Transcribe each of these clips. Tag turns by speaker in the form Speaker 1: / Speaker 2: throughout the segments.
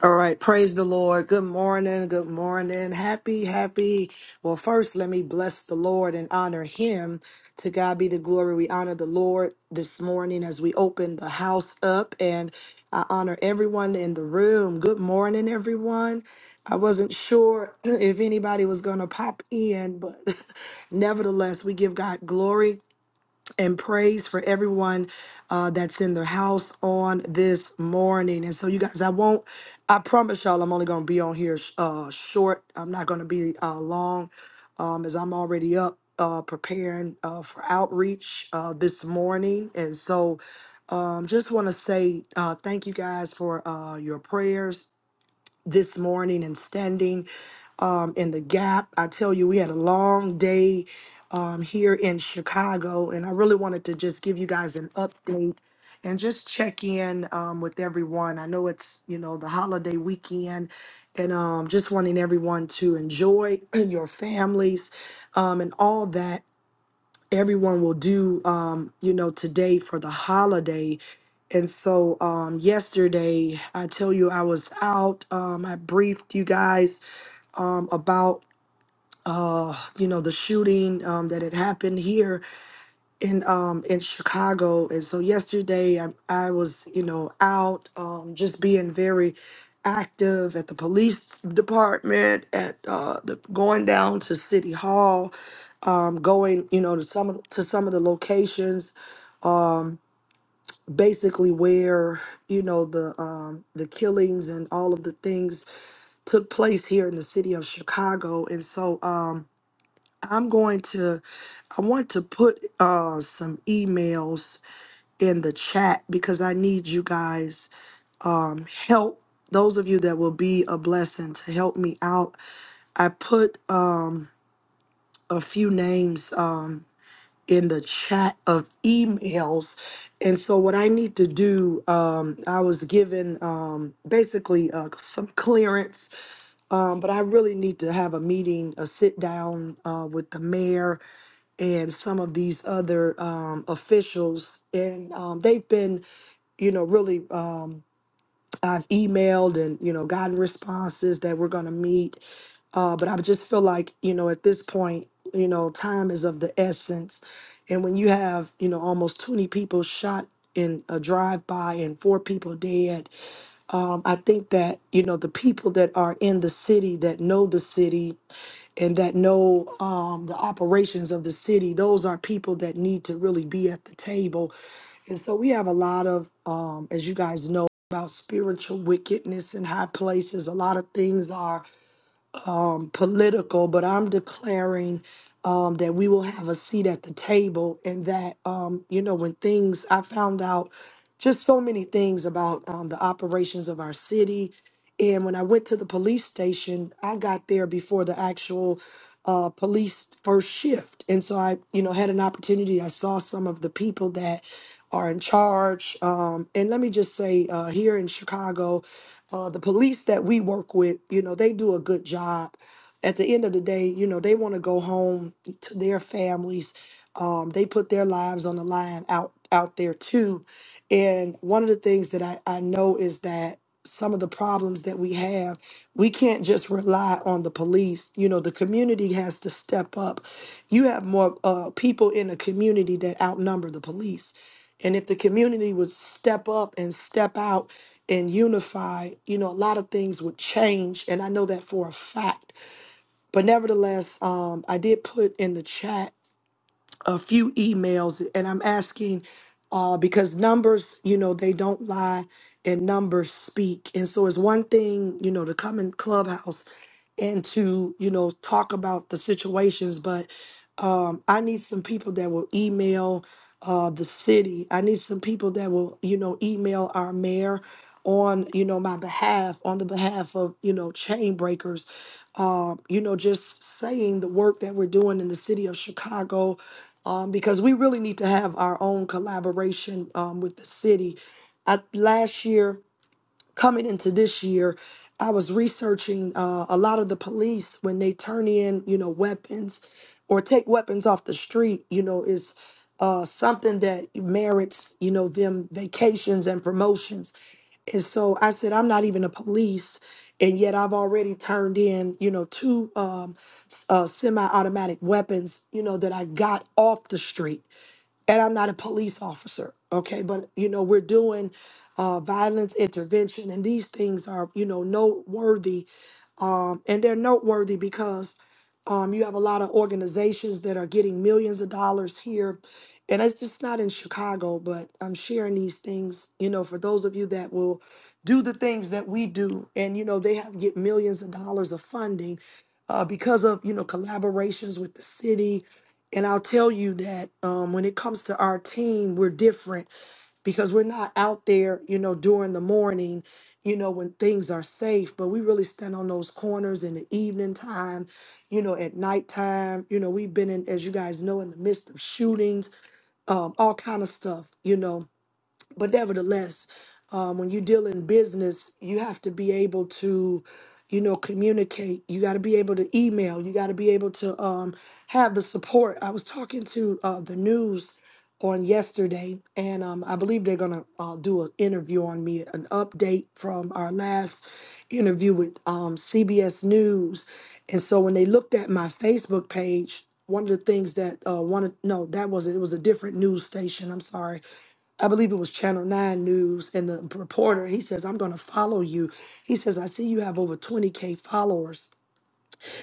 Speaker 1: All right, praise the Lord. Good morning, good morning. Happy, happy. Well, first, let me bless the Lord and honor him. To God be the glory. We honor the Lord this morning as we open the house up, and I honor everyone in the room. Good morning, everyone. I wasn't sure if anybody was going to pop in, but nevertheless, we give God glory and praise for everyone uh, that's in the house on this morning. And so, you guys, I won't, I promise y'all, I'm only going to be on here sh- uh, short. I'm not going to be uh, long um, as I'm already up uh, preparing uh, for outreach uh, this morning. And so, um, just want to say uh, thank you guys for uh, your prayers this morning and standing um, in the gap. I tell you, we had a long day um, here in Chicago, and I really wanted to just give you guys an update and just check in um, with everyone. I know it's you know the holiday weekend, and um, just wanting everyone to enjoy your families um, and all that everyone will do um you know today for the holiday and so um yesterday i tell you i was out um i briefed you guys um about uh you know the shooting um that had happened here in um in Chicago and so yesterday I, I was you know out um just being very active at the police department at uh the, going down to city hall um going you know to some of to some of the locations um basically where you know the um the killings and all of the things took place here in the city of Chicago and so um I'm going to I want to put uh some emails in the chat because I need you guys um help those of you that will be a blessing to help me out. I put um a few names um in the chat of emails. And so what I need to do um I was given um basically uh, some clearance um but I really need to have a meeting, a sit down uh with the mayor and some of these other um officials and um they've been you know, really, um, I've emailed and, you know, gotten responses that we're going to meet. Uh, but I just feel like, you know, at this point, you know, time is of the essence. And when you have, you know, almost 20 people shot in a drive by and four people dead, um, I think that, you know, the people that are in the city that know the city and that know um, the operations of the city. Those are people that need to really be at the table. And so we have a lot of, um, as you guys know, about spiritual wickedness in high places. A lot of things are um, political, but I'm declaring um, that we will have a seat at the table and that, um, you know, when things, I found out just so many things about um, the operations of our city. And when I went to the police station, I got there before the actual uh, police first shift. And so I, you know, had an opportunity. I saw some of the people that are in charge. Um, and let me just say, uh, here in Chicago, uh, the police that we work with, you know, they do a good job. At the end of the day, you know, they want to go home to their families. Um, they put their lives on the line out out there too. And one of the things that I, I know is that some of the problems that we have, we can't just rely on the police. You know, the community has to step up. You have more uh, people in a community that outnumber the police and if the community would step up and step out and unify, you know, a lot of things would change. And I know that for a fact. But nevertheless, um, I did put in the chat a few emails and I'm asking uh, because numbers, you know, they don't lie and numbers speak. And so it's one thing, you know, to come in Clubhouse and to, you know, talk about the situations, but um, I need some people that will email uh, the city. I need some people that will, you know, email our mayor on, you know, my behalf, on the behalf of, you know, chain breakers. Uh, you know, just saying the work that we're doing in the city of Chicago, um, because we really need to have our own collaboration um, with the city. I, last year, coming into this year, I was researching uh, a lot of the police when they turn in, you know, weapons or take weapons off the street. You know, is uh, something that merits, you know, them vacations and promotions. And so I said, I'm not even a police, and yet I've already turned in, you know, two um, s- uh, semi-automatic weapons, you know, that I got off the street and I'm not a police officer, okay? But you know, we're doing uh, violence intervention, and these things are you know noteworthy, um, and they're noteworthy because um, you have a lot of organizations that are getting millions of dollars here, and it's just not in Chicago. But I'm sharing these things, you know, for those of you that will do the things that we do, and you know, they have get millions of dollars of funding. Uh, because of you know collaborations with the city, and I'll tell you that um, when it comes to our team, we're different because we're not out there, you know, during the morning, you know, when things are safe, but we really stand on those corners in the evening time, you know, at nighttime. You know, we've been in, as you guys know, in the midst of shootings, um, all kind of stuff, you know but nevertheless, um, when you deal in business, you have to be able to, you know, communicate. You got to be able to email. You got to be able to um, have the support. I was talking to uh, the news on yesterday, and um, I believe they're gonna uh, do an interview on me, an update from our last interview with um, CBS News. And so when they looked at my Facebook page, one of the things that uh, one of no, that was it was a different news station. I'm sorry I believe it was Channel 9 News, and the reporter, he says, I'm going to follow you. He says, I see you have over 20K followers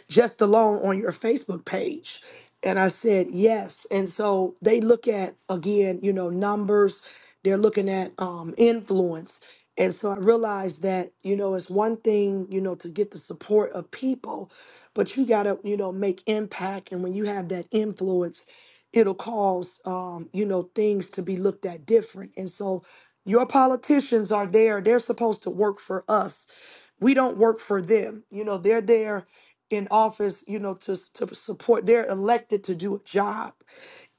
Speaker 1: just alone on your Facebook page? And I said, yes. And so they look at, again, you know, numbers, they're looking at um, influence. And so I realized that, you know, it's one thing, you know, to get the support of people, but you got to, you know, make impact. And when you have that influence, it'll cause, um, you know, things to be looked at different. And so your politicians are there. They're supposed to work for us. We don't work for them. You know, they're there in office, you know, to, to support. They're elected to do a job.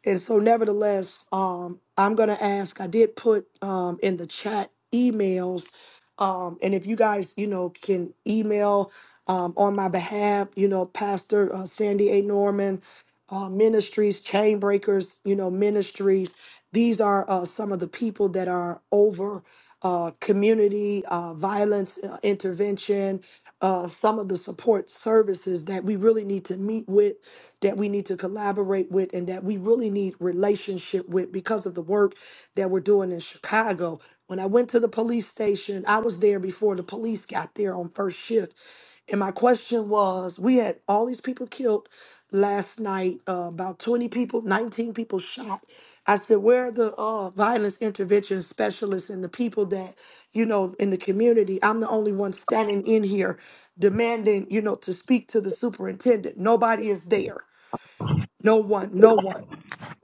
Speaker 1: And so, nevertheless, um, I'm going to ask. I did put um, in the chat emails, um, and if you guys, you know, can email um, on my behalf, you know, Pastor uh, Sandy A. Norman uh, Ministries, Chainbreakers, you know, Ministries. These are uh, some of the people that are over uh, community uh, violence uh, intervention. Uh, some of the support services that we really need to meet with that we need to collaborate with and that we really need relationship with because of the work that we're doing in Chicago. When I went to the police station, I was there before the police got there on first shift. And my question was we had all these people killed last night, uh, about 20 people, 19 people shot. I said, where are the uh, violence intervention specialists and the people that, you know, in the community? I'm the only one standing in here demanding, you know, to speak to the superintendent. Nobody is there. No one, no one.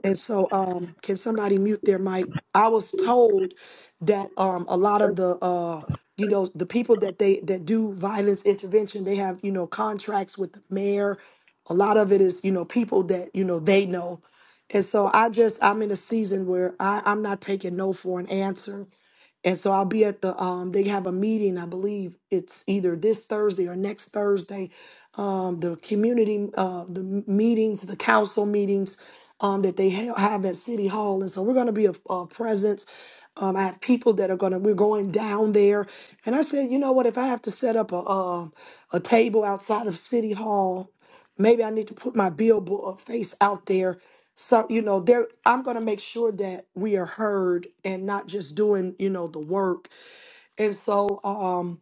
Speaker 1: And so, um, can somebody mute their mic? I was told that um, a lot of the, uh, you know, the people that they that do violence intervention, they have you know contracts with the mayor. A lot of it is you know people that you know they know, and so I just I'm in a season where I, I'm not taking no for an answer. And so I'll be at the um they have a meeting, I believe it's either this Thursday or next Thursday. Um the community uh the m- meetings, the council meetings um that they ha- have at City Hall. And so we're going to be a, a presence um, I have people that are gonna. We're going down there, and I said, you know what? If I have to set up a a, a table outside of City Hall, maybe I need to put my billboard uh, face out there so you know there i'm going to make sure that we are heard and not just doing you know the work and so um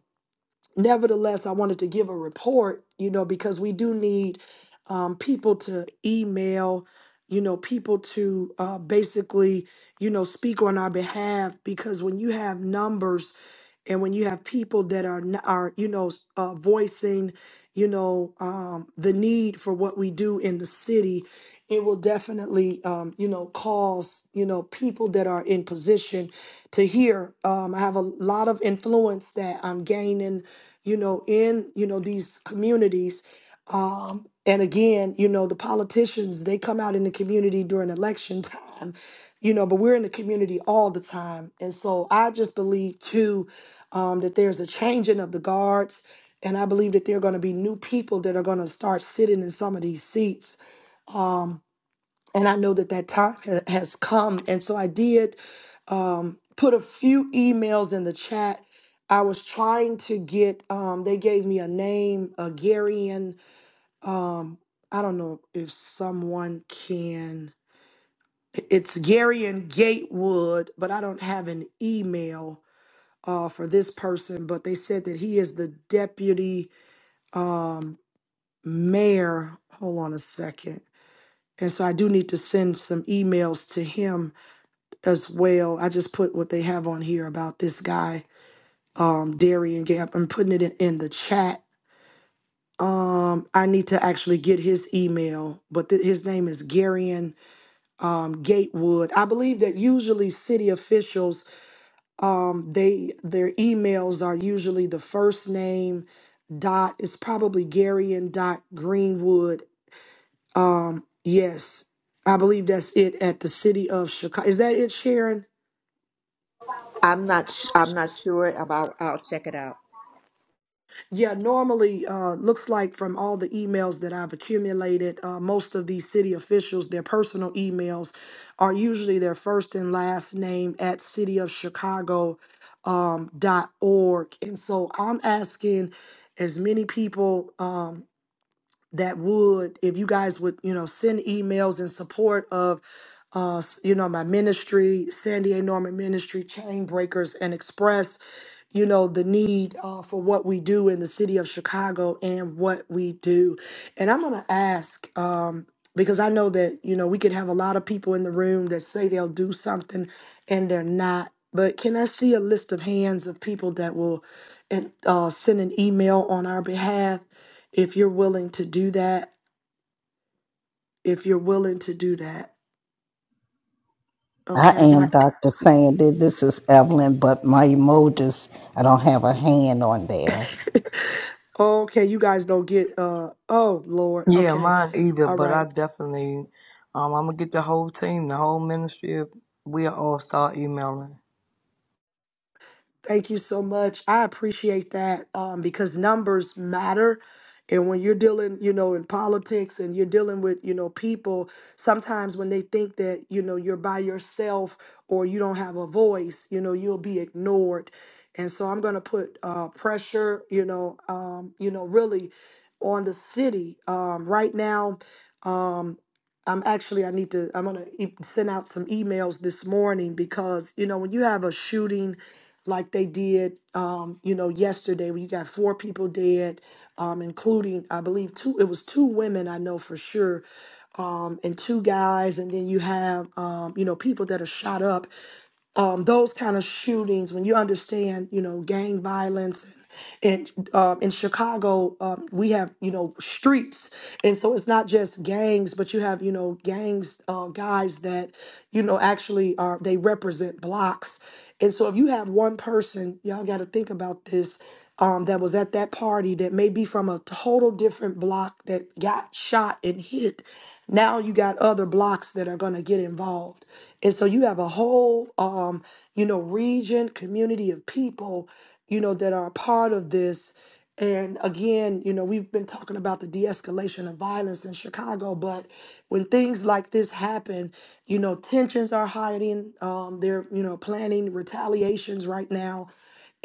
Speaker 1: nevertheless, I wanted to give a report, you know, because we do need um, people to email, you know, people to uh, basically, you know, speak on our behalf. Because when you have numbers and when you have people that are n- are you know s- uh, voicing, you know, um, the need for what we do in the city. It will definitely, um, you know, cause you know people that are in position to hear. Um, I have a lot of influence that I'm gaining you know, in, you know, these communities. Um, and again, you know, the politicians, they come out in the community during election time, you know, but we're in the community all the time. And so I just believe too um, that there's a changing of the guards. And I believe that there are going to be new people that are going to start sitting in some of these seats Um, and I know that that time ha- has come. And so I did um, put a few emails in the chat. I was trying to get. Um, they gave me a name, a Garian. Um, I don't know if someone can. It's Garian Gatewood, but I don't have an email uh, for this person. But they said that he is the deputy um, mayor. Hold on a second. And so I do need to send some emails to him as well. I just put what they have on here about this guy, um, Darian Gap. I'm putting it in, in the chat. Um, I need to actually get his email, but th- his name is Garion um, Gatewood. I believe that usually city officials, um, they their emails are usually the first name dot. It's probably Garion dot Greenwood. Um, yes, I believe that's it at the city of Chicago. Is that it, Sharon?
Speaker 2: I'm not. sh- I'm not sure about. I'll check it out.
Speaker 1: Yeah, normally, uh, looks like from all the emails that I've accumulated, uh, most of these city officials, their personal emails are usually their first and last name at cityofchicago Um, dot org. and so I'm asking as many people um, that would, if you guys would, you know, send emails in support of, uh, s- you know, my ministry, San Diego Norman Ministry, Chain Breakers and Express you know the need uh, for what we do in the city of chicago and what we do and i'm going to ask um, because i know that you know we could have a lot of people in the room that say they'll do something and they're not but can i see a list of hands of people that will and uh, send an email on our behalf if you're willing to do that if you're willing to do that
Speaker 3: I
Speaker 1: okay i
Speaker 3: am
Speaker 1: got
Speaker 3: Dr. Sandy. This is Evelyn, but my emojis, I don't have a hand on there.
Speaker 1: okay you guys don't get uh oh lord
Speaker 4: Yeah,
Speaker 1: okay
Speaker 4: mine either,
Speaker 1: all
Speaker 4: but
Speaker 1: right
Speaker 4: I definitely, um, I'm gonna get the whole team, the whole ministry. We all start emailing.
Speaker 1: Thank you so much. I appreciate that um, because numbers matter. And when you're dealing, you know, in politics and you're dealing with, you know, people, sometimes when they think that, you know, you're by yourself or you don't have a voice, you know, you'll be ignored. And so I'm going to put uh, pressure, you know, um, you know, really on the city um, right now. Um, I'm actually I need to I'm gonna e- send out some emails this morning because you know when you have a shooting like they did, um, you know, yesterday when you got four people dead, um, including I believe two. It was two women I know for sure, um, and two guys, and then you have um, you know people that are shot up um, those kind of shootings, when you understand, you know, gang violence, and um, in Chicago, um, we have, you know, streets, and so it's not just gangs, but you have, you know, gangs, uh, guys that, you know, actually are they represent blocks, and so if you have one person, y'all got to think about this. Um, that was at that party that may be from a total different block that got shot and hit. Now you got other blocks that are going to get involved. And so you have a whole, um, you know, region, community of people, you know, that are a part of this. And again, you know, we've been talking about the de escalation of violence in Chicago, but when things like this happen, you know, tensions are hiding. Um, they're, you know, planning retaliations right now.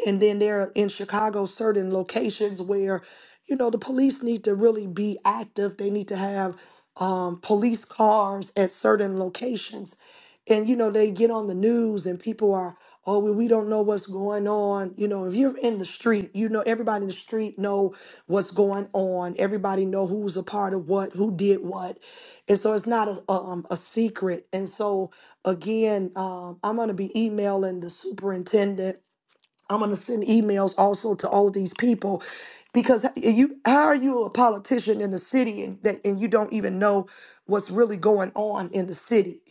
Speaker 1: And then there are in Chicago certain locations where, you know, the police need to really be active. They need to have um, police cars at certain locations and you know they get on the news and people are oh well, we don't know what's going on you know if you're in the street you know everybody in the street know what's going on everybody know who's a part of what who did what and so it's not a, um, a secret and so again um, i'm going to be emailing the superintendent I'm going to send emails also to all of these people because you how are you a politician in the city and that and you don't even know what's really going on in the city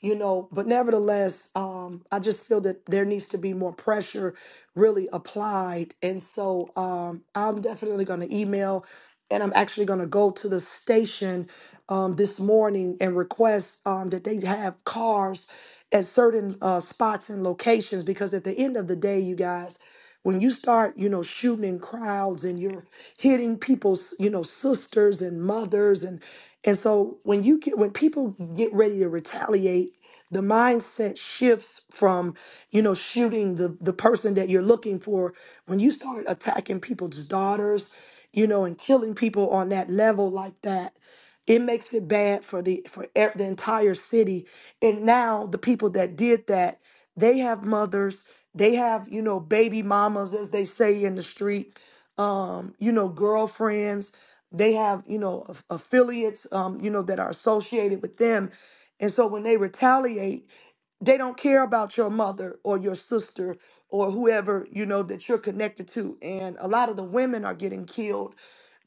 Speaker 1: you know but nevertheless um I just feel that there needs to be more pressure really applied and so um I'm definitely going to email and I'm actually going to go to the station um, this morning and request um, that they have cars at certain uh, spots and locations because at the end of the day, you guys, when you start, you know, shooting in crowds and you're hitting people's, you know, sisters and mothers and and so when you get when people get ready to retaliate the mindset shifts from you know shooting the the person that you're looking for when you start attacking people's daughters you know and killing people on that level like that it makes it bad for the for e- the entire city and now the people that did that they have mothers they have you know baby mamas as they say in the street um you know girlfriends they have you know aff- affiliates um you know that are associated with them and so when they retaliate, they don't care about your mother or your sister or whoever, you know, that you're connected to. And a lot of the women are getting killed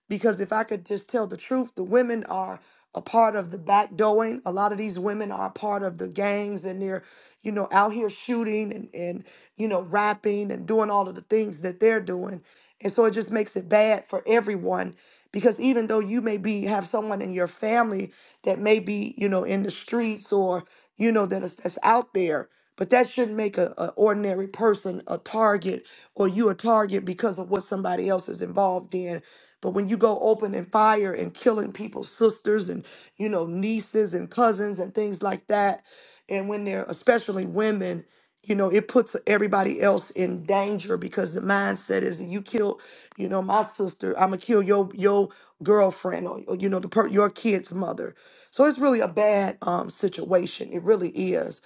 Speaker 1: because if I could just tell the truth, the women are a part of the backdoing. A lot of these women are a part of the gangs and they're, you know, out here shooting and, and you know, rapping and doing all of the things that they're doing. And so it just makes it bad for everyone because even though you may be have someone in your family that may be, you know, in the streets or, you know, that is that's out there, but that shouldn't make a, a ordinary person a target or you a target because of what somebody else is involved in but when you go opening fire and killing people's sisters and, you know, nieces and cousins and things like that, and when they're especially women, you know, it puts everybody else in danger because the mindset is that you kill, you know, my sister, I'm gonna kill your your girlfriend or, or, you know the per- your kid's mother. So it's really a bad um, situation. It really is.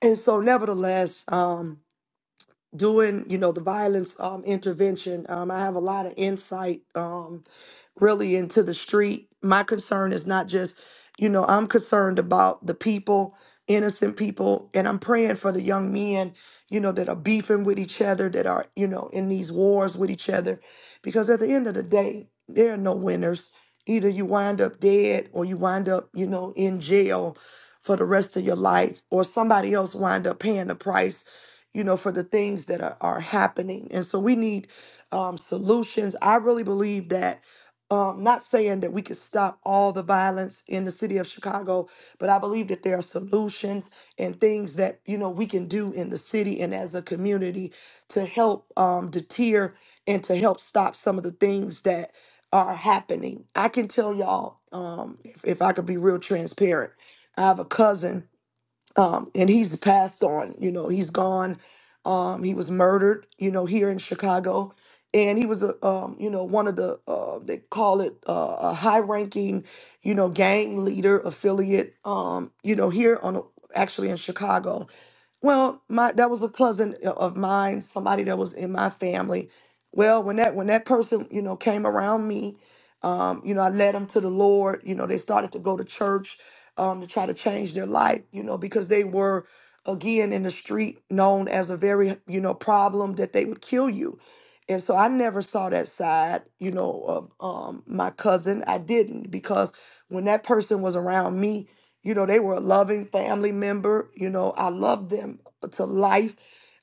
Speaker 1: And so, nevertheless, um, doing you know the violence um, intervention, um, I have a lot of insight. Um, really into the street. My concern is not just, you know, I'm concerned about the people, innocent people, and I'm praying for the young men, you know, that are beefing with each other, that are, you know, in these wars with each other. Because at the end of the day, there are no winners. Either you wind up dead or you wind up, you know, in jail for the rest of your life, or somebody else wind up paying the price, you know, for the things that are, are happening. And so we need um, solutions. I really believe that um, not saying that we could stop all the violence in the city of Chicago, but I believe that there are solutions and things that you know we can do in the city and as a community to help um, deter and to help stop some of the things that are happening. I can tell y'all, um, if, if I could be real transparent, I have a cousin um, and he's passed on. You know, he's gone. Um, he was murdered. You know, here in Chicago, and he was a um, you know one of the uh, they call it uh, a high-ranking you know gang leader affiliate. Um, you know, here on actually in Chicago, well, my that was a cousin of mine, somebody that was in my family. Well, when that when that person, you know, came around me, um, you know, I led them to the Lord. You know, they started to go to church um, to try to change their life. You know, because they were again in the street known as a very you know problem that they would kill you. And so I never saw that side, you know, of um, my cousin. I didn't because when that person was around me, you know, they were a loving family member. You know, I loved them to life,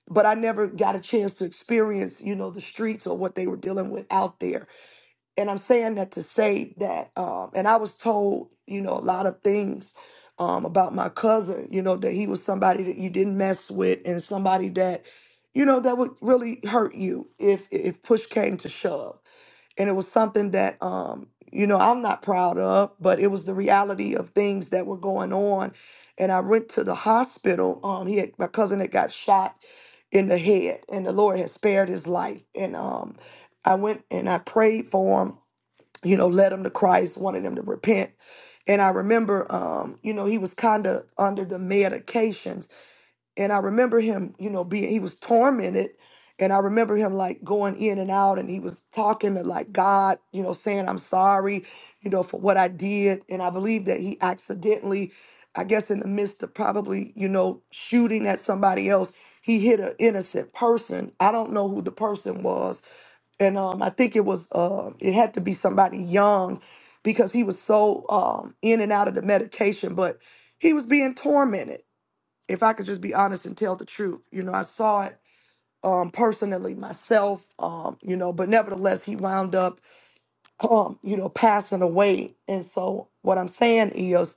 Speaker 1: but I never got a chance to experience, you know, the streets or what they were dealing with out there. And I'm saying that to say that, um, and I was told, you know, a lot of things um, about my cousin, you know, that he was somebody that you didn't mess with and somebody that, you know, that would really hurt you if if push came to shove and it was something that um you know I'm not proud of, but it was the reality of things that were going on. And I went to the hospital. Um, he had, my cousin had got shot in the head, and the Lord had spared his life. And um, I went and I prayed for him. You know, led him to Christ, wanted him to repent. And I remember, um, you know, he was kind of under the medications and I remember him, you know, being he was tormented, and I remember him like going in and out, and he was talking to like God, you know, saying I'm sorry, you know, for what I did, and I believe that he accidentally, I guess, in the midst of probably you know shooting at somebody else, he hit an innocent person. I don't know who the person was, and um, I think it was uh, it had to be somebody young, because he was so um in and out of the medication, but he was being tormented if I could just be honest and tell the truth. You know, I saw it um, personally myself, um, you know, but nevertheless, he wound up um, you know, passing away. And so what I'm saying is,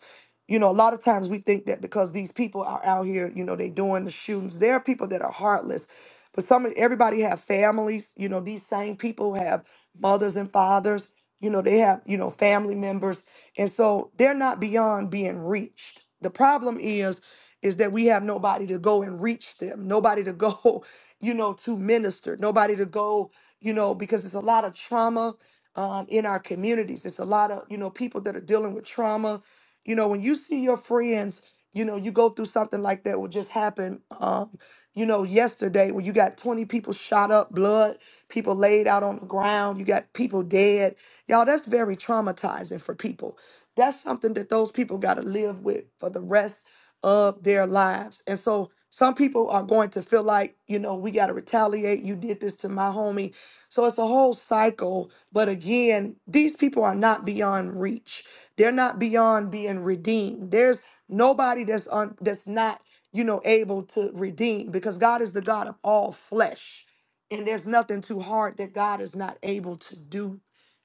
Speaker 1: you know, a lot of times we think that because these people are out here, you know, they doing the shootings. There are people that are heartless, but some everybody have families. You know, these same people have mothers and fathers. You know, they have you know family members, and so they're not beyond being reached. The problem is, is that we have nobody to go and reach them, nobody to go, you know, to minister, nobody to go, you know, because it's a lot of trauma um, in our communities. It's a lot of you know people that are dealing with trauma. You know, when you see your friends, you know, you go through something like that. What just happened, um, you know, yesterday when you got twenty people shot up, blood, people laid out on the ground, you got people dead. Y'all, that's very traumatizing for people. That's something that those people got to live with for the rest of their lives. And so some people are going to feel like, you know, we got to retaliate. You did this to my homie so it's a whole cycle. But again, these people are not beyond reach. They're not beyond being redeemed. There's nobody that's on that's not, you know, able to redeem because God is the God of all flesh. And there's nothing too hard that God is not able to do.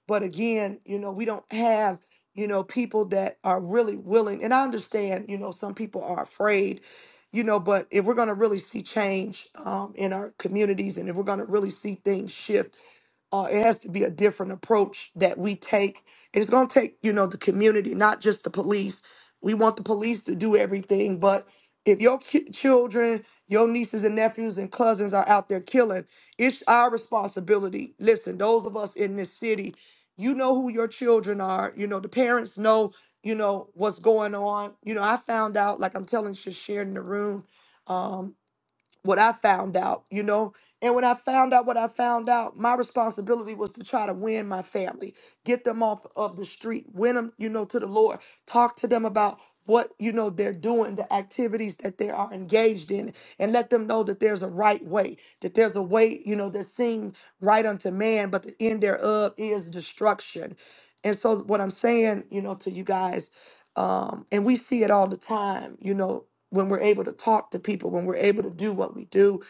Speaker 1: But again, you know, we don't have, you know, people that are really willing. And I understand, you know, some people are afraid, you know, but if we're going to really see change um, in our communities and if we're going to really see things shift, uh, it has to be a different approach that we take. And it's going to take, you know, the community, not just the police. We want the police to do everything, but if your ki- children, your nieces and nephews and cousins are out there killing, it's our responsibility. Listen, those of us in this city, you know who your children are. You know, the parents know, you know, what's going on. You know, I found out, like I'm telling, just sharing the room. um, what I found out, you know. And when I found out what I found out, my responsibility was to try to win my family, get them off of the street, win them, you know, to the Lord, talk to them about what, you know, they're doing, the activities that they are engaged in, and let them know that there's a right way, that there's a way, you know, that seems right unto man, but the end thereof is destruction. And so, what I'm saying, you know, to you guys, um, and we see it all the time, you know, when we're able to talk to people, when we're able to do what we do.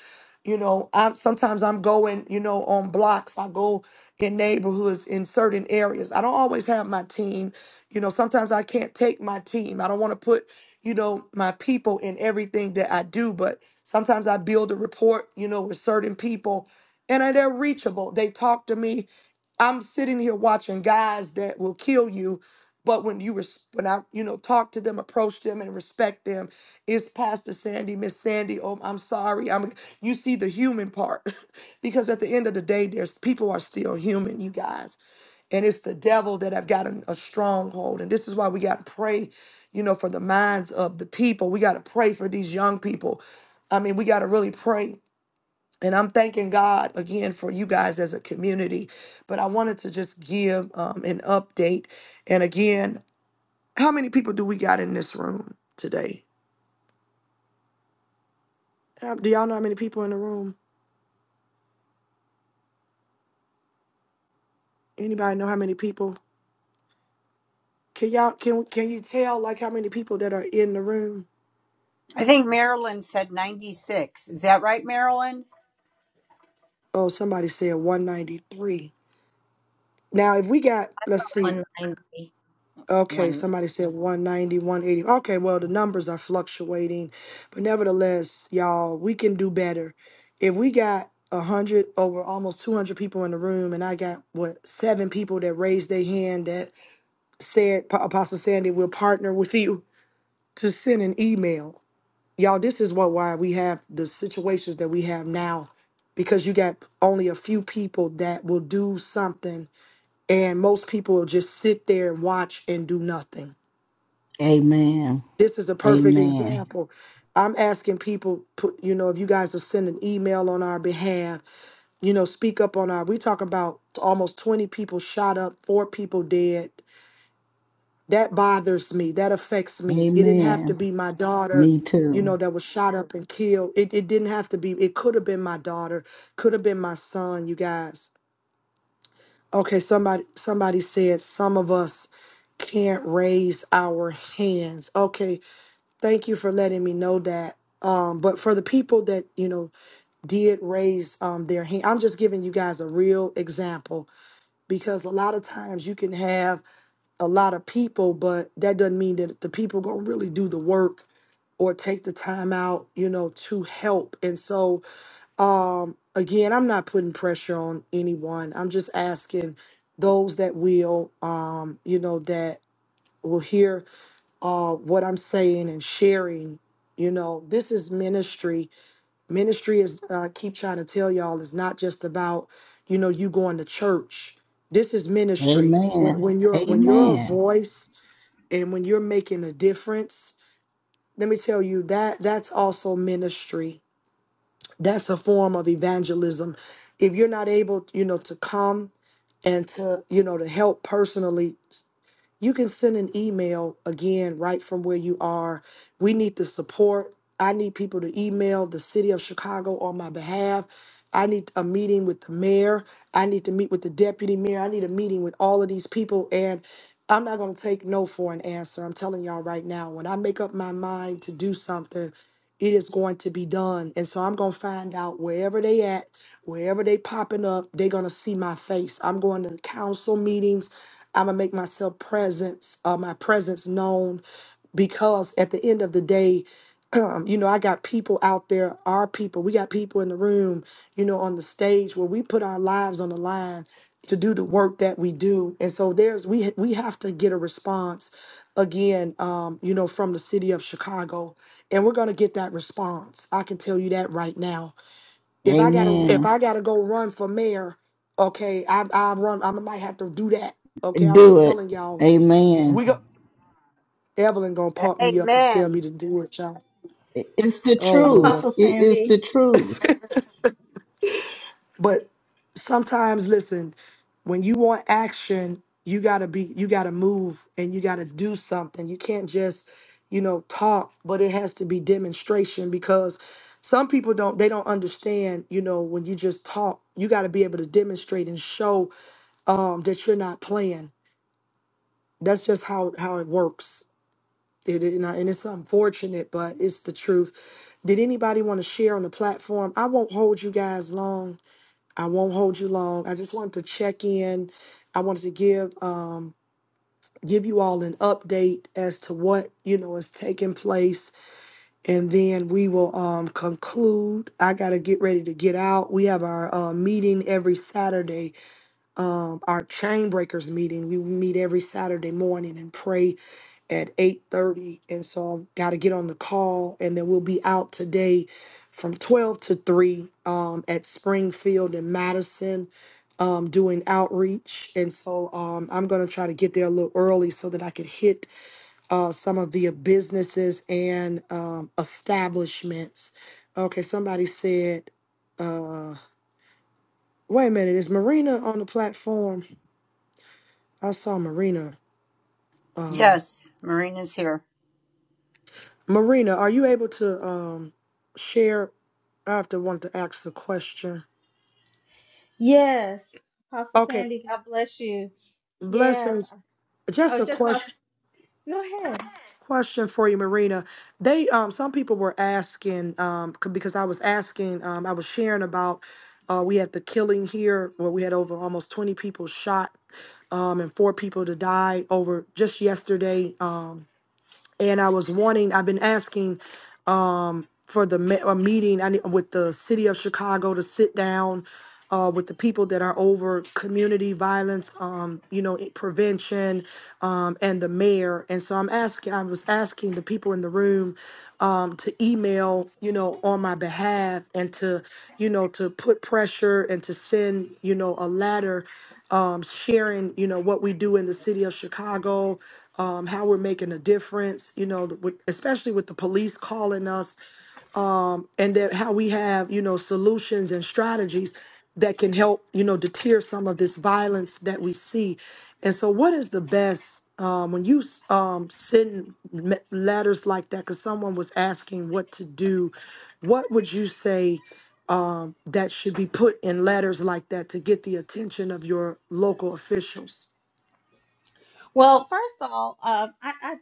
Speaker 1: You know, I'm sometimes I'm going, you know, on blocks. I go in neighborhoods in certain areas. I don't always have my team. You know, sometimes I can't take my team. I don't want to put, you know, my people in everything that I do, but sometimes I build a rapport, you know, with certain people and I- they're reachable. They talk to me. I'm sitting here watching guys that will kill you, but when you res- when I, you know, talk to them, approach them and respect them it's Pastor Sandy, Miss Sandy. Oh, I'm sorry. I'm you see the human part. because at the end of the day, there's people are still human, you guys. And it's the devil that have gotten a stronghold. And this is why we gotta pray, you know, for the minds of the people. We gotta pray for these young people. I mean, we gotta really pray. And I'm thanking God again for you guys as a community. But I wanted to just give um, an update. And again, how many people do we got in this room today? Uh, Do y'all know how many people in the room? Anybody know how many people? Can y'all can can you tell like how many people that are in the room?
Speaker 5: I think Marilyn said 96. Is that right, Marilyn?
Speaker 1: Oh, somebody said 193. Now, if we got
Speaker 6: That's
Speaker 1: let's
Speaker 6: not
Speaker 1: see.
Speaker 6: 190.
Speaker 1: Okay,
Speaker 6: 1.
Speaker 1: somebody said one ninety one eighty. Okay, well, the numbers are fluctuating, but nevertheless, y'all, we can do better. If we got 100 over almost 200 people in the room and I got what seven people that raised their hand that said Pa- Apostle Sandy will partner with you to send an email y'all this is what why we have the situations that we have now because you got only a few people that will do something and most people will just sit there and watch and do nothing
Speaker 3: Amen.
Speaker 1: this is a perfect
Speaker 3: Amen.
Speaker 1: example i'm asking people put you know if you guys will send an email on our behalf you know speak up on our we talk about almost 20 people shot up four people dead that bothers me that affects me it didn't have to
Speaker 3: Amen.
Speaker 1: be my daughter
Speaker 3: Me
Speaker 1: you
Speaker 3: too.
Speaker 1: know that was shot up and killed it, it didn't have to be it could have been my daughter could have been my son you guys okay somebody somebody said some of us can't raise our hands okay thank you for letting me know that um but for the people that you know did raise um their hand i'm just giving you guys a real example because a lot of times you can have a lot of people, but that doesn't mean that the people gonna really do the work or take the time out, you know, to help. And so, um, again, I'm not putting pressure on anyone. I'm just asking those that will, um, you know, that will hear uh what I'm saying and sharing. You know, this is ministry. Ministry is uh, I keep trying to tell y'all is not just about, you know, you going to church. This is ministry. When,
Speaker 3: Amen.
Speaker 1: when you're when you're a
Speaker 3: Amen.
Speaker 1: voice and when you're making a difference let me tell you that that's also ministry that's a form of evangelism if you're not able you know to come and to you know to help personally you can send an email again right from where you are. We need the support. I need people to email the city of Chicago on my behalf. I need a meeting with the mayor. I need to meet with the deputy mayor. I need a meeting with all of these people. And I'm not going to take no for an answer. I'm telling y'all right now, when I make up my mind to do something, it is going to be done. And so I'm going to find out wherever they at, wherever they popping up, they're going to see my face. I'm going to council meetings. I'm gonna make myself presence, uh, my presence known, because at the end of the day, um, you know, I got people out there, our people. We got people in the room, you know, on the stage where we put our lives on the line to do the work that we do, and so there's we we have to get a response again, um, you know, from the city of Chicago, and we're gonna get that response. I can tell you that right now if I gotta if
Speaker 3: Amen.
Speaker 1: I gotta go run for mayor, okay, I I run I might have to do that. Okay, I'm
Speaker 3: Do
Speaker 1: just
Speaker 3: it.
Speaker 1: telling y'all. We
Speaker 3: Amen.
Speaker 1: go Evelyn gonna pump me up and tell me
Speaker 5: Amen.
Speaker 1: to do it, y'all.
Speaker 3: It- It's the
Speaker 1: Oh Lord.
Speaker 3: truth.
Speaker 7: Apostle
Speaker 3: It is the
Speaker 7: Sandy.
Speaker 3: truth.
Speaker 1: But sometimes listen, when you want action, you gotta be you gotta move and you gotta do something. You can't just, you know, talk, but it has to be demonstration because some people don't they don't understand, you know, when you just talk, you gotta be able to demonstrate and show um, that you're not playing. That's just how how it works. It, it- and I- and it's unfortunate, but it's the truth. Did anybody want to share on the platform? I won't hold you guys long. I won't hold you long. I just wanted to check in. I wanted to give um, give you all an update as to what you know is taking place, and then we will um, conclude. I got to get ready to get out. We have our uh, meeting every Saturday um, our chain breakers meeting. We meet every Saturday morning and pray at 8:30 and so I've got to get on the call and then we'll be out today from 12 to 3 um, at Springfield and Madison um, doing outreach and so um, I'm going to try to get there a little early so that I could hit uh, some of the businesses and um, establishments okay somebody said uh, wait a minute is Marina on the platform I saw Marina. Uh,
Speaker 5: Yes, Marina's here.
Speaker 1: Marina, are you able to um share? I have to want to ask a question.
Speaker 7: Yes. Apostle
Speaker 1: Okay,
Speaker 7: Sandy, God bless you. Yes.
Speaker 1: blessings.
Speaker 7: I
Speaker 1: Just
Speaker 7: was
Speaker 1: a
Speaker 7: just about to
Speaker 1: question
Speaker 7: go ahead.
Speaker 1: question for you, Marina. They um some people were asking um c- because I was asking um I was sharing about uh we had the killing here where we had over almost twenty people shot um and four people to die over just yesterday Um and I was wanting. I've been asking um, for the me- a meeting I need, with the city of Chicago to sit down uh, with the people that are over community violence, um, you know, i- prevention, um, and the mayor. And so I'm asking. I was asking the people in the room um, to email, you know, on my behalf, and to, you know, to put pressure and to send, you know, a letter um, sharing, you know, what we do in the city of Chicago, um, how we're making a difference, you know, with, especially with the police calling us um, and that how we have you know solutions and strategies that can help you know deter some of this violence that we see and so what is the best um, when you um, send me- letters like that because someone was asking what to do what would you say um, that should be put in letters like that to get the attention of your local officials
Speaker 7: Well, first of all, um, I, I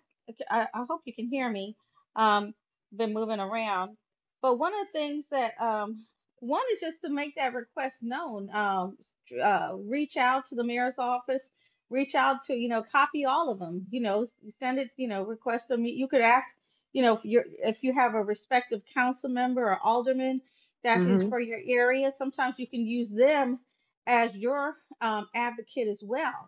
Speaker 7: I I hope you can hear me. Um, been moving around, but one of the things that um one is just to make that request known. Um, uh, reach out to the mayor's office. Reach out to you know, copy all of them. You know, send it. You know, request them. You could ask. You know, if you if you have a respective council member or alderman that is
Speaker 1: hmm
Speaker 7: for your area, sometimes you can use them as your um, advocate as well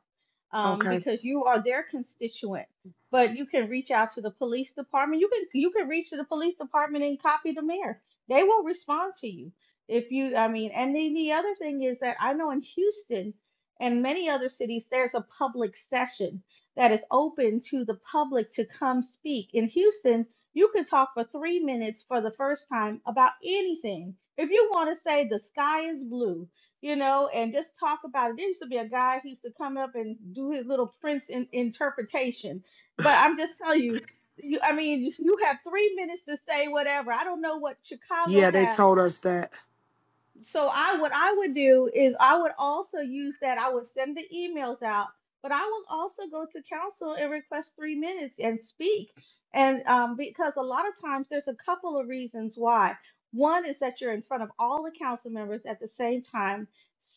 Speaker 7: um,
Speaker 1: okay
Speaker 7: because you are their constituent. But you can reach out to the police department. You can you can reach to the police department and copy the mayor. They will respond to you if you. I mean, and then the other thing is that I know in Houston and many other cities, there's a public session that is open to the public to come speak. In Houston, you can talk for three minutes for the first time about anything. If you want to say the sky is blue, you know, and just talk about it. There used to be a guy who used to come up and do his little Prince in, interpretation. But I'm just telling you, you, I mean, you have three minutes to say whatever. I don't know what Chicago
Speaker 1: yeah they
Speaker 7: has
Speaker 1: told us that
Speaker 7: so I what I would do is I would also use that. I would send the emails out, but I will also go to council and request three minutes and speak. And um, because a lot of times there's a couple of reasons why. One is that you're in front of all the council members at the same time.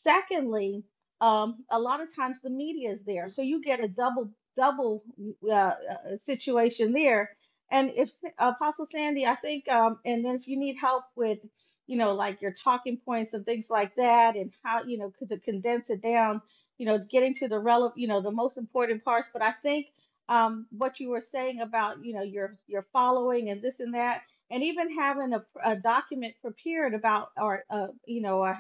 Speaker 7: Secondly, um, a lot of times the media is there, so you get a double double uh, uh, situation there. And if Apostle Sandy, I think, um, and if you need help with you know, like your talking points and things like that, and how, you know, could to condense it down, you know, getting to the relevant, you know, the most important parts. But I think um, what you were saying about, you know, your your following and this and that, and even having a, a document prepared about, or uh, you know, a,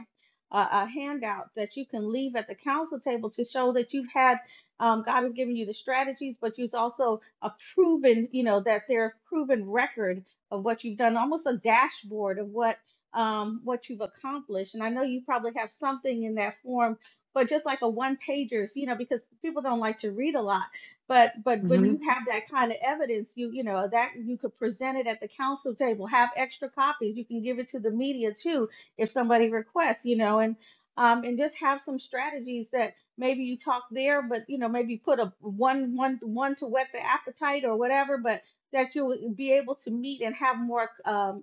Speaker 7: a a handout that you can leave at the council table to show that you've had. Um, God has given you the strategies, but you've also a proven, you know, that there's are proven record of what you've done, almost a dashboard of what um, what you've accomplished. And I know you probably have something in that form, but just like a one pagers, you know, because people don't like to read a lot. But but when
Speaker 1: Mm-hmm.
Speaker 7: you have that kind of evidence, you you know that you could present it at the council table, have extra copies. You can give it to the media too if somebody requests, you know, and um, and just have some strategies that maybe you talk there, but you know maybe put a one one one to whet the appetite or whatever, but that you'll be able to meet and have more. Um,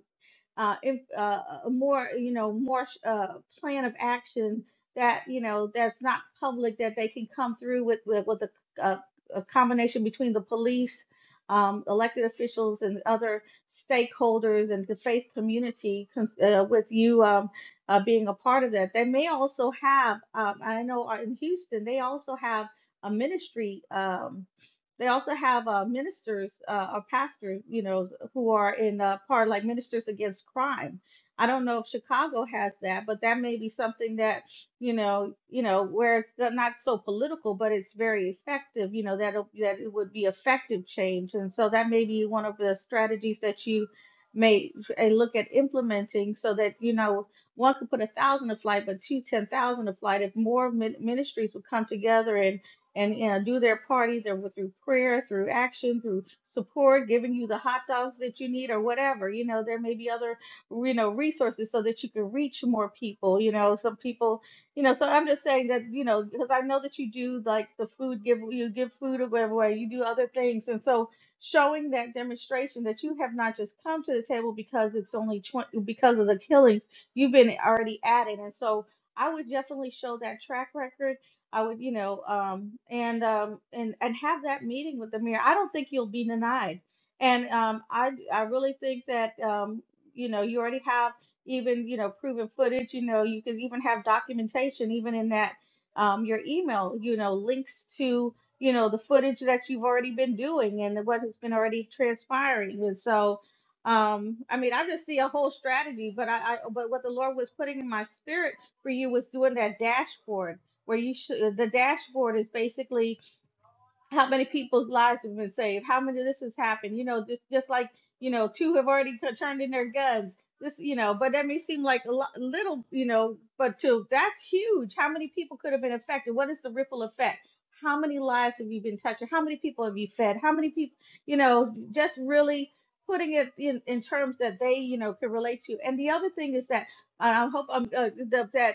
Speaker 7: uh, if, uh, uh, a more you know more uh, plan of action that you know that's not public that they can come through with with, with a, a, a combination between the police, um, elected officials, and other stakeholders and the faith community cons- uh, with you um, uh, being a part of that. They may also have um, I know uh, in Houston they also have a ministry. Um, they also have uh, ministers uh, or pastors, you know, who are in uh, part like Ministers Against Crime. I don't know if Chicago has that, but that may be something that, you know, you know, where it's not not so political, but it's very effective. You know, that that it would be effective change, and so that may be one of the strategies that you may uh, look at implementing, so that you know one could put a thousand to flight, but two ten thousand to flight. If more min- ministries would come together and and you know, do their part either with, through prayer, through action, through support, giving you the hot dogs that you need or whatever. You know, there may be other you know resources so that you can reach more people. You know, some people, you know, so I'm just saying that you know because I know that you do like the food give you give food or whatever away, you do other things, and so showing that demonstration that you have not just come to the table because it's only 20 because of the killings you've been already at it and so i would definitely show that track record I would, you know, um, and um, and and have that meeting with the mayor. I don't think you'll be denied, and um, I I really think that um, you know you already have even you know proven footage. You know, you can even have documentation, even in that um, your email. You know, links to you know the footage that you've already been doing and what has been already transpiring, and so. Um, I mean, I just see a whole strategy, but I, I, but what the Lord was putting in my spirit for you was doing that dashboard where you should the dashboard is basically how many people's lives have been saved how many of this has happened you know just just like you know two have already t- turned in their guns this you know but that may seem like a lo- little you know but to that's huge how many people could have been affected what is the ripple effect how many lives have you been touching how many people have you fed how many people you know just really putting it in, in terms that they you know can relate to and the other thing is that uh, I hope I'm uh, the, that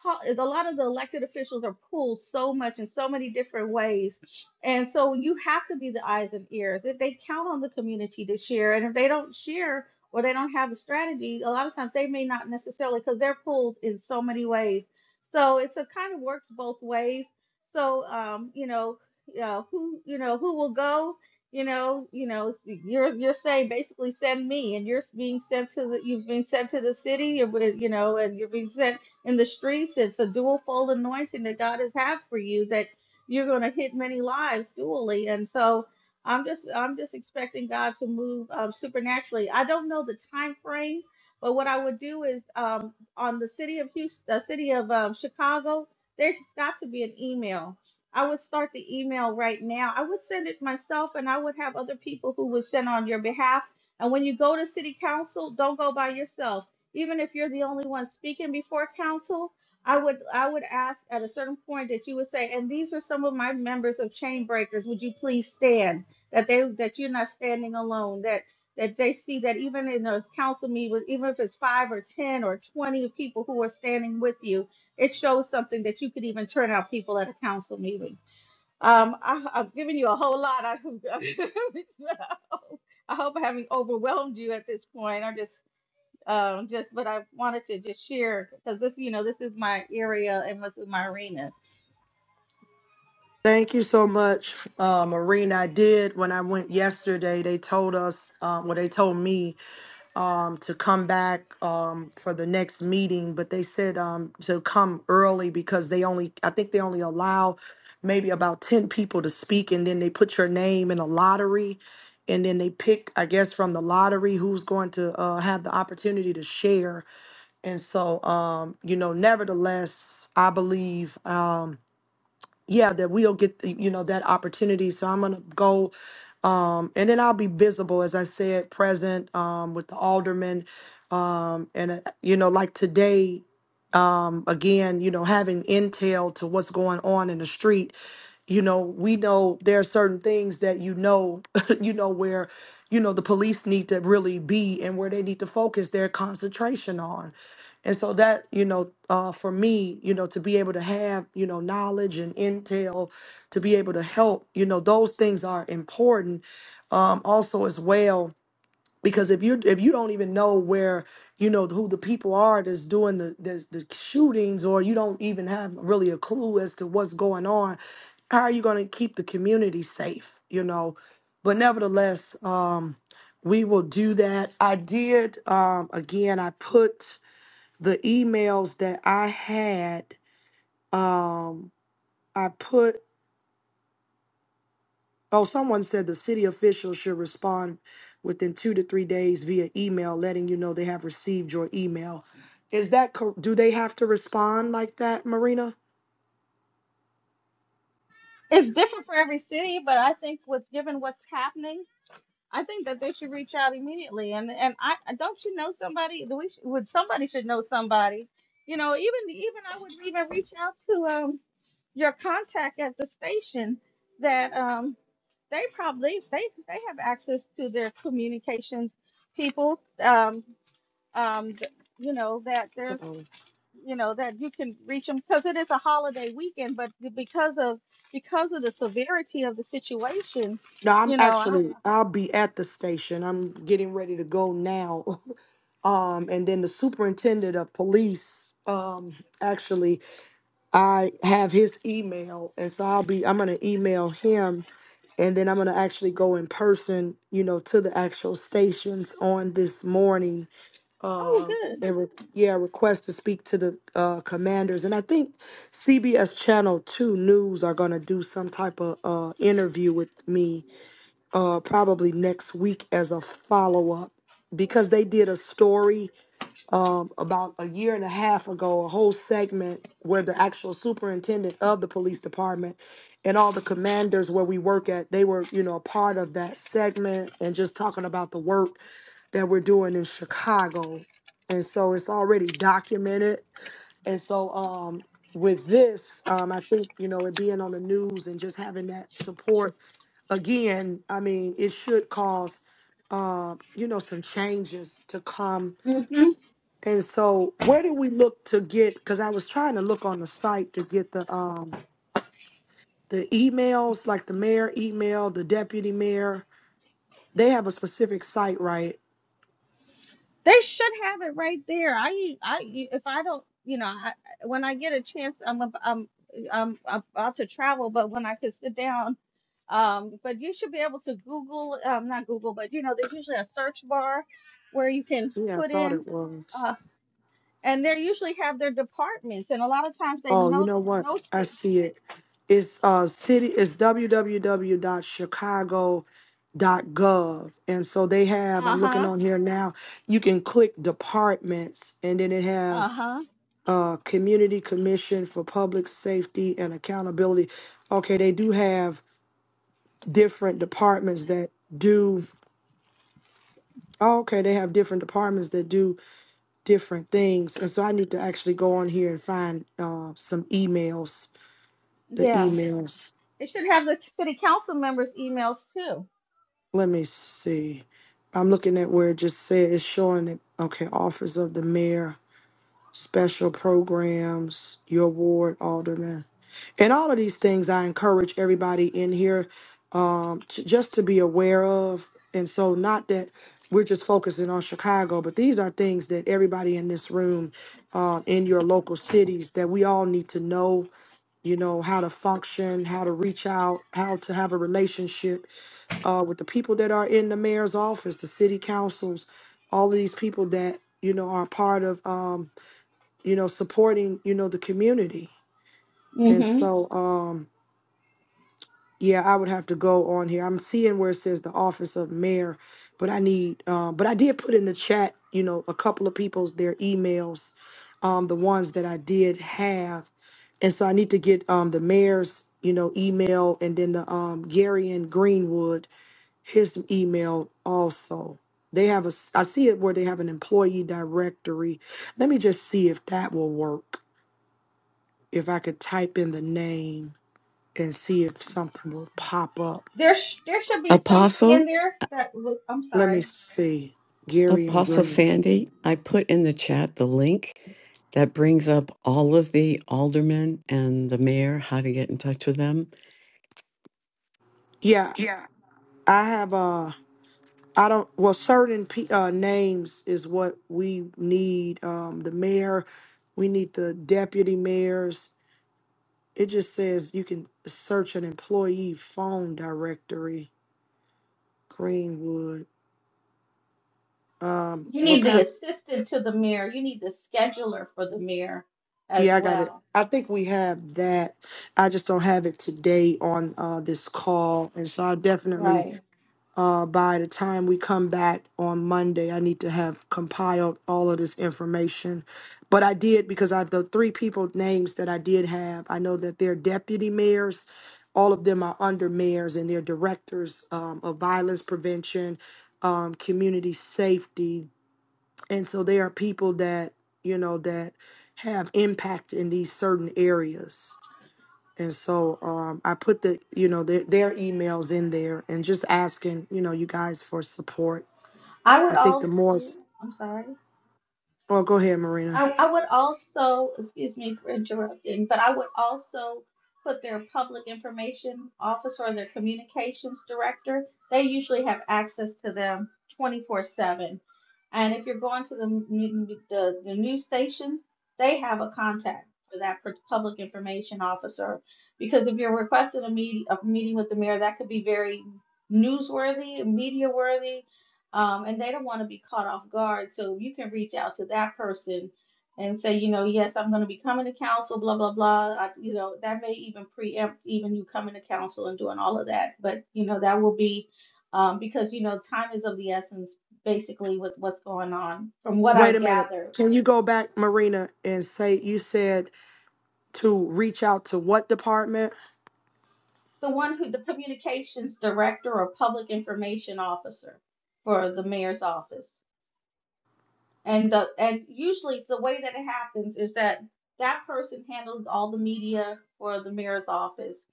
Speaker 7: call a lot of the elected officials are pulled so much in so many different ways and so you have to be the eyes and ears if they count on the community to share and if they don't share or they don't have a strategy a lot of times they may not necessarily because they're pulled in so many ways so it's a kind of works both ways so um you know uh, who you know who will go you know you know you're you're saying basically send me and you're being sent to the you've been sent to the city you're, you know and you're being sent in the streets. It's a dual fold anointing that God has had for you that you're going to hit many lives dually. And so I'm just I'm just expecting God to move um, supernaturally. I don't know the time frame, but what I would do is um, on the city of Houston, the city of um, Chicago, there's got to be an email. I would start the email right now. I would send it myself, and I would have other people who would send on your behalf. And when you go to city council, don't go by yourself even if you're the only one speaking before council, I would I would ask at a certain point that you would say, and these are some of my members of Chain Breakers. Would you please stand? That they that you're not standing alone. That that they see that even in a council meeting, with- even if it's five or ten or twenty people who are standing with you, it shows something that you could even turn out people at a council meeting. Um, I, I've given you a whole lot. I, I hope I haven't overwhelmed you at this point. I just um, just but I wanted to just share because this, you know, this is my area and this is my arena.
Speaker 1: Thank you so much, uh, Marina. I did when I went yesterday. They told us, um, well, they told me um, to come back um, for the next meeting, but they said um, to come early because they only, I think they only allow maybe about 10 people to speak, and then they put your name in a lottery. And then they pick, I guess, from the lottery who's going to uh, have the opportunity to share. And so, um, you know, nevertheless, I believe. Um, yeah, that we'll get you know that opportunity. So I'm gonna go, um, and then I'll be visible, as I said, present um, with the aldermen, um, and uh, you know, like today um, again, you know, having intel to what's going on in the street, you know, we know there are certain things that you know, you know, where, you know, the police need to really be and where they need to focus their concentration on. And so that, you know, uh, for me, you know, to be able to have, you know, knowledge and intel to be able to help, you know, those things are important um, also as well because if you if you don't even know where you know who the people are that's doing the that's the shootings or you don't even have really a clue as to what's going on how are you going to keep the community safe you know but nevertheless um we will do that i did um again i put the emails that i had um i put Oh, someone said the city officials should respond within two to three days via email, letting you know they have received your email. Is that cor- do they have to respond like that, Marina?
Speaker 7: It's different for every city, but I think with given what's happening, I think that they should reach out immediately. And and I I- don't you know somebody? Do we sh- would somebody should know somebody? You know, even even I would even reach out to um your contact at the station that um they probably they they have access to their communications people um um th- you know that there's you know that you can reach them because it is a holiday weekend but because of because of the severity of the situation
Speaker 1: No, I'm
Speaker 7: you know I,
Speaker 1: actually I'll be at the station. I'm getting ready to go now. Um, and then the superintendent of police, um, actually I have his email and so I'll be I'm gonna email him and then I'm gonna actually go in person, you know, to the actual stations on this morning.
Speaker 7: oh
Speaker 1: Uh and re- yeah, request to speak to the uh, commanders, and I think CBS Channel Two News are gonna do some type of uh, interview with me uh, probably next week as a follow up because they did a story um, about a year and a half ago, a whole segment where the actual superintendent of the police department and all the commanders where we work at, they were, you know, a part of that segment and just talking about the work that we're doing in Chicago. And so it's already documented. And so um, with this, um, I think, you know, it being on the news and just having that support again, I mean, it should cause, uh, you know, some changes to come.
Speaker 7: good hmm
Speaker 1: And so, where do we look to get? Because I was trying to look on the site to get the um the emails, like the mayor email, the deputy mayor. They have a specific site, right?
Speaker 7: they should have it right there i u- i u- if i don't you know I, I- when i get a chance i'm ab- i'm i'm about to travel but when i can sit down um but you should be able to google um not google but you know there's usually a search bar where you can
Speaker 1: Yeah, I
Speaker 7: put
Speaker 1: thought
Speaker 7: in
Speaker 1: it was.
Speaker 7: uh, and they usually have their departments, and a lot of times they
Speaker 1: Oh, you
Speaker 7: note
Speaker 1: know what? I
Speaker 7: notate.
Speaker 1: see it. It's uh city it's dot dot chicago dot gov. And so they have
Speaker 7: Uh
Speaker 1: I'm looking
Speaker 7: huh.
Speaker 1: on here now. You can click departments and then it
Speaker 7: Uh
Speaker 1: have
Speaker 7: huh.
Speaker 1: uh community commission for public safety and accountability. Okay, they do have different departments that do oh, okay, they have different departments that do different things. And so I need to actually go on here and find uh some emails, the
Speaker 7: Yeah.
Speaker 1: emails.
Speaker 7: They should have the city council members' emails too.
Speaker 1: Let me see. I'm looking at where it just said it's showing it. Okay, office of the mayor, special programs, your ward alderman, and all of these things. I encourage everybody in here um, to, just to be aware of. And so, not that we're just focusing on Chicago, but these are things that everybody in this room, um, in your local cities, that we all need to know. You know how to function, how to reach out, how to have a relationship uh, with the people that are in the mayor's office, the city councils, all of these people that you know are part of um, you know supporting you know the community. And
Speaker 7: Mm-hmm.
Speaker 1: so um, yeah, I would have to go on here. I'm seeing where it says the office of mayor, but I need um, but I did put in the chat you know a couple of people's their emails, um, the ones that I did have, and so I need to get um, the mayor's you know email and then the um, Gary and Greenwood his email also. They have a, I see it where they have an employee directory. Let me just see if that will work. If I could type in the name and see if something will pop up.
Speaker 7: There, sh- there should be something
Speaker 8: Apostle,
Speaker 7: in there that look. I'm
Speaker 1: Let me
Speaker 7: sorry.
Speaker 1: see. Gary and
Speaker 8: Apostle
Speaker 7: that-
Speaker 1: Green.
Speaker 8: Sandy, I put in the chat the link that brings up all of the aldermen and the mayor, how to get in touch with them.
Speaker 1: Yeah,
Speaker 8: Yeah.
Speaker 1: I have uh I don't well certain p- uh, names is what we need. Um, the mayor, we need the deputy mayors. It just says you can search an employee phone directory. Greenwood. Um,
Speaker 7: You
Speaker 1: well,
Speaker 7: need the
Speaker 1: Pastor,
Speaker 7: assistant to the mayor. You need the scheduler for the mayor as
Speaker 1: yeah, I got it.
Speaker 7: well.
Speaker 1: I think we have that. I just don't have it today on uh, this call, and so I'll definitely
Speaker 7: Right.
Speaker 1: uh, by the time we come back on Monday, I need to have compiled all of this information. But I did because I've the three people names that I did have. I know that they're deputy mayors. All of them are under mayors, and they're directors um, of violence prevention, um, community safety. and so they are people that you know that have impact in these certain areas and so um, i put the you know their, their emails in there and just asking you know you guys for support
Speaker 7: I
Speaker 1: i
Speaker 7: would
Speaker 1: think the
Speaker 7: also.
Speaker 1: more
Speaker 7: I'm sorry.
Speaker 1: oh go ahead marina
Speaker 7: I, I would also, excuse me for interrupting, but I would also put their public information officer or their communications director. They usually have access to them 24 7. And if you're going to the, n- the, the news station, they have a contact for that per- public information officer. Because if you're requesting a, meet, a meeting with the mayor, that could be very newsworthy, media worthy, um, and they don't want to be caught off guard. So you can reach out to that person and say, you know, yes, I'm going to be coming to council, blah, blah, blah. I, you know, that may even preempt even you coming to council and doing all of that. But, you know, that will be um, because, you know, time is of the essence, basically, with what's going on, from what I
Speaker 1: wait a minute
Speaker 7: gather.
Speaker 1: can you go back marina and say you said to reach out to what department
Speaker 7: The one who, the communications director or public information officer for the mayor's office. And the and usually the way that it happens is that that person handles all the media for the mayor's office.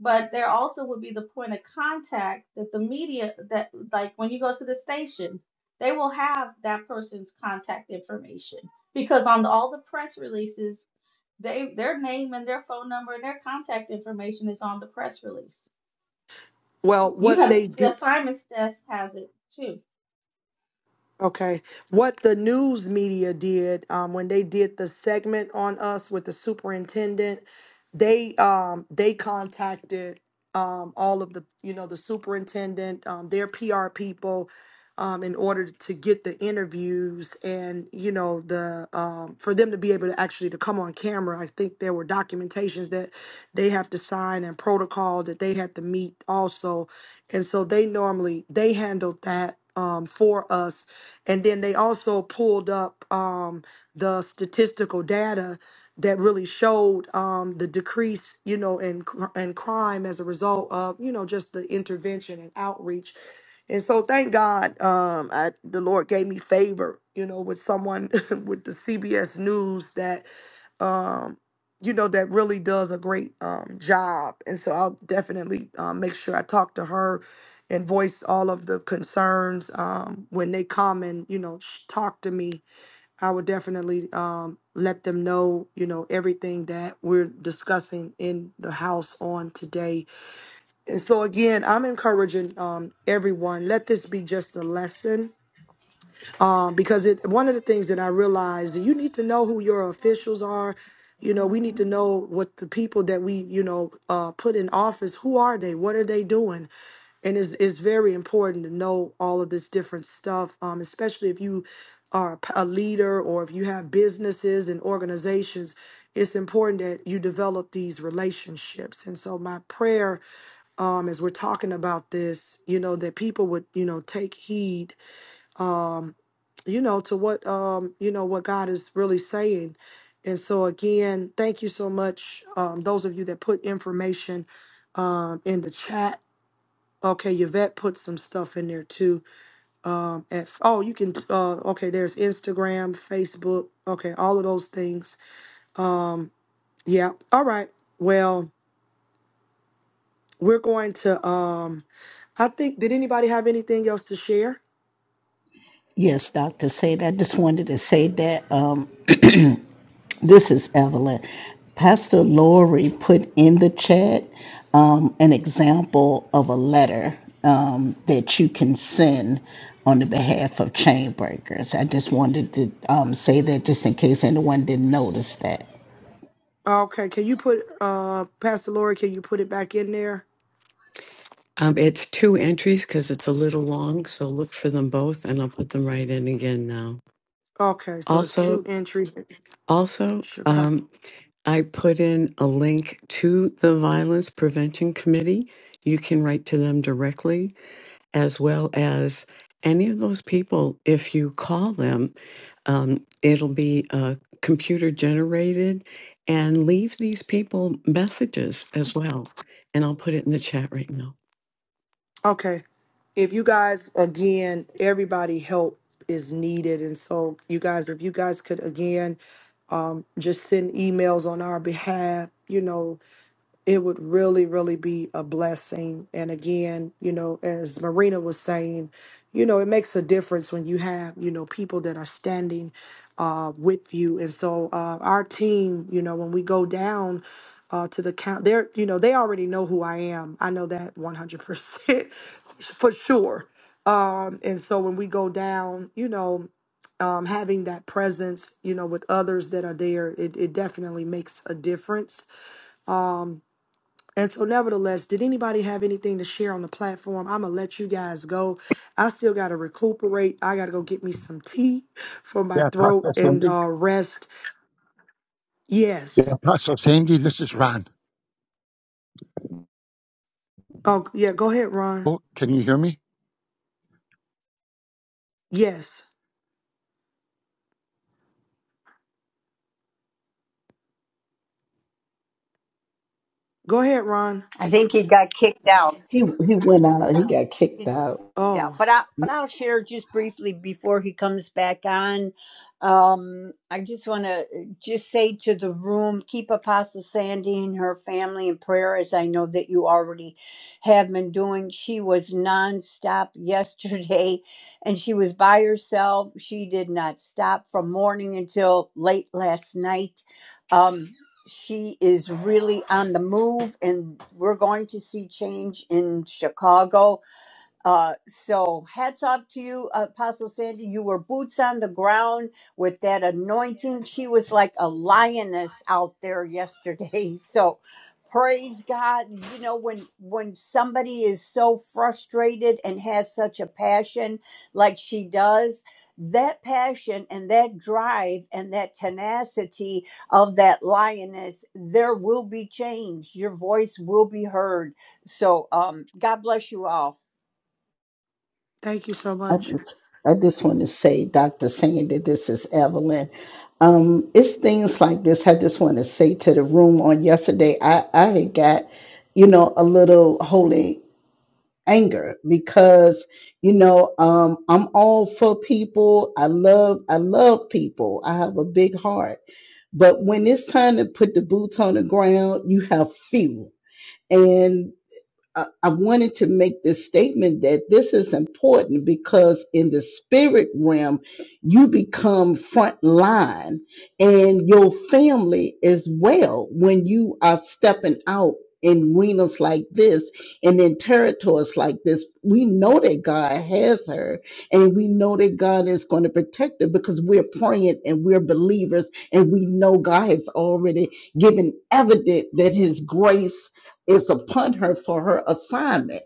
Speaker 7: But there also would be the point of contact that the media that like when you go to the station, they will have that person's contact information because on all the press releases, they their name and their phone number and their contact information is on the press release.
Speaker 1: well
Speaker 7: You
Speaker 1: what
Speaker 7: have
Speaker 1: they
Speaker 7: the
Speaker 1: did
Speaker 7: assignments desk has it too.
Speaker 1: Okay. What the news media did um, when they did the segment on us with the superintendent, they um, they contacted um, all of the you know the superintendent, um, their PR people, um, in order to get the interviews and you know the um, for them to be able to actually to come on camera. I think there were documentations that they have to sign and protocol that they had to meet also and so they normally they handled that um, for us and then they also pulled up um, the statistical data that really showed um, the decrease you know in cr- in crime as a result of you know just the intervention and outreach and so thank god um, I, the lord gave me favor you know with someone with the cbs news that um, you know, that really does a great um, job. And so I'll definitely um, make sure I talk to her and voice all of the concerns um, when they come and, you know, sh- talk to me. I would definitely um, let them know, you know, everything that we're discussing in the house on today. And so, again, I'm encouraging um, everyone, let this be just a lesson um, because it one of the things that I realized that you need to know who your officials are. You know, we need to
Speaker 7: Mhm.
Speaker 1: know what the people that we you know uh, put in office who are they, what are they doing, and it's it's very important to know all of this different stuff, um, especially if you are a p- a leader or if you have businesses and organizations. It's important that you develop these relationships, and so my prayer, um, as we're talking about this, you know, that people would you know take heed um, you know to what um you know what god is really saying and so again thank you so much um those of you that put information um in the chat okay yvette put some stuff in there too um at oh you can uh okay there's instagram facebook okay all of those things yeah all right well we're going to um i think did anybody have anything else to share
Speaker 3: Yes, Doctor Sandy. I just wanted to say that. This is Evelyn. Pastor Lori put in the chat um, an example of a letter um, that you can send on the behalf of chain breakers. I just wanted to um, say that just in case anyone didn't notice that.
Speaker 1: okay can you put uh pastor lori can you put it back in there
Speaker 8: Um, it's two entries because it's a little long, so look for them both, and I'll put them right in again now.
Speaker 1: okay so it's two
Speaker 8: Also,
Speaker 1: entries
Speaker 8: also,
Speaker 1: Chicago.
Speaker 8: um, I put in a link to the Violence Prevention Committee. You can write to them directly, as well as any of those people. If you call them Um, it'll be uh, computer generated and leave these people messages as well. And I'll put it in the chat right now.
Speaker 1: Okay. If you guys, again, everybody help is needed. And so, you guys, if you guys could, again, um, just send emails on our behalf, you know, it would really, really be a blessing. And again, you know, as Marina was saying, you know, it makes a difference when you have, you know, people that are standing uh, with you. And so uh, our team, you know, when we go down uh, to the count, they're, you know, they already know who I am. I know that 100% for sure. Um, and so when we go down, you know, um, having that presence, you know, with others that are there, it, it definitely makes a difference Um, and so, nevertheless, did anybody have anything to share on the platform? I'm gonna let you guys go. I still gotta recuperate. I gotta go get me some tea for my
Speaker 9: Yeah,
Speaker 1: throat
Speaker 9: Apostle
Speaker 1: and
Speaker 9: Sandy.
Speaker 1: uh, rest.
Speaker 9: Yeah,
Speaker 1: Yes.
Speaker 9: Apostle Sandy, this is Ron.
Speaker 1: Oh, yeah. Go ahead, Ron.
Speaker 9: Oh, can you hear me?
Speaker 1: Yes. Go ahead, Ron.
Speaker 5: I think he got kicked out.
Speaker 3: He he went out. He got kicked out.
Speaker 5: Yeah,
Speaker 1: Oh,
Speaker 5: but I but I'll share just briefly before he comes back on. Um, I just want to uh, just say to the room, keep Apostle Sandy and her family in prayer, as I know that you already have been doing. She was nonstop yesterday, and she was by herself. She did not stop from morning until late last night. Um, she is really on the move, and we're going to see change in Chicago uh, so hats off to you, Apostle Sandy. You were boots on the ground with that anointing. She was like a lioness out there yesterday. So praise God. You know, when when somebody is so frustrated and has such a passion like she does, that passion and that drive and that tenacity of that lioness, there will be change. Your voice will be heard. So um God bless you all.
Speaker 1: thank you so
Speaker 3: I
Speaker 1: much.
Speaker 3: just, I just want to say, Dr. Sandy, this is Evelyn. Um, it's things like this. I just want to say to the room on yesterday, I, I had got, you know, a little holy anger because, you know, um, I'm all for people. I love, I love people. I have a big heart, but when it's time to put the boots on the ground, you have few. I I wanted to make this statement that this is important because in the spirit realm, you become front line and your family as well when you are stepping out in arenas like this and in territories like this. We know that God has her and we know that God is going to protect her because we're praying and we're believers and we know God has already given evident that his grace is upon her for her assignment,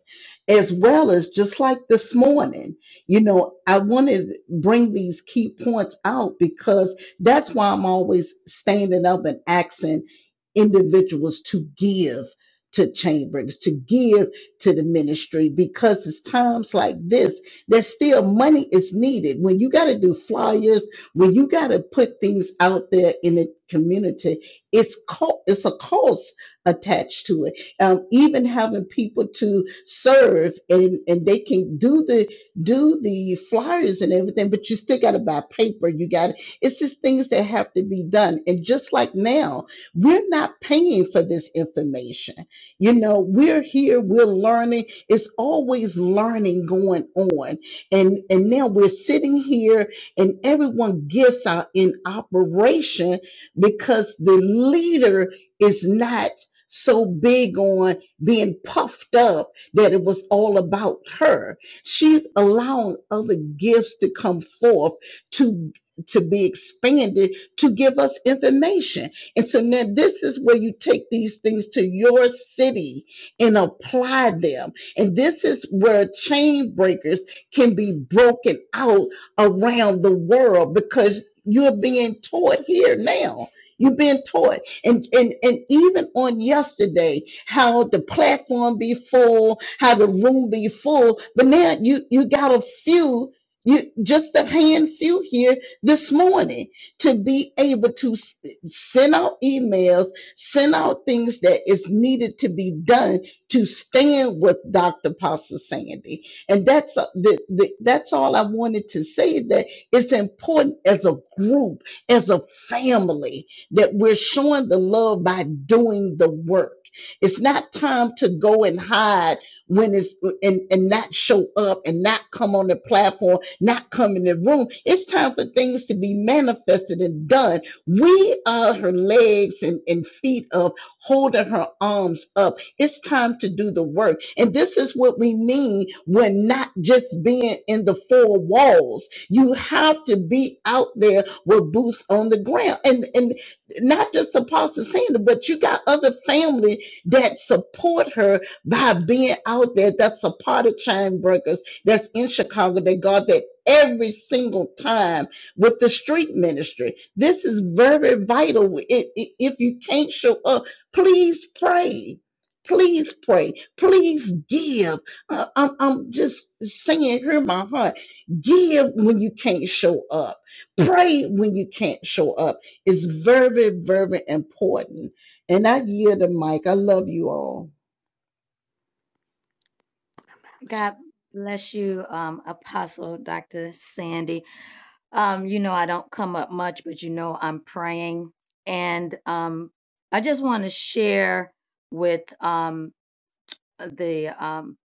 Speaker 3: as well as just like this morning. You know, I wanted to bring these key points out because that's why I'm always standing up and asking individuals to give to chambers, to give to the ministry, because it's times like this that still money is needed. When you got to do flyers, when you got to put things out there in the community, it's co- it's a cost attached to it um, even having people to serve and, and they can do the do the flyers and everything, but you still got to buy paper. You got it's just things that have to be done. And just like now, we're not paying for this information. You know, we're here, we're learning. It's always learning going on. And and now we're sitting here and everyone gifts are in operation because the leader is not so big on being puffed up that it was all about her. She's allowing other gifts to come forth to to be expanded to give us information. And so now this is where you take these things to your city and apply them. And this is where chain breakers can be broken out around the world because you're being taught here now. you have been taught and, and and even on yesterday, how the platform be full, how the room be full, but now you you got a few, you just a hand few here this morning to be able to s- send out emails, send out things that is needed to be done to stand with Dr. Pastor Sandy, and that's uh, the, the, that's all I wanted to say. That it's important as a group, as a family that we're showing the love by doing the work. It's not time to go and hide when it's and, and not show up and not come on the platform, not come in the room. It's time for things to be manifested and done. We are her legs and, and feet up, holding her arms up. It's time to do the work. And this is what we mean when not just being in the four walls. You have to be out there with boots on the ground. and and not just Apostle Sandra, but you got other family that support her by being out there. That's a part of Chain Breakers that's in Chicago. They guard that every single time with the street ministry. This is very vital. It, it, if you can't show up, please pray. Please pray. Please give. Uh, I'm, I'm just saying, hear my heart. Give when you can't show up. Pray when you can't show up it's very, very important. And I yield the mic. I love you all.
Speaker 6: God bless you, um, Apostle Dr. Sandy. Um, you know, I don't come up much, but you know, I'm praying. And um, I just want to share with um, the um,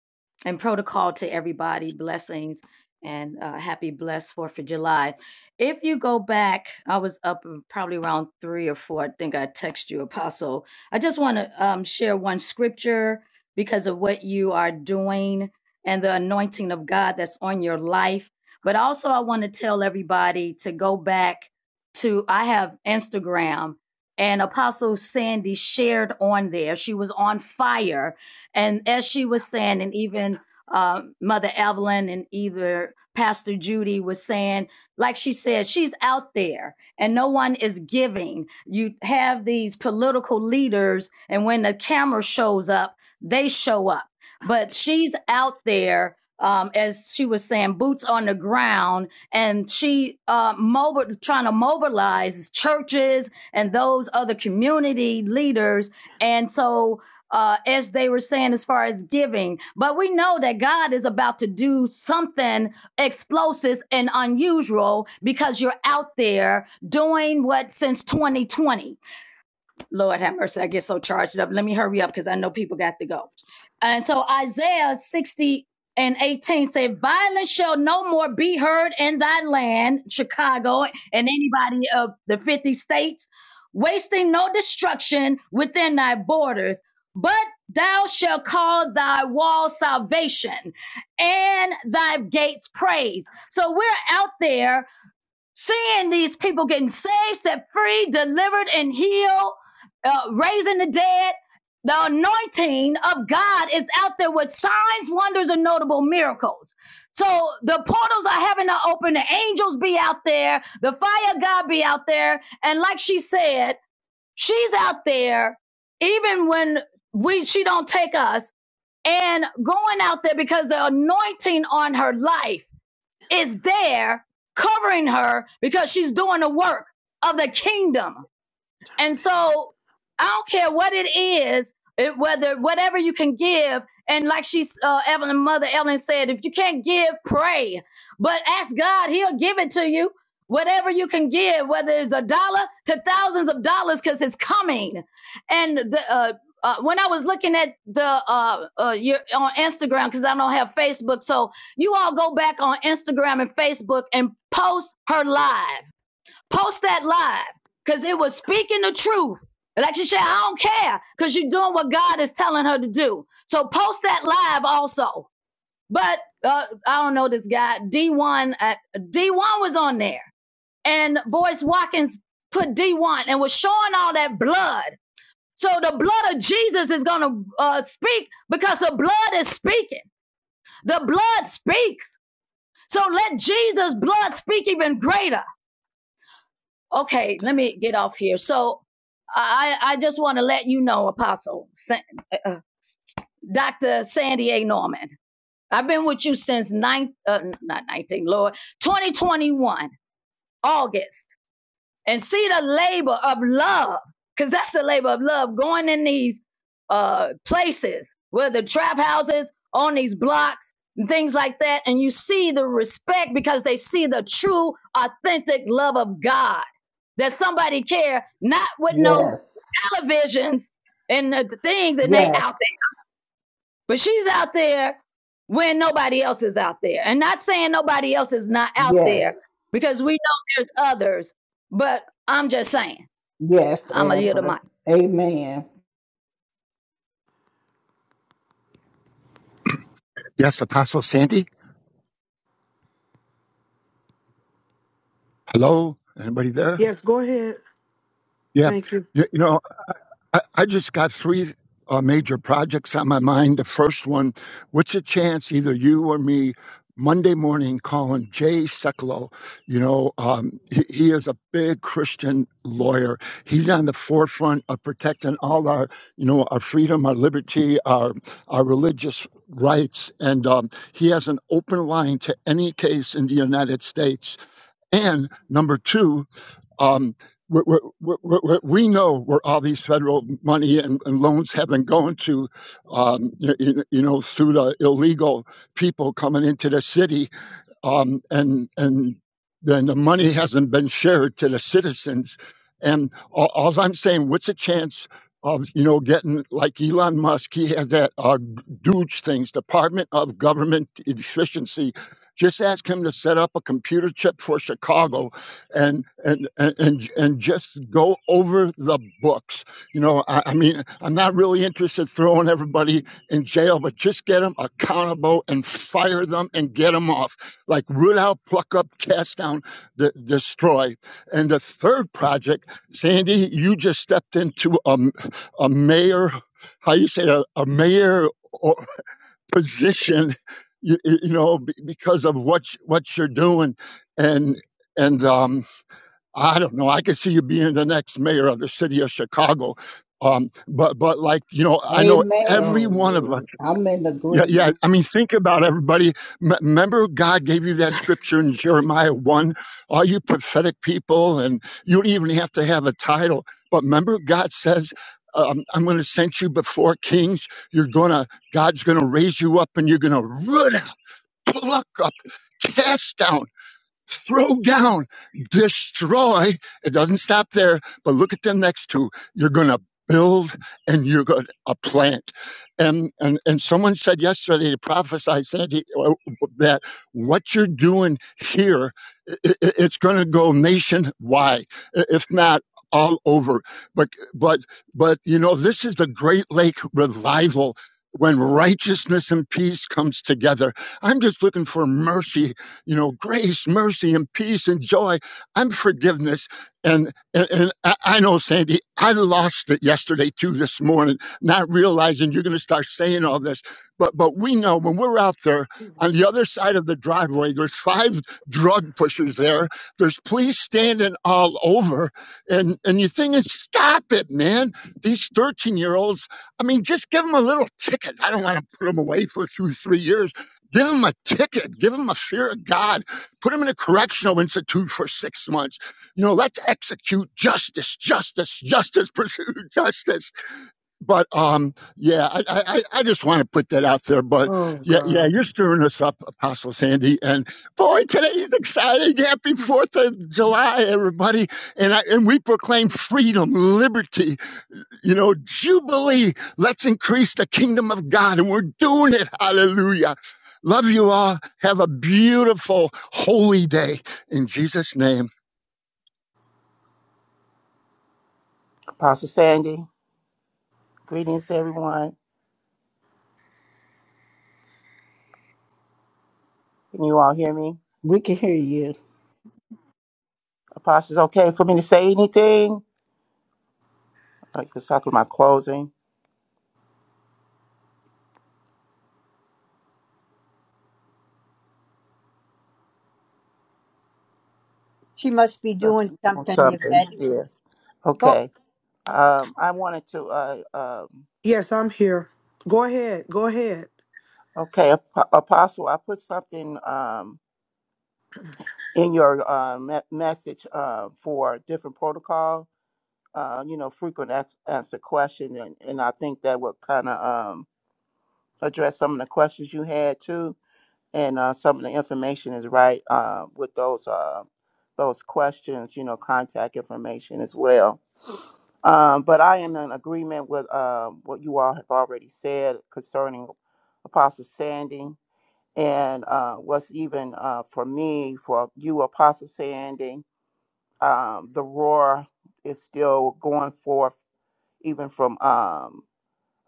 Speaker 6: and protocol to everybody. Blessings and uh, happy blessed Fourth of July. If you go back, I was up uh, probably around three or four. I think I text you, Apostle. I just want to um, share one scripture because of what you are doing and the anointing of God that's on your life. But also, I want to tell everybody to go back to I have Instagram. And Apostle Sandy shared on there. She was on fire and as she was saying, and even uh, Mother Evelyn and either Pastor Judy was saying, like she said, she's out there and no one is giving. You have these political leaders, and when the camera shows up, they show up. But she's out there, um, as she was saying, boots on the ground, and she uh, mobile, trying to mobilize churches and those other community leaders. And so uh, as they were saying, as far as giving. But we know that God is about to do something explosive and unusual because you're out there doing what since 2020. Lord have mercy, I get so charged up. Let me hurry up because I know people got to go. And so Isaiah 60 and 18 say, Violence shall no more be heard in thy land, Chicago, and anybody of the 50 states, wasting no destruction within thy borders, but thou shalt call thy wall salvation and thy gates praise. So we're out there seeing these people getting saved, set free, delivered, and healed, uh, raising the dead. The anointing of God is out there with signs, wonders, and notable miracles. So the portals are having to open. The angels be out there. The fire of God be out there. And like she said, she's out there even when we she don't take us and going out there because the anointing on her life is there covering her because she's doing the work of the kingdom. And so I don't care what it is, it, whether whatever you can give. And like she's uh, Evelyn, mother Evelyn said, if you can't give, pray. But ask God, He'll give it to you. Whatever you can give, whether it's a dollar to thousands of dollars, because it's coming. And the, uh, uh, when I was looking at the uh, uh, your, on Instagram, because I don't have Facebook, so you all go back on Instagram and Facebook and post her live Post that live because it was speaking the truth. Like she said, I don't care because you're doing what God is telling her to do. So post that live also. But uh, I don't know this guy. D1 at D1 was on there. And Boyce Watkins put D1 and was showing all that blood. So the blood of Jesus is going to uh, speak because the blood is speaking. The blood speaks. So let Jesus' blood speak even greater. okay let me get off here so i i just want to let you know apostle Sa- dr sandy a norman i've been with you since nine uh, not 19 lord 2021 august and see the labor of love because that's the labor of love going in these uh places whether trap houses on these blocks and things like that and you see the respect because they see the true authentic love of god that somebody care not with no
Speaker 3: Yes,
Speaker 6: televisions and the things and they
Speaker 3: yes,
Speaker 6: out but she's out there when nobody else is out there. And not saying nobody else is not out
Speaker 3: yes,
Speaker 6: there because we know there's others, but I'm just saying,
Speaker 3: yes,
Speaker 6: I'm a little mic.
Speaker 3: Amber. Amen.
Speaker 9: Yes, Apostle Sandy. Hello, anybody there?
Speaker 1: Yes. Go ahead.
Speaker 9: Yeah.
Speaker 1: Thank you.
Speaker 9: You, you know, I, I just got three uh, major projects on my mind. The first one, what's a chance either you or me Monday morning calling Jay Sekulow? You know, um, he, he is a big Christian lawyer. He's on the forefront of protecting all our, you know, our freedom, our liberty, our our religious rights, and um, he has an open line to any case in the United States. And number two. Um, we, we, we, know where all these federal money and, and loans have been going to, um, you, you know, through the illegal people coming into the city um, and and then the money hasn't been shared to the citizens. And all, all I'm saying, what's the chance of you know getting like Elon Musk? He has that uh, Dooge things, Department of Government Efficiency. Just ask him to set up a computer chip for Chicago, and and and and, and just go over the books. You know, I, I mean, I'm not really interested in throwing everybody in jail, but just get them accountable and fire them and get them off like root out, pluck up, cast down, de- destroy. And the third project, Sandy, you just stepped into a a mayor, how you say, a, a mayor or position, you, you know, because of what what you're doing, and and um, I don't know, I could see you being the next mayor of the city of Chicago. Um, but but like you know, I know
Speaker 3: Amen.
Speaker 9: every
Speaker 1: Oh,
Speaker 9: one of us
Speaker 1: Lord.
Speaker 3: I'm in
Speaker 9: yeah, yeah.
Speaker 3: agreement.
Speaker 9: I mean, think about everybody. M- remember, God gave you that scripture in Jeremiah 1 All you pathetic people, and you don't even have to have a title. But remember, God says, um, I'm going to send you before kings. You're going to, God's going to raise you up and you're going to root out, pluck up, cast down throw down, destroy. It doesn't stop there, but look at the next two. You're going to build and you're going to plant. And, and, and someone said yesterday to prophesy, Sandy, uh, that what you're doing here, i i- it's going to go nationwide, i- if not all over. But, but, but, you know, this is the Great Lake revival. When righteousness and peace comes together, I'm just looking for mercy you know, grace, mercy, and peace and joy and forgiveness. And, and, and I know, Sandy, I lost it yesterday too this morning, not realizing you're going to start saying all this. But, but we know when we're out there on the other side of the driveway, there's five drug pushers there. There's police standing all over. And, and you're thinking, stop it, man. These 13 year olds, I mean, just give them a little ticket. I don't want to put them away for two, three years Give him a ticket. Give him a fear of God. Put him in a correctional institute for six months. You know, let's execute justice, justice, justice, pursue justice. But um, yeah, I, I, I just want to put that out there. But
Speaker 1: Oh,
Speaker 9: yeah, yeah,
Speaker 1: God.
Speaker 9: you're stirring us up, Apostle Sandy. And boy, today is exciting. Happy Fourth of July, everybody! And I, and we proclaim freedom, liberty. You know, Jubilee, let's increase the kingdom of God, and we're doing it. Hallelujah. Love you all. Have a beautiful, holy day. In Jesus' name.
Speaker 10: Apostle Sandy, greetings to everyone. Can you all hear me?
Speaker 3: We can hear you.
Speaker 10: Apostle, it's okay for me to say anything? I was talking about closing.
Speaker 5: She must be doing
Speaker 10: on
Speaker 5: something,
Speaker 10: Something,
Speaker 5: Yvette.
Speaker 10: yeah.
Speaker 5: Go.
Speaker 10: Okay. Um, I wanted to, uh, um,
Speaker 1: Yes, I'm here. Go ahead. Go ahead.
Speaker 10: okay, Ap- Apostle, I put something, um, in your, uh, me- message, uh, for different protocol, uh, you know, frequent ex answer question. And, and I think that would kind of, um, address some of the questions you had too. and uh, some of the information is right uh, with those uh, those questions, you know, contact information as well. Um, but I am in agreement with uh, what you all have already said concerning Apostle Sandy, and uh, what's even uh, for me, for you, Apostle Sandy, um, the roar is still going forth, even from um,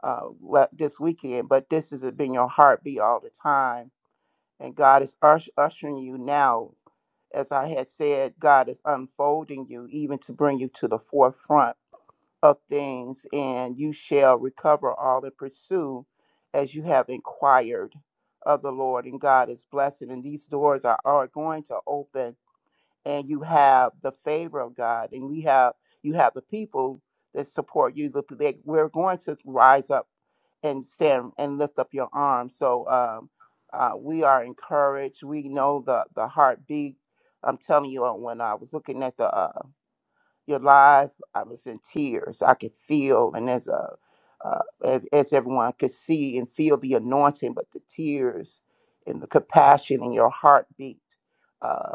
Speaker 10: uh, le- this weekend. But this has been your heartbeat all the time and God is ush- ushering you now as I had said, God is unfolding you even to bring you to the forefront of things, and you shall recover all and pursue as you have inquired of the Lord. And God is blessing, and these doors are, are going to open, and you have the favor of God, and we have you have the people that support you. The, they, we're going to rise up and stand and lift up your arms. So um, uh, we are encouraged. We know the the heartbeat. I'm telling you, uh, when I was looking at the uh, your live, I was in tears. I could feel, and as a uh, as as everyone could see and feel the anointing, but the tears and the compassion in your heartbeat. Uh,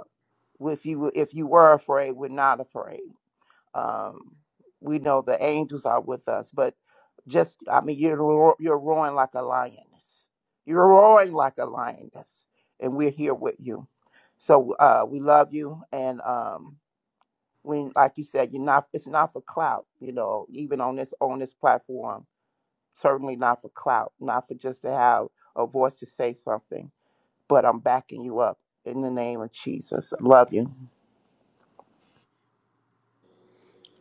Speaker 10: if you if you were afraid, we're not afraid um, we know the angels are with us, but just I mean, you're roar- you're roaring like a lioness. You're roaring like a lioness, and we're here with you. So uh, we love you, and um, we like you said, you're not. It's not for clout, you know. Even on this on this platform, certainly not for clout, not for just to have a voice to say something but I'm backing you up in the name of Jesus. I love you.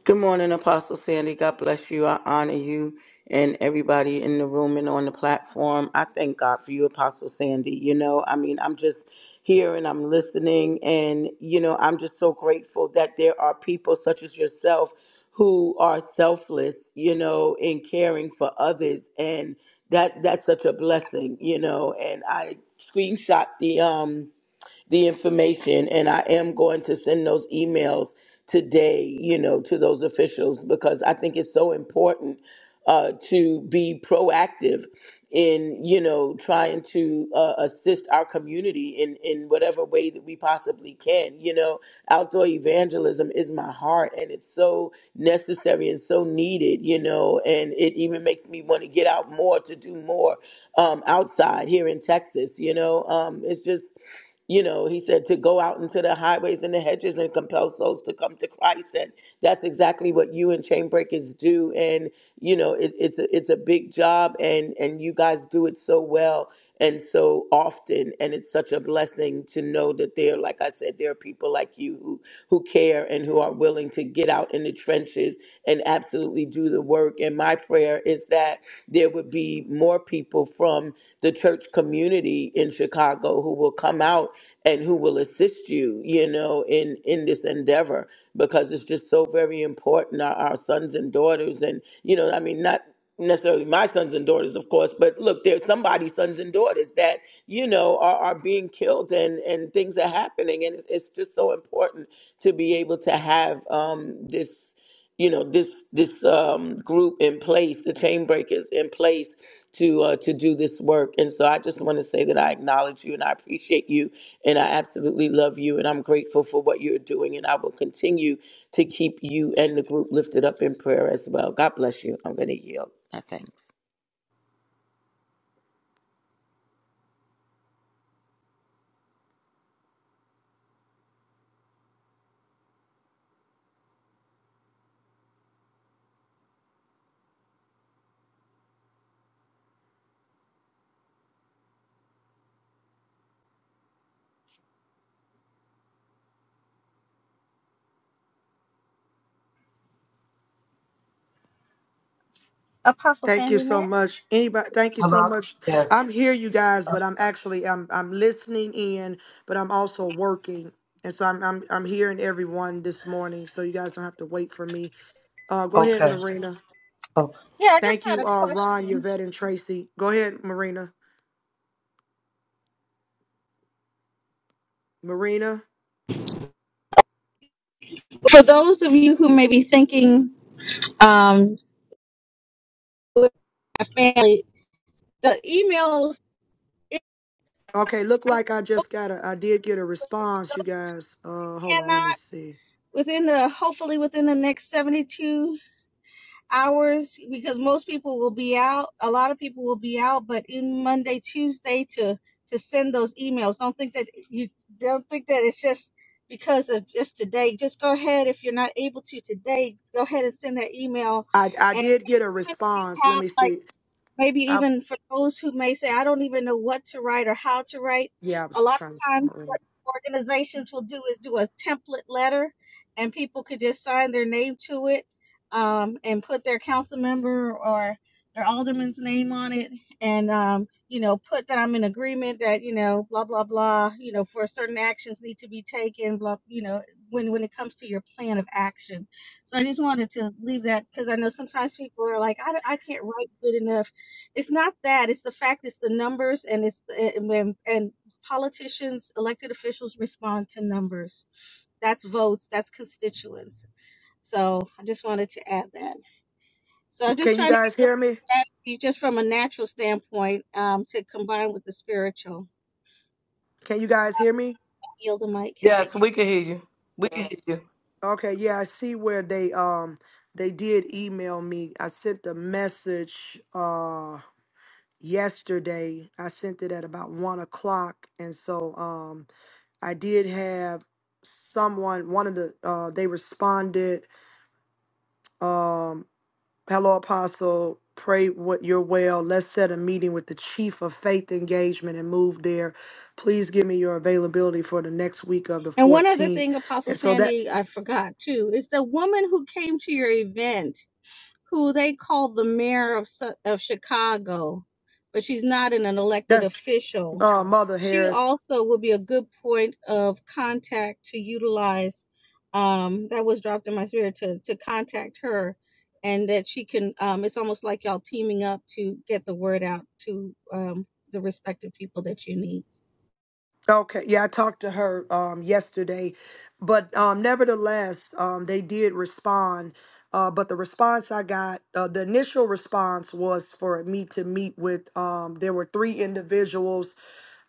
Speaker 11: Good morning, Apostle Sandy. God bless you. I honor you and everybody in the room and on the platform. I thank God for you, Apostle Sandy. You know, I mean, I'm just here and I'm listening, and, you know, I'm just so grateful that there are people such as yourself who are selfless, you know, in caring for others. And that that's such a blessing, you know. And I screenshot the, um, the information and I am going to send those emails today, you know, to those officials because I think it's so important uh, to be proactive in, you know, trying to uh, assist our community in, in whatever way that we possibly can. You know, outdoor evangelism is my heart and it's so necessary and so needed, you know, and it even makes me want to get out more to do more um, outside here in Texas, you know. Um, it's just, you know, he said to go out into the highways and the hedges and compel souls to come to Christ, and that's exactly what you and Chainbreakers do. And you know, it, it's a, it's a big job, and and you guys do it so well and so often, and it's such a blessing to know that there, like I said, there are people like you who who care and who are willing to get out in the trenches and absolutely do the work. And my prayer is that there would be more people from the church community in Chicago who will come out out and who will assist you, you know, in in this endeavor because it's just so very important. Our, our sons and daughters, and you know, I mean, not necessarily my sons and daughters, of course, but look, there's somebody's sons and daughters that you know are, are being killed, and and things are happening, and it's, it's just so important to be able to have um this you know this this um, group in place, the chain breakers in place to uh, to do this work. And so I just want to say that I acknowledge you and I appreciate you and I absolutely love you, and I'm grateful for what you're doing. And I will continue to keep you and the group lifted up in prayer as well. God bless you. I'm going to yield. My thanks.
Speaker 7: Apostle
Speaker 1: Thank you
Speaker 7: Sandy, may
Speaker 1: so
Speaker 7: I?
Speaker 1: much. Anybody, thank you so
Speaker 4: Hello.
Speaker 1: much.
Speaker 4: Yes.
Speaker 1: I'm here, you guys, but I'm actually I'm I'm listening in, but I'm also working, and so I'm I'm I'm hearing everyone this morning. So you guys don't have to wait for me. Uh, go ahead,
Speaker 4: Okay.
Speaker 1: Marina.
Speaker 4: Okay.
Speaker 7: Yeah, I just
Speaker 1: Thank
Speaker 7: had
Speaker 1: you,
Speaker 7: a
Speaker 1: uh, Ron,
Speaker 7: question.
Speaker 1: Yvette, and Tracy. Go ahead, Marina. Marina.
Speaker 7: for those of you who may be thinking, um, with my family, the emails it
Speaker 1: Okay, look like I just got a I did get a response, you guys. Uh, hold on,
Speaker 7: cannot
Speaker 1: let me see.
Speaker 7: within the hopefully within the next 72 hours because most people will be out a lot of people will be out but in monday tuesday to to send those emails don't think that you don't think that it's just because of just today just go ahead if you're not able to today go ahead and send that email
Speaker 1: I I
Speaker 7: and
Speaker 1: did get a
Speaker 7: you
Speaker 1: response. Let me
Speaker 7: have
Speaker 1: see.
Speaker 7: maybe
Speaker 1: I
Speaker 7: even for those who may say, I don't even know what to write or how to write.
Speaker 1: yeah, I
Speaker 7: A
Speaker 1: was
Speaker 7: lot
Speaker 1: trying to see
Speaker 7: of times
Speaker 1: Marina.
Speaker 7: organizations will do is do a template letter and people could just sign their name to it um, and put their council member or their alderman's name on it and um, you know put that i'm in agreement that you know blah blah blah you know for certain actions need to be taken blah you know when when it comes to your plan of action so i just wanted to leave that because i know sometimes people are like I, don't- I can't write good enough it's not that it's the fact it's the numbers and it's and, and politicians, elected officials respond to numbers. That's votes, that's constituents. So I just wanted to add that. So I'm just
Speaker 1: Can you
Speaker 7: trying to
Speaker 1: guys
Speaker 7: give you
Speaker 1: hear me?
Speaker 7: a strategy just from a natural standpoint um, to combine with the spiritual.
Speaker 1: Can you guys hear me?
Speaker 7: Yield the mic.
Speaker 4: Yes, we can hear you. We can hear you.
Speaker 1: Okay, yeah, I see where they um they did email me. I sent a message uh yesterday. I sent it at about one o'clock, and so um I did have someone one of the uh they responded um hello apostle pray what you're well let's set a meeting with the chief of faith engagement and move there please give me your availability for the next week of the
Speaker 7: And one other
Speaker 1: 14th
Speaker 7: thing, Apostle
Speaker 1: and so that
Speaker 7: Sandy, I forgot too, is the woman who came to your event. who they call the mayor of of Chicago, but she's not an, an elected
Speaker 1: that's
Speaker 7: official.
Speaker 1: uh mother
Speaker 7: She
Speaker 1: harris
Speaker 7: also would be a good point of contact to utilize. Um, that was dropped in my spirit to to contact her, and that she can. Um, it's almost like y'all teaming up to get the word out to um, the respective people that you need.
Speaker 1: Okay, yeah, I talked to her um, yesterday, but um, nevertheless, um, they did respond. Uh, but the response I got, uh, the initial response was for me to meet with. Um, there were three individuals.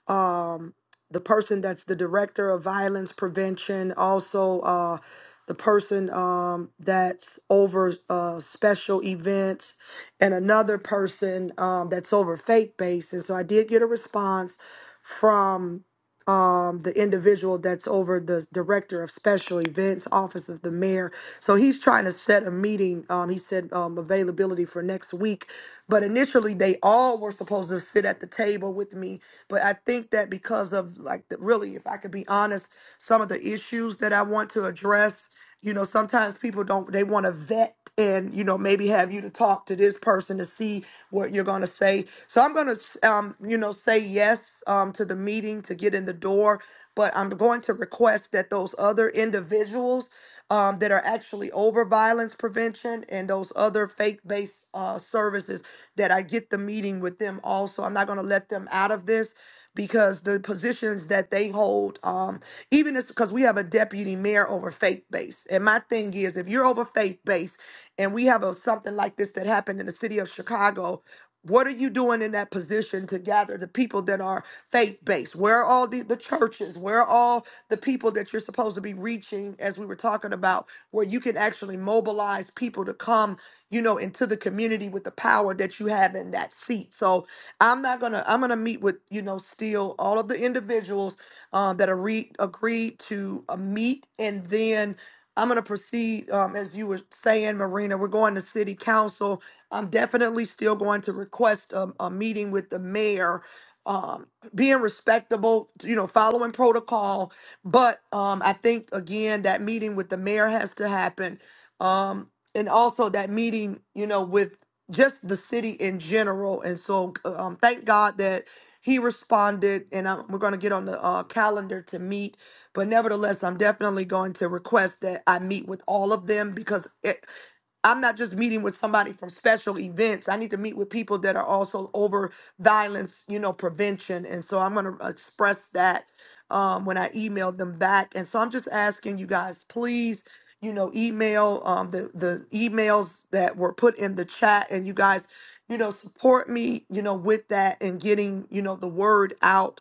Speaker 1: Um, the person that's the director of violence prevention, also uh, the person um, that's over uh, special events, and another person um, that's over faith based. And so I did get a response from um, the individual that's over the director of special events, office of the mayor. So he's trying to set a meeting. Um, he said um, availability for next week. But initially, they all were supposed to sit at the table with me. But I think that because of, like, the, really, if I could be honest, some of the issues that I want to address you know sometimes people don't they want to vet and you know maybe have you to talk to this person to see what you're going to say so i'm going to um, you know say yes um, to the meeting to get in the door but i'm going to request that those other individuals um, that are actually over violence prevention and those other faith-based uh, services that i get the meeting with them also i'm not going to let them out of this because the positions that they hold, um, even it's because we have a deputy mayor over faith based. And my thing is, if you're over faith based and we have a, something like this that happened in the city of Chicago, what are you doing in that position to gather the people that are faith based? Where are all the, the churches? Where are all the people that you're supposed to be reaching, as we were talking about, where you can actually mobilize people to come, you know, into the community with the power that you have in that seat? So, I'm not gonna. I'm gonna meet with you know still all of the individuals uh, that are re- agreed to uh, meet, and then I'm gonna proceed um, as you were saying, Marina. We're going to city council. I'm definitely still going to request a, a meeting with the mayor. Um, being respectable, you know, following protocol, but um, I think again that meeting with the mayor has to happen, um, and also that meeting, you know, with just the city in general. And so, um, thank God that he responded, and i we're going to get on the uh, calendar to meet. But nevertheless, I'm definitely going to request that I meet with all of them because eh, I'm not just meeting with somebody from special events. I need to meet with people that are also over violence, you know, prevention. And so I'm going to express that um, when I email them back. And so I'm just asking you guys, please, you know, email um, the the emails that were put in the chat, and you guys, you know, support me, you know, with that and getting, you know, the word out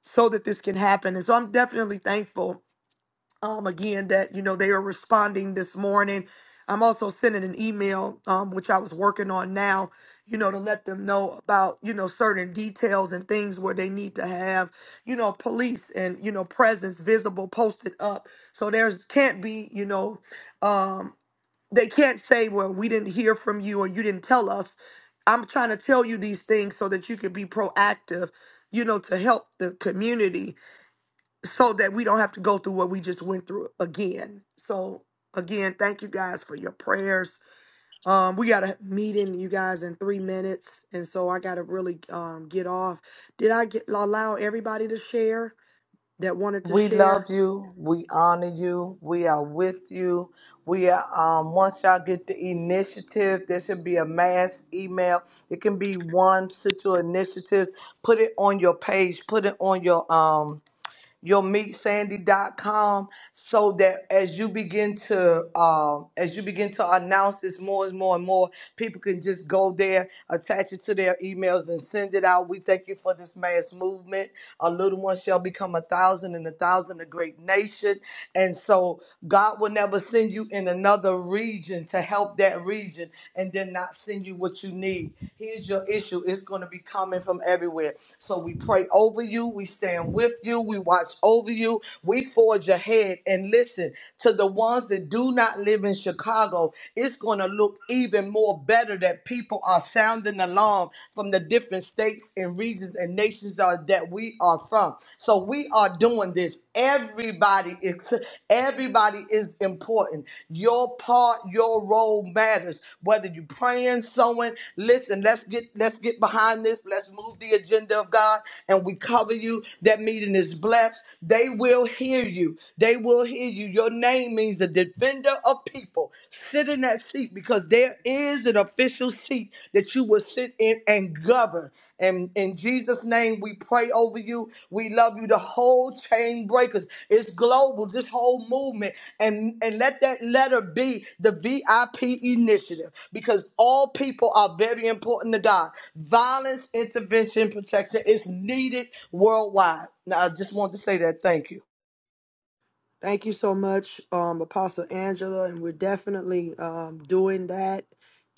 Speaker 1: so that this can happen. And so I'm definitely thankful um, again that you know they are responding this morning. I'm also sending an email, um, which I was working on now, you know, to let them know about you know certain details and things where they need to have you know police and you know presence visible posted up. So there's can't be you know um, they can't say well we didn't hear from you or you didn't tell us. I'm trying to tell you these things so that you could be proactive, you know, to help the community so that we don't have to go through what we just went through again. So again, thank you guys for your prayers. Um, we got a meeting, you guys, in three minutes, and so I got to really um, get off. Did I get allow everybody to share that wanted to
Speaker 4: We
Speaker 1: share?
Speaker 4: love you. We honor you. We are with you. We are. Um, once y'all get the initiative, there should be a mass email. It can be one, put your initiatives. Put it on your page. Put it on your um. your meet sandy dot com, so that as you begin to um, as you begin to announce this more and more and more people can just go there attach it to their emails and send it out we thank you for this mass movement a little one shall become a thousand and a thousand a great nation and so god will never send you in another region to help that region and then not not send you what you need. Here's your issue. It's going to be coming from everywhere. So we pray over you. We stand with you. We watch over you. We forge ahead and listen to the ones that do not live in Chicago. It's going to look even more better that people are sounding the alarm from the different states and regions and nations that we are from. So we are doing this this. Everybody is everybody is important. Your part, your role matters. Whether you're praying, sowing, listen, let's get let's get behind this. Let's move the agenda of God and we cover you. That meeting is blessed. They will hear you. They will hear you. Your name means the defender of people. Sit in that seat because there is an official seat that you will sit in and govern. And in Jesus' name, we pray over you. We love you. The whole chain breakers. It's global, this whole movement. And, and let that letter be the VIP initiative because all people are very important to God. Violence, intervention, protection is needed worldwide. Now, I just want to say that. Thank you.
Speaker 1: Thank you so much, um, Apostle Angela, and we're definitely um, doing that.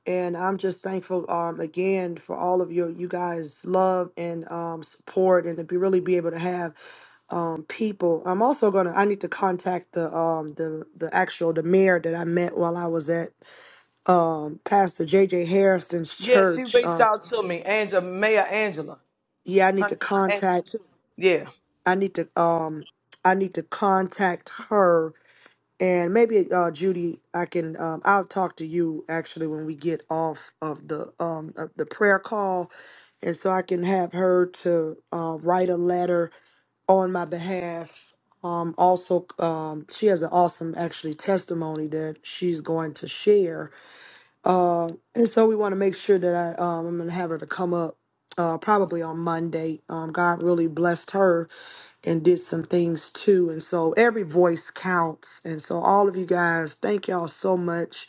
Speaker 1: And I'm just thankful um, again for all of your you guys' love and um, support, and to be really be able to have um, people. I'm also gonna I need to contact the um, the the actual the mayor that I met while I was at um, Pastor J. J Harrison's
Speaker 4: Yeah, she
Speaker 1: church.
Speaker 4: reached
Speaker 1: Um,
Speaker 4: out to me, Angela, Mayor Angela.
Speaker 1: yeah, I
Speaker 4: Her
Speaker 1: need to
Speaker 4: name is Angela,
Speaker 1: contact.
Speaker 4: too. Yeah.
Speaker 1: I need to um, I need to contact her And maybe uh, Judy, I can um, I'll talk to you actually when we get off of the um of the prayer call, and so I can have her to uh, write a letter on my behalf. Um, also, um, she has an awesome actually testimony that she's going to share. Uh, and so we want to make sure that I um, I'm gonna have her to come up uh, probably on Monday. Um, God really blessed her and did some things too. And so every voice counts. And so all of you guys, thank y'all so much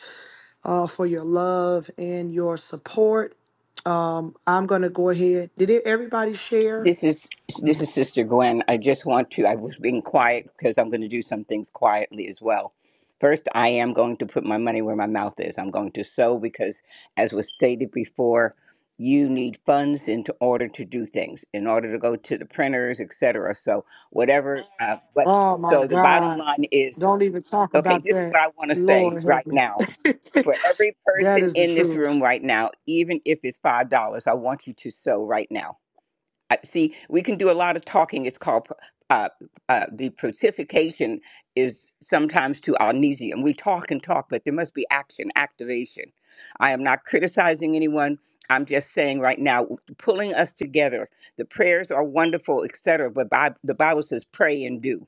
Speaker 1: uh, for your love and your support. Um, I'm gonna go ahead. Did it, everybody share?
Speaker 12: This is this is Sister Gwen. I just want to. I was being quiet because I'm going to do some things quietly as well. First, I am going to put my money where my mouth is. I'm going to sow because, as was stated before, you need funds in to- order to do things, in order to go to the printers, etc. So whatever. Uh, but
Speaker 1: Oh my
Speaker 12: so the bottom
Speaker 1: God!
Speaker 12: line is
Speaker 1: Don't even talk
Speaker 12: okay.
Speaker 1: about
Speaker 12: This is
Speaker 1: that.
Speaker 12: what I want to say
Speaker 1: Lord
Speaker 12: right
Speaker 1: help me.
Speaker 12: now. For every
Speaker 1: that
Speaker 12: person
Speaker 1: is the
Speaker 12: in this room
Speaker 1: truth.
Speaker 12: right now, even if it's five dollars, I want you to sow right now I- see, we can do a lot of talking. It's called uh, uh, the proteification is sometimes to amnesium. We talk and talk, but there must be action, activation. I am not criticizing anyone. I'm just saying right now, pulling us together. The prayers are wonderful, etc. But Bi- the Bible says, "Pray and do."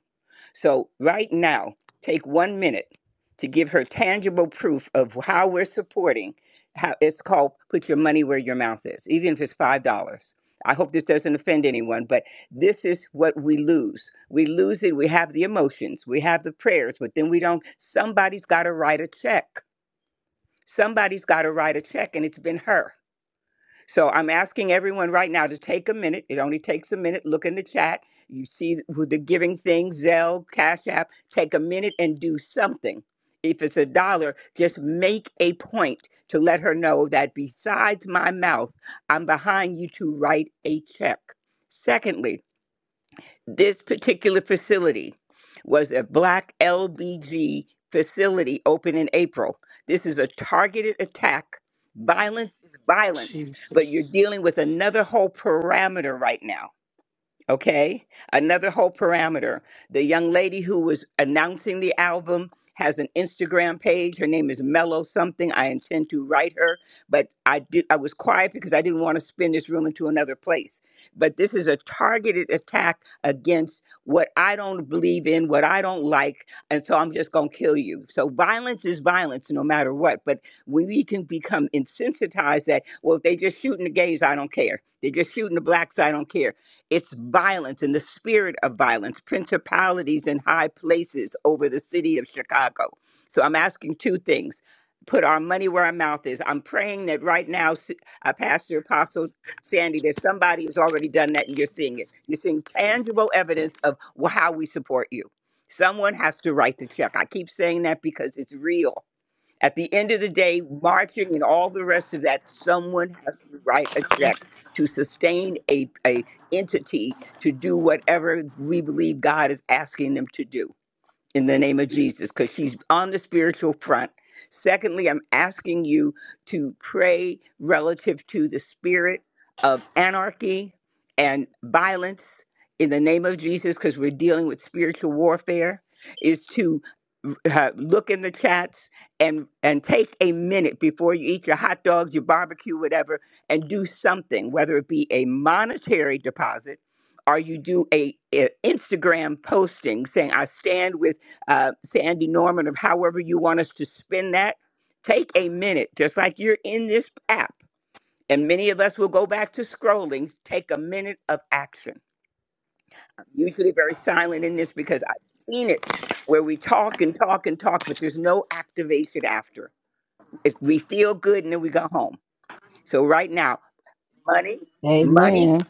Speaker 12: So, right now, take one minute to give her tangible proof of how we're supporting. How it's called put your money where your mouth is, even if it's five dollars. I hope this doesn't offend anyone, but this is what we lose. We lose it. We have the emotions, we have the prayers, but then we don't. Somebody's got to write a check. Somebody's got to write a check, and it's been her. So I'm asking everyone right now to take a minute. It only takes a minute. Look in the chat. You see who the giving thing, Zelle, Cash App. Take a minute and do something. If it's a dollar, just make a point to let her know that besides my mouth, I'm behind you to write a check. Secondly, this particular facility was a black LBG facility open in April. This is a targeted attack. Violence is violence, but you're
Speaker 1: Jesus.
Speaker 12: dealing with another whole parameter right now Okay. Another whole parameter. The young lady who was announcing the album has an Instagram page. Her name is Mellow something. I intend to write her, but I did I was quiet because I didn't want to spin this room into another place. But this is a targeted attack against what I don't believe in, what I don't like, and so I'm just going to kill you. So violence is violence no matter what, but when we can become insensitized that well if they just shooting the gays, I don't care. They're just shooting the blacks, I don't care it's violence and the spirit of violence, principalities in high places over the city of Chicago. So I'm asking two things. Put our money where our mouth is. I'm praying that right now, S- uh, Pastor Apostle Sandy, that somebody has already done that and you're seeing it. You're seeing tangible evidence of wh- how we support you. Someone has to write the check. I keep saying that because it's real. At the end of the day, marching and all the rest of that, someone has to write a check to sustain a, a entity to do whatever we believe God is asking them to do in the name of Jesus because she's on the spiritual front. Secondly, I'm asking you to pray relative to the spirit of anarchy and violence in the name of Jesus because we're dealing with spiritual warfare is to uh, look in the chats and and take a minute before you eat your hot dogs, your barbecue, whatever, and do something, whether it be a monetary deposit or you do a, a Instagram posting saying I stand with uh, Sandy Norman, or however you want us to spin that, take a minute, just like you're in this app, and many of us will go back to scrolling, take a minute of action. I'm usually very silent in this because I've seen it where we talk and talk and talk, but there's no activation after. It's, we feel good and then we go home. So, right now, money, money,
Speaker 3: Amen.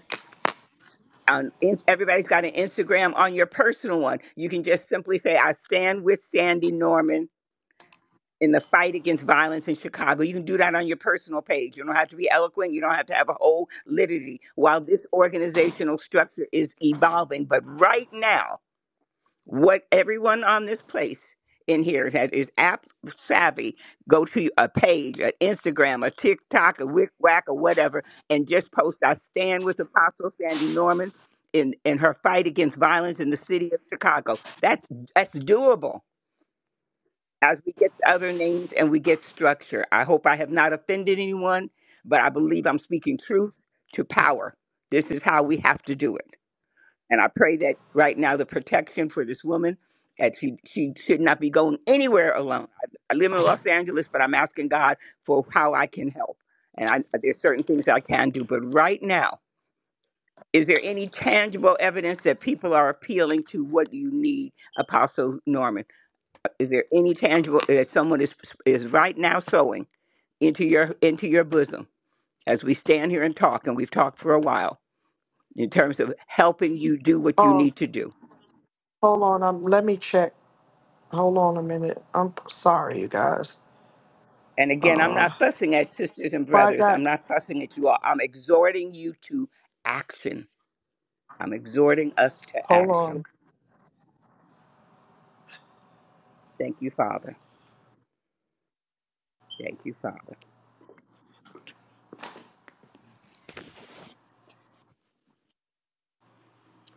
Speaker 12: on in, everybody's got an Instagram on your personal one. You can just simply say, I stand with Sandy Norman in the fight against violence in Chicago. You can do that on your personal page. You don't have to be eloquent. You don't have to have a whole liturgy while this organizational structure is evolving. But right now, what everyone on this place in here that is app savvy, go to a page, an Instagram, a TikTok, a Wick Wack, or whatever, and just post, I stand with Apostle Sandy Norman in, in her fight against violence in the city of Chicago. That's that's doable as we get the other names and we get structure. I hope I have not offended anyone, but I believe I'm speaking truth to power. This is how we have to do it. And I pray that right now the protection for this woman that she, she should not be going anywhere alone. I, I live in Los Angeles, but I'm asking God for how I can help. And I, there's certain things I can do. But right now, is there any tangible evidence that people are appealing to what you need, Apostle Norman? Is there any tangible? If someone is is right now sowing into your into your bosom, as we stand here and talk, and we've talked for a while in terms of helping you do what you
Speaker 1: Oh,
Speaker 12: need to do.
Speaker 1: hold on. Um, let me check. Hold on a minute. I'm sorry, you guys.
Speaker 12: And again, I'm
Speaker 1: Uh,
Speaker 12: not fussing at sisters and
Speaker 1: Well, I
Speaker 12: brothers. I'm
Speaker 1: got.
Speaker 12: not fussing at you all. I'm exhorting you to action. I'm exhorting us to
Speaker 1: Hold
Speaker 12: action.
Speaker 1: on.
Speaker 12: Thank you, Father. Thank you, Father.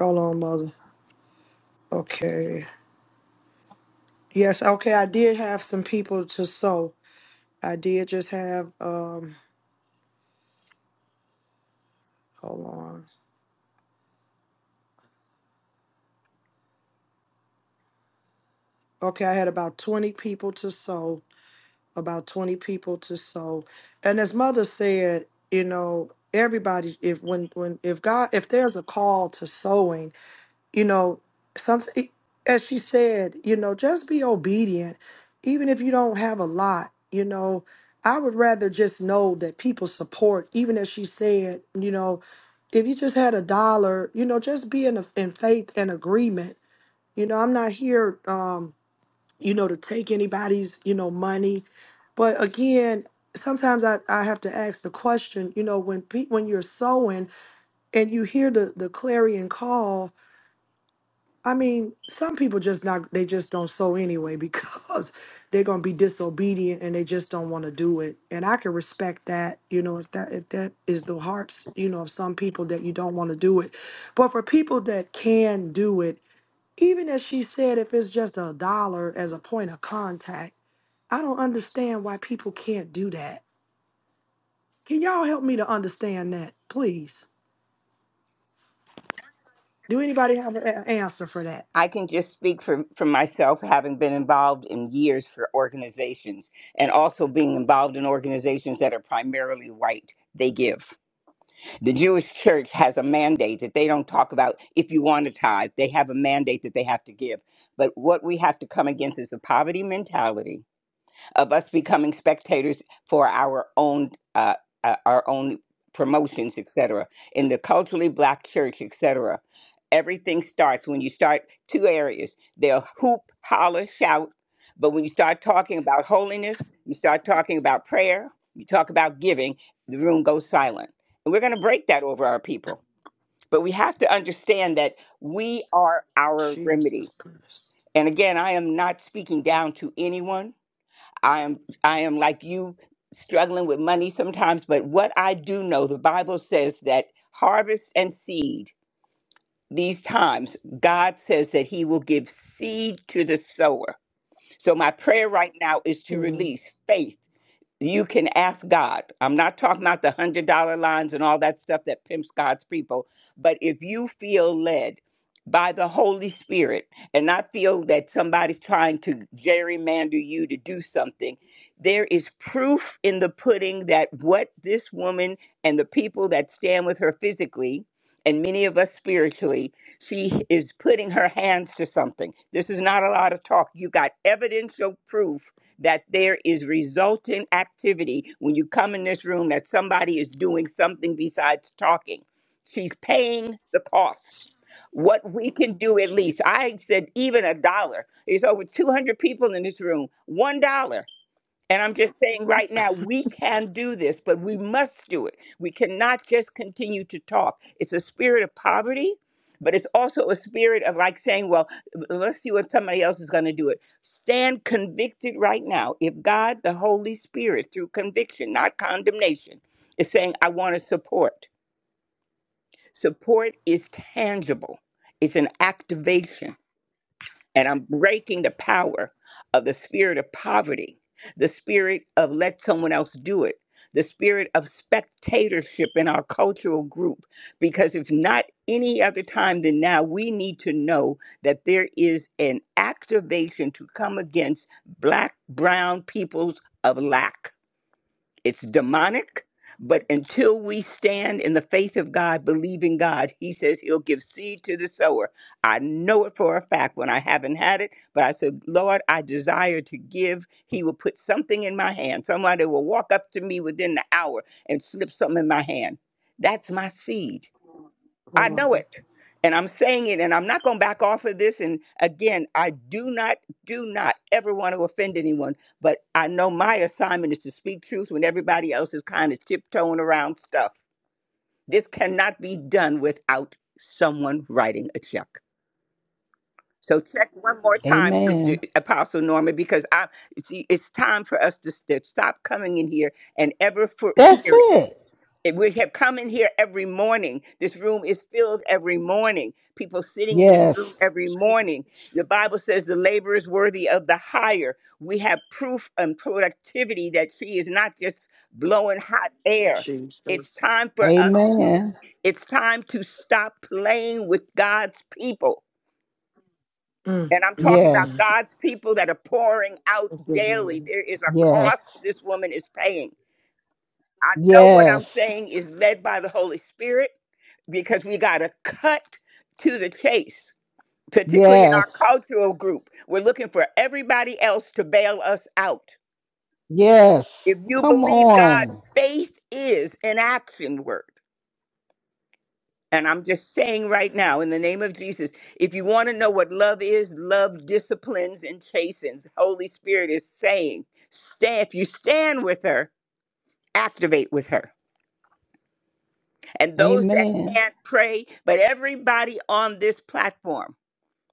Speaker 1: Hold on, mother. Okay. Yes. Okay. I did have some people to sew. I did just have. Um. Hold on. Okay. I had about twenty people to sew. About twenty people to sew. And as mother said, you know, everybody. If when when if God if there's a call to sewing you know some as she said you know just be obedient even if you don't have a lot you know i would rather just know that people support even as she said you know if you just had a dollar you know just be in, a, in faith and agreement you know i'm not here um you know to take anybody's you know money but again sometimes i, I have to ask the question you know when pe- when you're sowing and you hear the the clarion call I mean, some people just not they just don't sew anyway because they're gonna be disobedient and they just don't want to do it. And I can respect that, you know, if that if that is the hearts, you know, of some people that you don't want to do it. But for people that can do it, even as she said, if it's just a dollar as a point of contact, I don't understand why people can't do that. Can y'all help me to understand that, please? Do anybody have an a- answer for that?
Speaker 12: I can just speak for, for myself, having been involved in years for organizations and also being involved in organizations that are primarily white. They give. The Jewish church has a mandate that they don't talk about if you want to tithe. They have a mandate that they have to give. But what we have to come against is the poverty mentality of us becoming spectators for our own uh, uh, our own promotions, etc. In the culturally black church, etc. Everything starts when you start two areas. They'll hoop, holler, shout, but when you start talking about holiness, you start talking about prayer, you talk about giving, the room goes silent. And we're going to break that over our people. But we have to understand that we are our remedy.
Speaker 1: Jesus Christ.
Speaker 12: And again, I am not speaking down to anyone. I am I am like you struggling with money sometimes, but what I do know, the Bible says that harvest and seed, these times, God says that he will give seed to the sower. So my prayer right now is to
Speaker 1: Yeah.
Speaker 12: release faith you can ask God. I'm not talking about the hundred dollar lines and all that stuff that pimps God's people, but if you feel led by the Holy Spirit and not feel that somebody's trying to gerrymander you to do something, there is proof in the pudding that what this woman and the people that stand with her physically and many of us spiritually, she is putting her hands to something. This is not a lot of talk. You got evidential proof that there is resultant activity when you come in this room that somebody is doing something besides talking. She's paying the cost. What we can do at least,
Speaker 1: Jesus.
Speaker 12: I said even a dollar. There's over 200 people in this room. $1. And I'm just saying right now, we can do this, but we must do it. We cannot just continue to talk. It's a spirit of poverty, but it's also a spirit of like saying, well, let's see what somebody else is going to do it. Stand convicted right now. If God, the Holy Spirit, through conviction, not condemnation, is saying, I want to support, support is tangible, it's an activation and I'm breaking the power of the spirit of poverty, the spirit of let someone else do it, the spirit of spectatorship in our cultural group. Because if not any other time than now, we need to know that there is an activation to come against Black, Brown peoples of lack it's demonic, but until we stand in the faith of God, believing God, He says He'll give seed to the sower. I know it for a fact when I haven't had it, but I said, Lord, I desire to give. He will put something in my hand. Somebody will walk up to me within the hour and slip something in my hand. That's my seed. I know
Speaker 1: Lord
Speaker 12: it. And I'm saying it, and I'm not going to back off of this. And again, I do not, do not ever want to offend anyone, but I know my assignment is to speak truth when everybody else is kind of tiptoeing around stuff. This cannot be done without someone writing a check. So check one more time, Sister
Speaker 3: Amen.
Speaker 12: Apostle Norma, because I see it's time for us to st- stop coming in here and ever for
Speaker 3: That's
Speaker 12: hearing.
Speaker 3: it.
Speaker 12: If We have come in here every morning. This room is filled every morning. People sitting in this room
Speaker 3: Yes.
Speaker 12: every morning. The Bible says the labor is worthy of the hire. We have proof and productivity that she is not just blowing hot air. It's
Speaker 1: Jesus.
Speaker 12: time for us to
Speaker 3: Amen.
Speaker 12: it's time to stop playing with God's people.
Speaker 1: Mm,
Speaker 12: And I'm
Speaker 1: mm,
Speaker 12: talking about
Speaker 1: mm.
Speaker 3: Yes.
Speaker 12: God's people that are pouring out
Speaker 1: Thank you,
Speaker 12: daily.
Speaker 1: Lord.
Speaker 12: There is a
Speaker 3: Yes.
Speaker 12: cost this woman is paying. I know what I'm
Speaker 3: Yes.
Speaker 12: saying is led by the Holy Spirit because we got to cut to the chase, particularly in our
Speaker 3: Yes.
Speaker 12: cultural group. We're looking for everybody else to bail us out.
Speaker 3: Yes.
Speaker 12: If you
Speaker 3: Come
Speaker 12: believe God,
Speaker 3: on.
Speaker 12: faith is an action word. And I'm just saying right now, in the name of Jesus, if you want to know what love is, love disciplines and chastens. Holy Spirit is saying, stand, if you stand with her, activate with her. And those that
Speaker 3: Amen.
Speaker 12: can't pray, but everybody on this platform,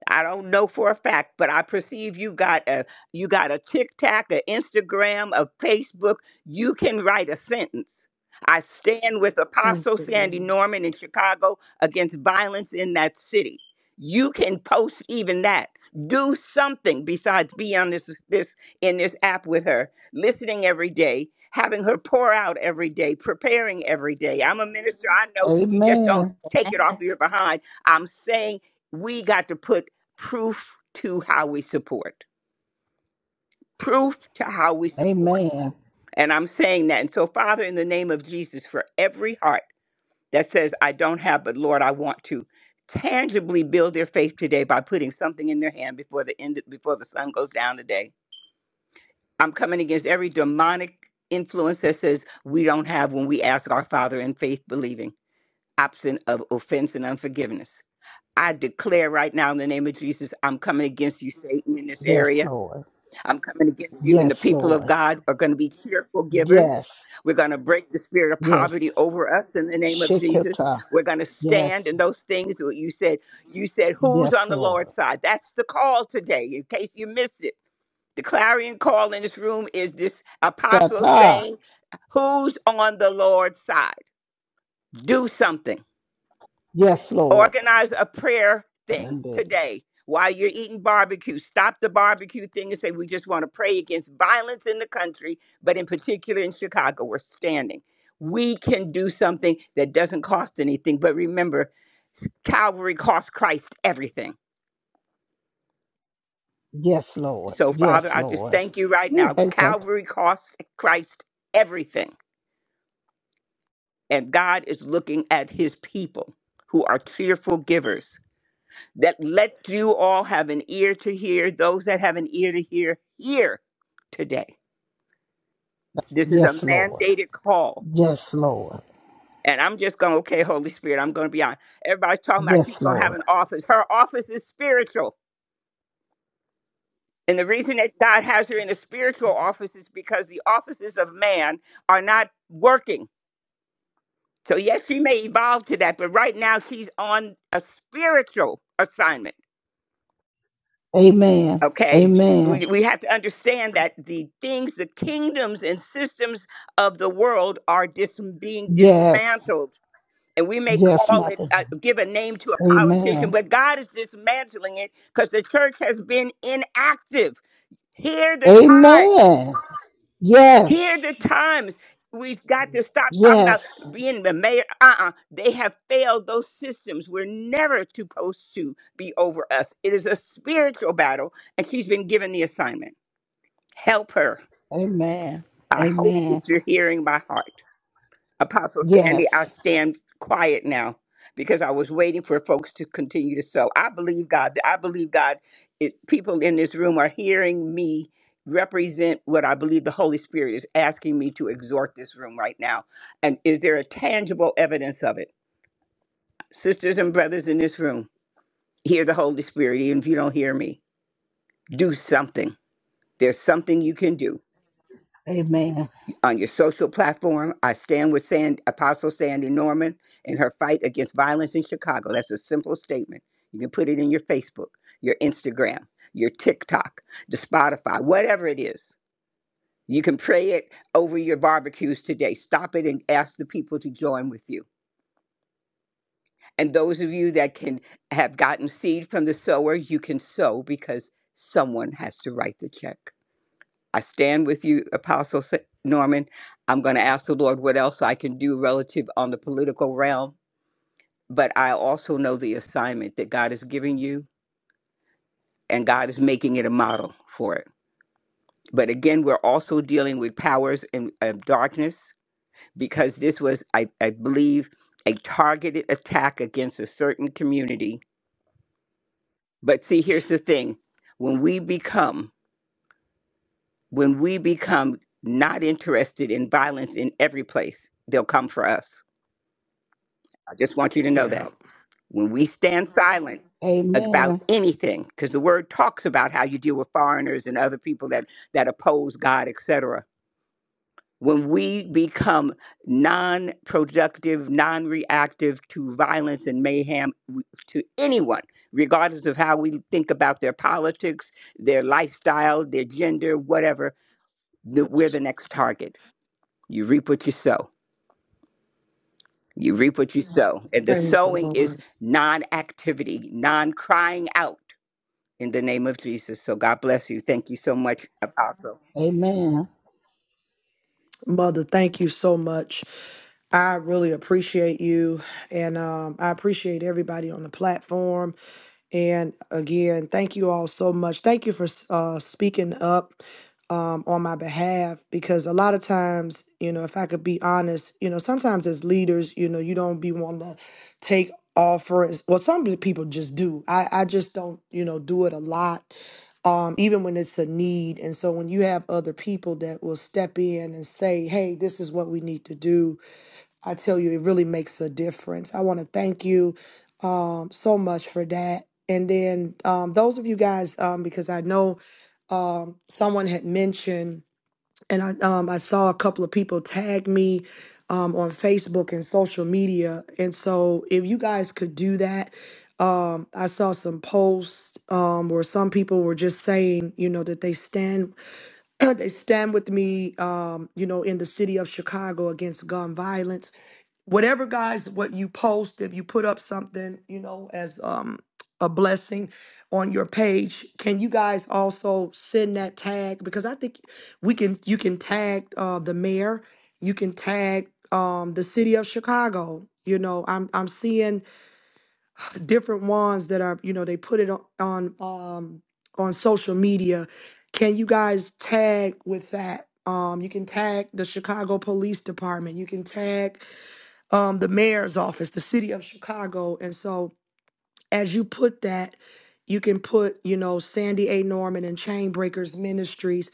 Speaker 12: I don't know for a fact, but I perceive you got a you got a TikTok, a Instagram, a Facebook. You can write a sentence. I stand with
Speaker 1: Thank
Speaker 12: Apostle
Speaker 1: you,
Speaker 12: Sandy
Speaker 1: Lord.
Speaker 12: Norman in Chicago against violence in that city. You can post even that. Do something besides be on this this in this app with her, listening every day, having her pour out every day, preparing every day. I'm a minister. I know you just don't
Speaker 3: Amen.
Speaker 12: take it off your behind. I'm saying we got to put proof to how we support. Proof to how we support.
Speaker 3: Amen.
Speaker 12: And I'm saying that. And so, Father, in the name of Jesus, for every heart that says, I don't have, but Lord, I want to tangibly build their faith today by putting something in their hand before the end before the sun goes down today. I'm coming against every demonic influence that says we don't have when we ask our Father in faith believing, absent of offense and unforgiveness. I declare right now in the name of Jesus, I'm coming against you, Satan, in this
Speaker 3: Yes,
Speaker 12: area.
Speaker 3: Lord.
Speaker 12: I'm coming against you, and the
Speaker 3: Yes,
Speaker 12: people of
Speaker 3: Lord.
Speaker 12: God are going to be cheerful givers.
Speaker 3: Yes.
Speaker 12: We're going to break the spirit of poverty
Speaker 3: Yes.
Speaker 12: over us in the name of Jesus.
Speaker 3: Shikita.
Speaker 12: We're going to stand
Speaker 3: Yes.
Speaker 12: in those things that you said. You said, Who's on
Speaker 3: Yes,
Speaker 12: the
Speaker 3: Lord.
Speaker 12: Lord's side? That's the call today, in case you missed it. The clarion call in this room is this apostle
Speaker 3: Shata.
Speaker 12: saying, Who's on the Lord's side? Do something
Speaker 3: Yes, Lord.
Speaker 12: organize a prayer thing
Speaker 3: Sunday.
Speaker 12: today while you're eating barbecue. Stop the barbecue thing and say, we just want to pray against violence in the country, but in particular in Chicago, we're standing. We can do something that doesn't cost anything. But remember, Calvary cost Christ everything.
Speaker 3: Yes, Lord.
Speaker 12: So, Father,
Speaker 3: Yes,
Speaker 12: I just
Speaker 3: Lord.
Speaker 12: thank you right
Speaker 3: Ooh,
Speaker 12: now.
Speaker 3: hey, God.
Speaker 12: Calvary cost Christ everything. And God is looking at his people who are cheerful givers. that let you all have an ear to hear. Those that have an ear to hear, hear today. This is a
Speaker 3: Yes, Lord.
Speaker 12: mandated call.
Speaker 3: Yes, Lord.
Speaker 12: And I'm just going, okay, Holy Spirit, I'm going to be on. Everybody's talking about she's
Speaker 3: Yes,
Speaker 12: going to have
Speaker 3: Lord.
Speaker 12: an office. Her office is spiritual. And the reason that God has her in a spiritual office is because the offices of man are not working. So, yes, she may evolve to that, but right now she's on a spiritual assignment
Speaker 3: Amen.
Speaker 12: Okay?
Speaker 1: Thank
Speaker 3: Amen.
Speaker 12: We, we have to understand that the things, the kingdoms and systems of the world are dis- being
Speaker 3: Yes.
Speaker 12: dismantled. And we may
Speaker 3: Yes,
Speaker 12: call it,
Speaker 3: Mother.
Speaker 12: uh, give a name to a politician,
Speaker 3: Amen.
Speaker 12: but God is dismantling it because the church has been inactive. Hear the times.
Speaker 3: Amen.
Speaker 12: Hear
Speaker 3: Yes.
Speaker 12: the times. We've got to
Speaker 1: you,
Speaker 12: stop
Speaker 1: Jesus.
Speaker 12: talking about
Speaker 3: Yes.
Speaker 12: being the mayor. Uh uh They have failed those systems. were never supposed to be over us. It is a spiritual battle, and she's been given the assignment. Help her.
Speaker 3: Amen.
Speaker 12: I hope that
Speaker 3: Amen.
Speaker 12: you're hearing my heart. Apostle Sandy, I
Speaker 3: Yes.
Speaker 12: stand quiet now because I was waiting for folks to continue to sow. I believe God. I believe God. It, people in this room are hearing me represent what I believe the Holy Spirit is asking me to exhort this room right now. And is there a tangible evidence of it? Sisters and brothers in this room, hear the Holy Spirit, even if you don't hear me. Do something. There's something you can do
Speaker 3: Amen.
Speaker 12: on your social platform. I stand with Sand, Apostle Sandy Norman in her fight against violence in Chicago. That's a simple statement. You can put it in your Facebook, your Instagram, your TikTok, the Spotify, whatever it is. You can pray it over your barbecues today. Stop it and ask the people to join with you. And those of you that can have gotten seed from the sower, you can sow because someone has to write the check. I stand with you, Apostle Sa- Norman. I'm going to ask the Lord what else I can do relative on the political realm, but I also know the assignment that God is giving you, and God is making it a model for it. But again, we're also dealing with powers in of darkness because this was, I, I believe, a targeted attack against a certain community. But see, here's the thing: when we become, when we become not interested in violence in every place, they'll come for us I just want you to know
Speaker 1: Yeah.
Speaker 12: that when we stand silent about
Speaker 3: Amen.
Speaker 12: anything, because the word talks about how you deal with foreigners and other people that that oppose God, etc. When we become non-productive, non-reactive to violence and mayhem w- to anyone, regardless of how we think about their politics, their lifestyle, their gender, whatever, that we're the
Speaker 1: That's-
Speaker 12: next target. You reap what you sow. You reap what you Mhm. sow. And the
Speaker 1: Praise the
Speaker 12: sowing is
Speaker 1: Lord.
Speaker 12: non activity, non crying out in the name of Jesus. So God bless you. Thank you so much, Apostle.
Speaker 3: Amen.
Speaker 1: Mother, thank you so much. I really appreciate you. And um, I appreciate everybody on the platform. And again, thank you all so much. Thank you for uh, speaking up um, on my behalf because a lot of times, you know, if I could be honest, you know, sometimes as leaders, you know, you don't be wanting to take offerings. Well, some of the people just do. I, I just don't, you know, do it a lot, um, even when it's a need. And so when you have other people that will step in and say, hey, this is what we need to do I tell you, it really makes a difference. I want to thank you um, so much for that. And then um, those of you guys, um, because I know um, someone had mentioned, and I, um, I saw a couple of people tag me um, on Facebook and social media. And so if you guys could do that, um, I saw some posts um, where some people were just saying, you know, that they stand they stand with me, um, you know, in the city of Chicago against gun violence. Whatever, guys, what you post, if you put up something, you know, as um, a blessing on your page, can you guys also send that tag? Because I think we can. You can tag uh, the mayor. You can tag um, the city of Chicago. You know, I'm I'm seeing different ones that are you know they put it on on um on social media can you guys tag with that um you can tag the chicago police department you can tag um the mayor's office the city of chicago and so as you put that, you can put, you know, Sandy A. Norman and Chainbreakers Ministries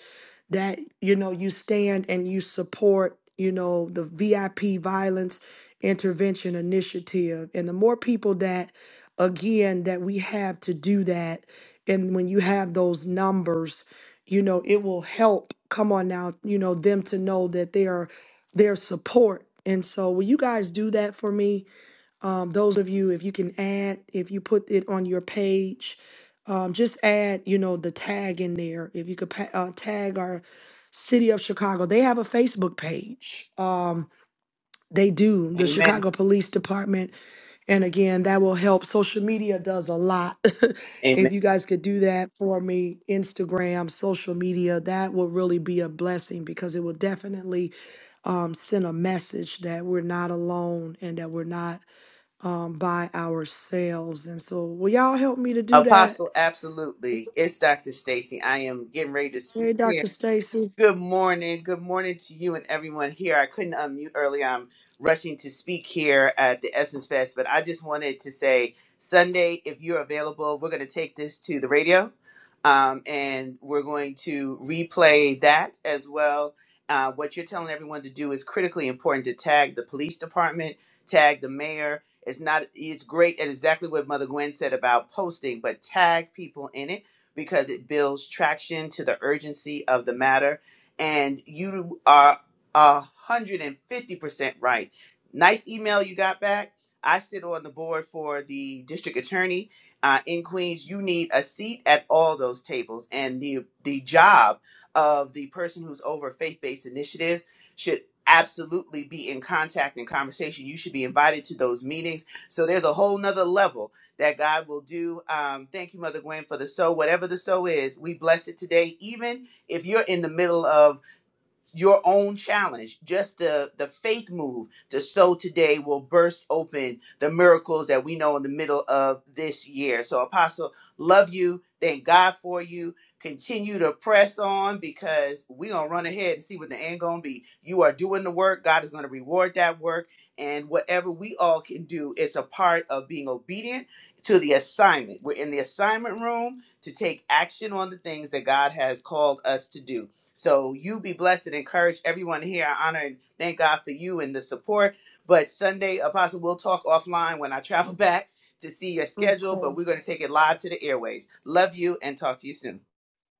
Speaker 1: that, you know, you stand and you support, you know, the VIP Violence Intervention Initiative. And the more people that, again, that we have to do that, and when you have those numbers, you know, it will help, come on now, you know, them to know that they are their support. And so will you guys do that for me? um, those of you if you can add if you put it on your page um, just add you know the tag in there if you could pa- uh, tag our city of chicago they have a facebook page um, they do the
Speaker 13: Amen.
Speaker 1: chicago police department and again that will help social media does a lot
Speaker 13: Amen.
Speaker 1: if you guys could do that for me instagram social media that will really be a blessing because it will definitely um, send a message that we're not alone and that we're not um, by ourselves. And so, will y'all help me to do that?
Speaker 13: Apostle, absolutely. It's Dr. Stacy. I am getting ready to speak
Speaker 1: Hey,
Speaker 13: here.
Speaker 1: Dr. Stacy.
Speaker 13: Good morning. Good morning to you and everyone here. I couldn't unmute earlier. I'm rushing to speak here at the Essence Fest, but I just wanted to say Sunday, if you're available, we're going to take this to the radio um, and we're going to replay that as well. Uh, what you're telling everyone to do is critically important to tag the police department, tag the mayor. It's not, it's great at exactly what Mother Gwen said about posting, but tag people in it because it builds traction to the urgency of the matter and you are a hundred and fifty percent right. Nice email you got back. I sit on the board for the district attorney uh, in Queens. You need a seat at all those tables, and the the job of the person who's over faith based initiatives should absolutely be in contact and conversation. You should be invited to those meetings. So there's a whole nother level that God will do. Um, thank you, Mother Gwen, for the so. Whatever the so is, we bless it today, even if you're in the middle of your own challenge just the the faith move to sow today will burst open the miracles that we know in the middle of this year so apostle love you thank god for you continue to press on because we're gonna run ahead and see what the end gonna be you are doing the work god is gonna reward that work and whatever we all can do it's a part of being obedient to the assignment we're in the assignment room to take action on the things that god has called us to do so you be blessed and encourage everyone here. I honor and thank God for you and the support. But Sunday, Apostle, we'll talk offline when I travel back to see your schedule,
Speaker 1: Okay.
Speaker 13: but we're going to take it live to the airwaves. Love you and talk to you soon.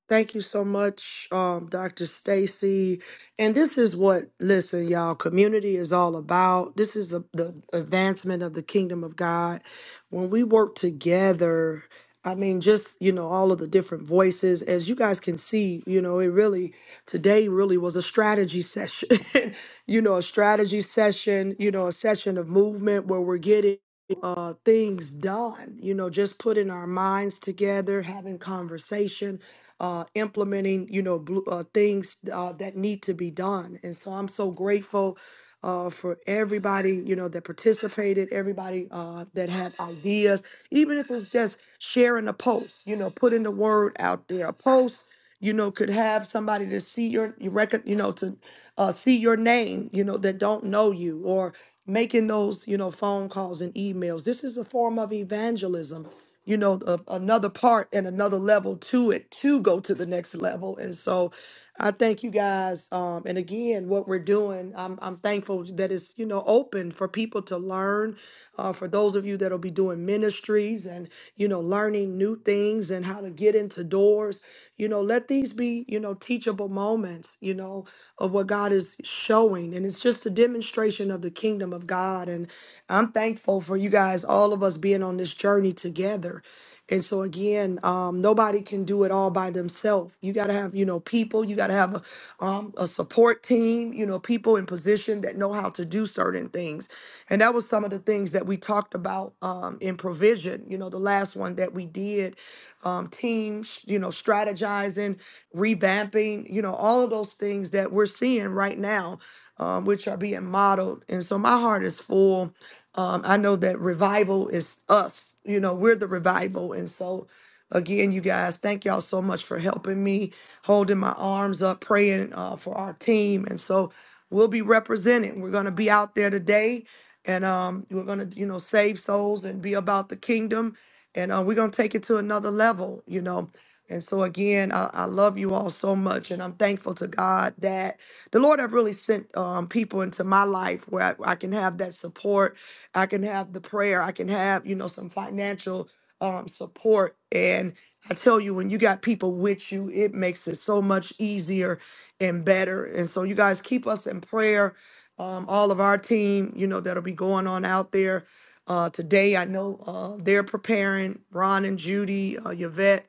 Speaker 1: Thank you so much, um, Dr. Stacy. And this is what, listen, y'all, community is all about. This is a, the advancement of the kingdom of God. When we work together, I mean, just, you know, all of the different voices, as you guys can see, you know, it really, today really was a strategy session, you know, a strategy session, you know, a session of movement where we're getting uh things done you know just putting our minds together having conversation uh, implementing, you know, blue, uh, things uh, that need to be done. And so I'm so grateful uh, for everybody, you know, that participated, everybody uh, that had ideas, even if it's just sharing a post, you know, putting the word out there, a post you know, could have somebody to see your, you record, you know, to uh, see your name, you know, that don't know you or making those, you know, phone calls and emails. This is a form of evangelism, you know, a, another part and another level to it to go to the next level. And so I thank you guys. Um, and again, what we're doing, I'm, I'm thankful that it's, you know, open for people to learn. Uh, for those of you that'll be doing ministries and, you know, learning new things and how to get into doors, you know, let these be, you know, teachable moments, you know, of what God is showing. And it's just a demonstration of the kingdom of God. And I'm thankful for you guys, all of us being on this journey together. And so again, um, nobody can do it all by themselves. You got to have, you know, people. You got to have a, um, a support team. You know, people in position that know how to do certain things. And that was some of the things that we talked about um, in provision. You know, the last one that we did, um, teams. You know, strategizing, revamping. You know, all of those things that we're seeing right now, um, which are being modeled. And so my heart is full um, I know that revival is us. You know, we're the revival. And so, again, you guys, thank y'all so much for helping me, holding my arms up, praying uh, for our team. And so, we'll be represented. We're going to be out there today, and um, we're going to, you know, save souls and be about the kingdom. And uh, we're going to take it to another level, you know. And so, again, I, I love you all so much. And I'm thankful to God that the Lord have really sent um, people into my life where I, I can have that support I can have the prayer. I can have, you know, some financial um, support. And I tell you, when you got people with you, it makes it so much easier and better. And so, you guys keep us in prayer. Um, all of our team, you know, that'll be going on out there uh, today. I know uh, they're preparing. Ron and Judy, uh, Yvette.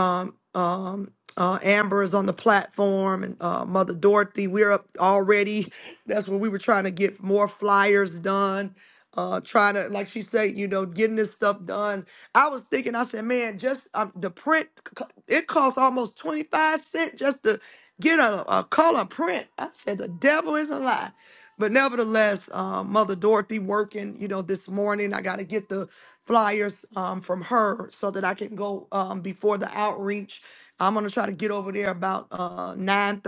Speaker 1: Um, um, uh, Amber is on the platform, and uh, Mother Dorothy. We're up already. That's when we were trying to get more flyers done. Uh, trying to, like she said, you know, getting this stuff done. I was thinking, I said, man, just um, the print, c- it costs almost twenty five cent just to get a, a color print. I said, the devil is a lie. But nevertheless, um, Mother Dorothy working, you know, this morning. I got to get the flyers um, from her so that I can go um, before the outreach I'm gonna try to get over there about uh 9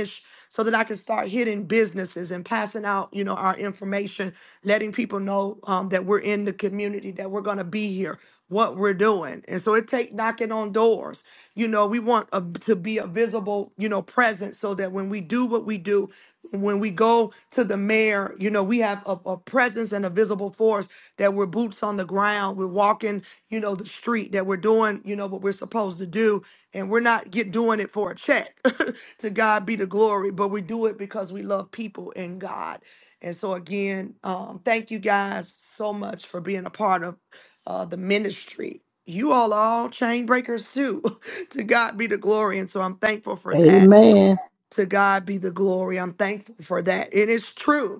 Speaker 1: ish, so that I can start hitting businesses and passing out, you know, our information, letting people know um, that we're in the community, that we're gonna be here, what we're doing. And so it take knocking on doors. You know, we want a, to be a visible, you know, presence so that when we do what we do, when we go to the mayor, you know, we have a, a presence and a visible force that we're boots on the ground, we're walking, you know, the street, that we're doing, you know, what we're supposed to do and we're not get doing it for a check to god be the glory but we do it because we love people and god and so again um, thank you guys so much for being a part of uh, the ministry you all are all chain breakers too to god be the glory and so i'm thankful for that
Speaker 3: Amen.
Speaker 1: to god be the glory i'm thankful for that it is true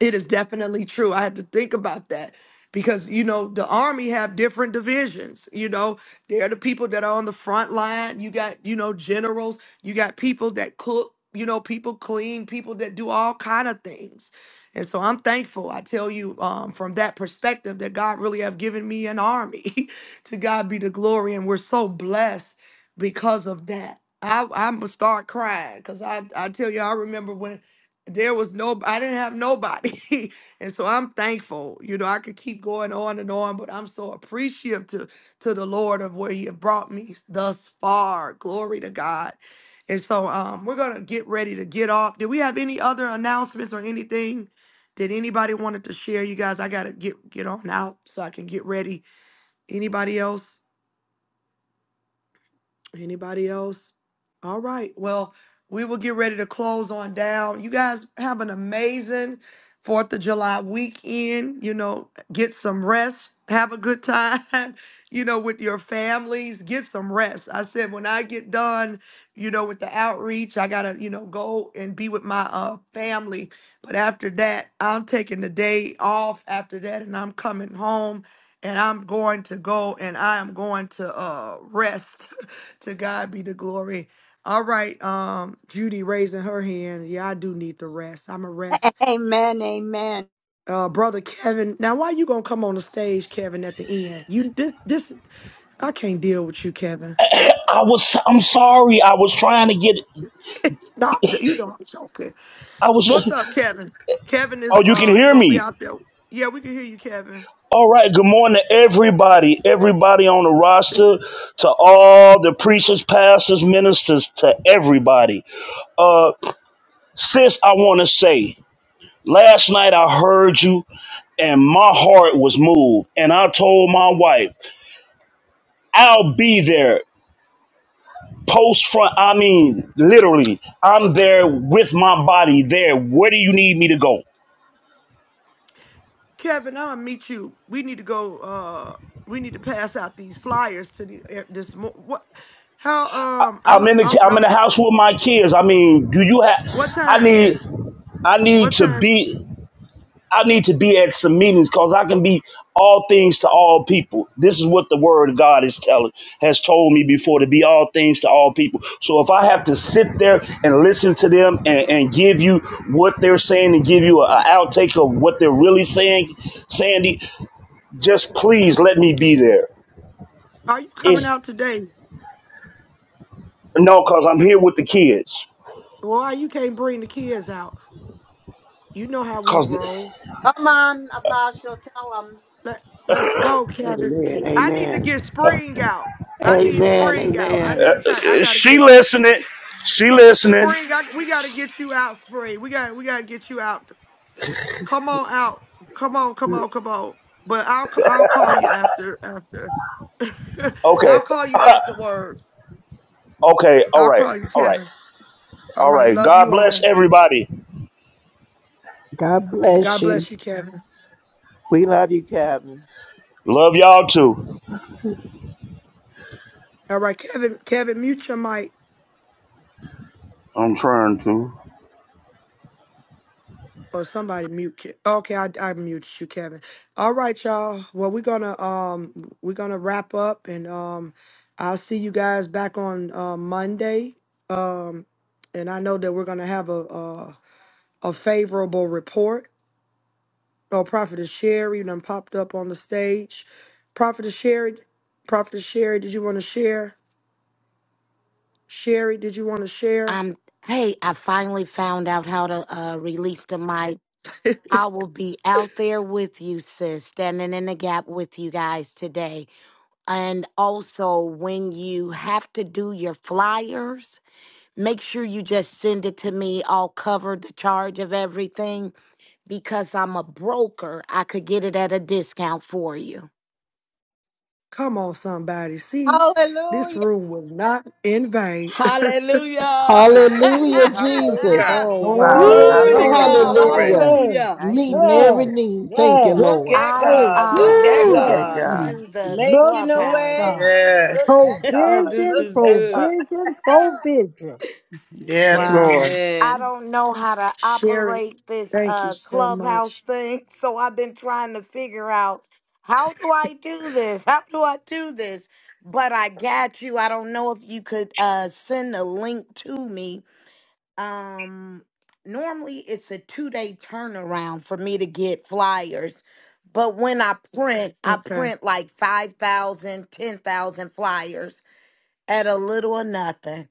Speaker 1: it is definitely true. I had to think about that because you know the army have different divisions. You know, they're the people that are on the front line. You got you know generals. You got people that cook. You know, people clean. People that do all kind of things. And so I'm thankful. I tell you um, from that perspective that God really have given me an army. to God be the glory, and we're so blessed because of that. I, I'm gonna start crying because I I tell you I remember when there was no i didn't have nobody and so i'm thankful you know i could keep going on and on but i'm so appreciative to to the lord of where he had brought me thus far glory to god and so um we're gonna get ready to get off did we have any other announcements or anything that anybody wanted to share you guys i gotta get get on out so i can get ready anybody else Anybody else? All right. Well, we will get ready to close on down. You guys have an amazing Fourth of July weekend. You know, get some rest. Have a good time, you know, with your families. Get some rest. I said when I get done, you know, with the outreach, I gotta, you know, go and be with my uh family. But after that, I'm taking the day off after that and I'm coming home and I'm going to go and I am going to uh rest. To God be the glory. All right, um, Judy raising her hand. Yeah, I do need the rest. I'm a rest.
Speaker 5: Amen. Amen.
Speaker 1: Uh, brother Kevin. Now, why you gonna come on the stage, Kevin? At the end, you this this I can't deal with you, Kevin.
Speaker 14: I was I'm sorry. I was trying to get
Speaker 1: no, I'm jo- you don't. I'm joking.
Speaker 14: I
Speaker 1: What's
Speaker 14: was
Speaker 1: up, Kevin? Kevin is
Speaker 14: Oh, you can
Speaker 1: uh he
Speaker 14: hear
Speaker 1: gonna be
Speaker 14: me.
Speaker 1: out there. Yeah, we can hear you, Kevin.
Speaker 14: All right, good morning to everybody, everybody on the roster, to all the preachers, pastors, ministers, to everybody. Uh sis, I want to say, last night I heard you and my heart was moved and I told my wife, I'll be there post front. I mean, literally, I'm there with my body there. Where do you need me to go?
Speaker 1: Kevin, I'll meet you. We need to go. Uh, we need to pass out these flyers to the eh, this. mo- What? How? Um, I'm
Speaker 14: I'm
Speaker 1: a.
Speaker 14: in the
Speaker 1: I'm
Speaker 14: I'm
Speaker 1: not.
Speaker 14: in the house with my kids. I mean, do you
Speaker 1: What
Speaker 14: have? I
Speaker 1: time?
Speaker 14: need I need
Speaker 1: What
Speaker 14: to
Speaker 1: time
Speaker 14: be I need to be at some meetings because I can be all things to all people. This is what the Word of God is telling has told me before to be all things to all people. So if I have to sit there and listen to them and, and give you what they're saying and give you an outtake of what they're really saying, Sandy, just please let me be there.
Speaker 1: are you coming
Speaker 14: It's
Speaker 1: out today?
Speaker 14: no, cause I'm here with the kids.
Speaker 1: Why you can't bring the kids out? You know how we
Speaker 14: Cause
Speaker 1: roll.
Speaker 5: Come on, Apostle, tell them.
Speaker 1: Let Let's go, Kevin.
Speaker 10: Amen.
Speaker 1: I need to
Speaker 10: Amen.
Speaker 1: get Spring out. I need
Speaker 10: Amen.
Speaker 1: Spring out. I
Speaker 10: Amen.
Speaker 1: gotta try. I gotta
Speaker 14: She
Speaker 1: get
Speaker 14: listening. She listening.
Speaker 1: Spring. I, we gotta get you out, Spring. We got. We gotta get you out. Come on out. Come on. Come on. Come on. But I'll. c- I'll call you after. After.
Speaker 14: Okay.
Speaker 1: I'll call you afterwards.
Speaker 14: Okay. All
Speaker 1: I'll
Speaker 14: right.
Speaker 1: call you,
Speaker 14: All right.
Speaker 1: Kevin. All
Speaker 14: All
Speaker 1: right.
Speaker 14: right.
Speaker 1: Love
Speaker 14: God
Speaker 1: you all.
Speaker 14: bless everybody.
Speaker 3: God
Speaker 1: God
Speaker 3: bless you.
Speaker 1: bless you, Kevin.
Speaker 10: We love you, Kevin.
Speaker 14: Love y'all too.
Speaker 1: All right, Kevin. Kevin, mute your mic.
Speaker 14: I'm trying to.
Speaker 1: or somebody mute. Ke- Okay, I I muted you, Kevin. All right, y'all. Well, we're gonna um we're gonna wrap up, and um I'll see you guys back on uh, Monday. Um, and I know that we're gonna have a a, a favorable report. Oh, Prophetess Sherry done popped up on the stage. Prophetess Sherry, Prophetess Sherry, did you want to share? Sherry, did you want to share?
Speaker 15: Um, hey, I finally found out how to uh, release the mic. I will be out there with you, sis, standing in the gap with you guys today. And also, when you have to do your flyers, make sure you just send it to me. I'll cover the charge of everything because I'm a broker. I could get it at a discount for you.
Speaker 1: Come on, somebody. See, this
Speaker 5: Hallelujah.
Speaker 1: room was not in vain.
Speaker 4: Hallelujah.
Speaker 10: Hallelujah.
Speaker 3: Hallelujah, Jesus.
Speaker 10: Hallelujah.
Speaker 1: Oh
Speaker 16: Father.
Speaker 1: wow.
Speaker 17: Glory,
Speaker 4: Glory
Speaker 3: Woo,
Speaker 4: to
Speaker 10: Glory.
Speaker 17: glory,
Speaker 16: Hallelujah.
Speaker 4: God.
Speaker 10: Glory.
Speaker 3: hallelujah.
Speaker 17: glory.
Speaker 4: Hallelujah.
Speaker 16: Thank you,
Speaker 3: Meeting every
Speaker 17: Yes,
Speaker 16: Jesus.
Speaker 3: need. Thank you,
Speaker 17: yes.
Speaker 11: Look
Speaker 3: Lord.
Speaker 11: at
Speaker 15: I'm
Speaker 17: Praise
Speaker 11: God. Look
Speaker 17: God.
Speaker 15: um
Speaker 11: at
Speaker 16: Look
Speaker 3: Woo.
Speaker 17: Yes.
Speaker 16: at
Speaker 11: God.
Speaker 15: new
Speaker 16: God.
Speaker 3: Mm.
Speaker 15: to the
Speaker 17: Look
Speaker 11: making a
Speaker 17: at
Speaker 15: clubhouse
Speaker 17: God.
Speaker 11: way.
Speaker 10: Yes.
Speaker 11: Look at God.
Speaker 4: this
Speaker 17: Provision,
Speaker 11: Look
Speaker 4: is
Speaker 11: at God.
Speaker 4: good.
Speaker 17: provision, provision.
Speaker 10: Yes,
Speaker 1: Wow.
Speaker 10: Lord.
Speaker 15: I
Speaker 11: Amen.
Speaker 15: don't know how to
Speaker 1: Sherry,
Speaker 15: operate this
Speaker 1: thank you
Speaker 15: uh
Speaker 1: so
Speaker 15: clubhouse
Speaker 1: much.
Speaker 15: thing, so I've been trying to figure out how do I do this? How do I do this? But I got you. I don't know if you could uh send a link to me. Um normally it's a 2-day turnaround for me to get flyers. But when I print, I
Speaker 1: Okay.
Speaker 15: print like 5,000, 10,000 flyers at a little or nothing.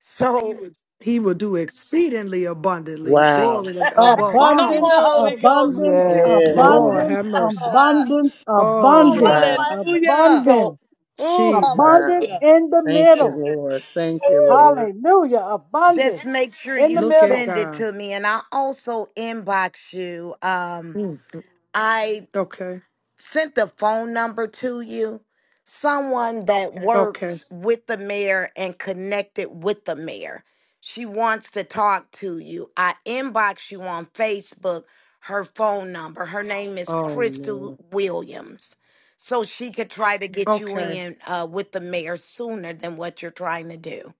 Speaker 15: So
Speaker 1: He will do exceedingly abundantly.
Speaker 10: Wow.
Speaker 1: Glory to God. above
Speaker 5: Thank
Speaker 4: Come
Speaker 5: you.
Speaker 1: all.
Speaker 4: on,
Speaker 17: Abundance,
Speaker 4: Holy
Speaker 5: Oh,
Speaker 4: Ghost.
Speaker 17: abundance,
Speaker 3: Yes,
Speaker 10: Yes.
Speaker 1: Lord
Speaker 3: Lord.
Speaker 1: have
Speaker 17: abundance,
Speaker 1: mercy.
Speaker 17: abundance,
Speaker 1: Oh
Speaker 5: Oh, what a
Speaker 1: Lord.
Speaker 17: abundance,
Speaker 10: Wow.
Speaker 5: blessing.
Speaker 4: Hallelujah.
Speaker 15: so
Speaker 17: abundance,
Speaker 4: Oh,
Speaker 1: Jesus.
Speaker 10: Wow.
Speaker 17: abundance
Speaker 4: hallelujah.
Speaker 17: in the
Speaker 10: Thank you,
Speaker 17: middle.
Speaker 10: Lord. Thank you, Lord.
Speaker 17: Hallelujah.
Speaker 15: just
Speaker 17: Abundance
Speaker 15: make sure
Speaker 17: in the
Speaker 15: you
Speaker 1: Look at
Speaker 17: middle.
Speaker 15: send it
Speaker 1: God.
Speaker 15: to me and i also inbox you um
Speaker 1: Mm. mm.
Speaker 15: i
Speaker 1: Okay.
Speaker 15: sent the phone number to you someone that Okay.
Speaker 1: Okay.
Speaker 15: works with the mayor and connected with the mayor she wants to talk to you i inbox you on facebook her phone number her name is
Speaker 1: Oh
Speaker 15: crystal
Speaker 1: Lord.
Speaker 15: williams so she could try to get you
Speaker 1: Okay.
Speaker 15: in uh, with the mayor sooner than what you're trying to do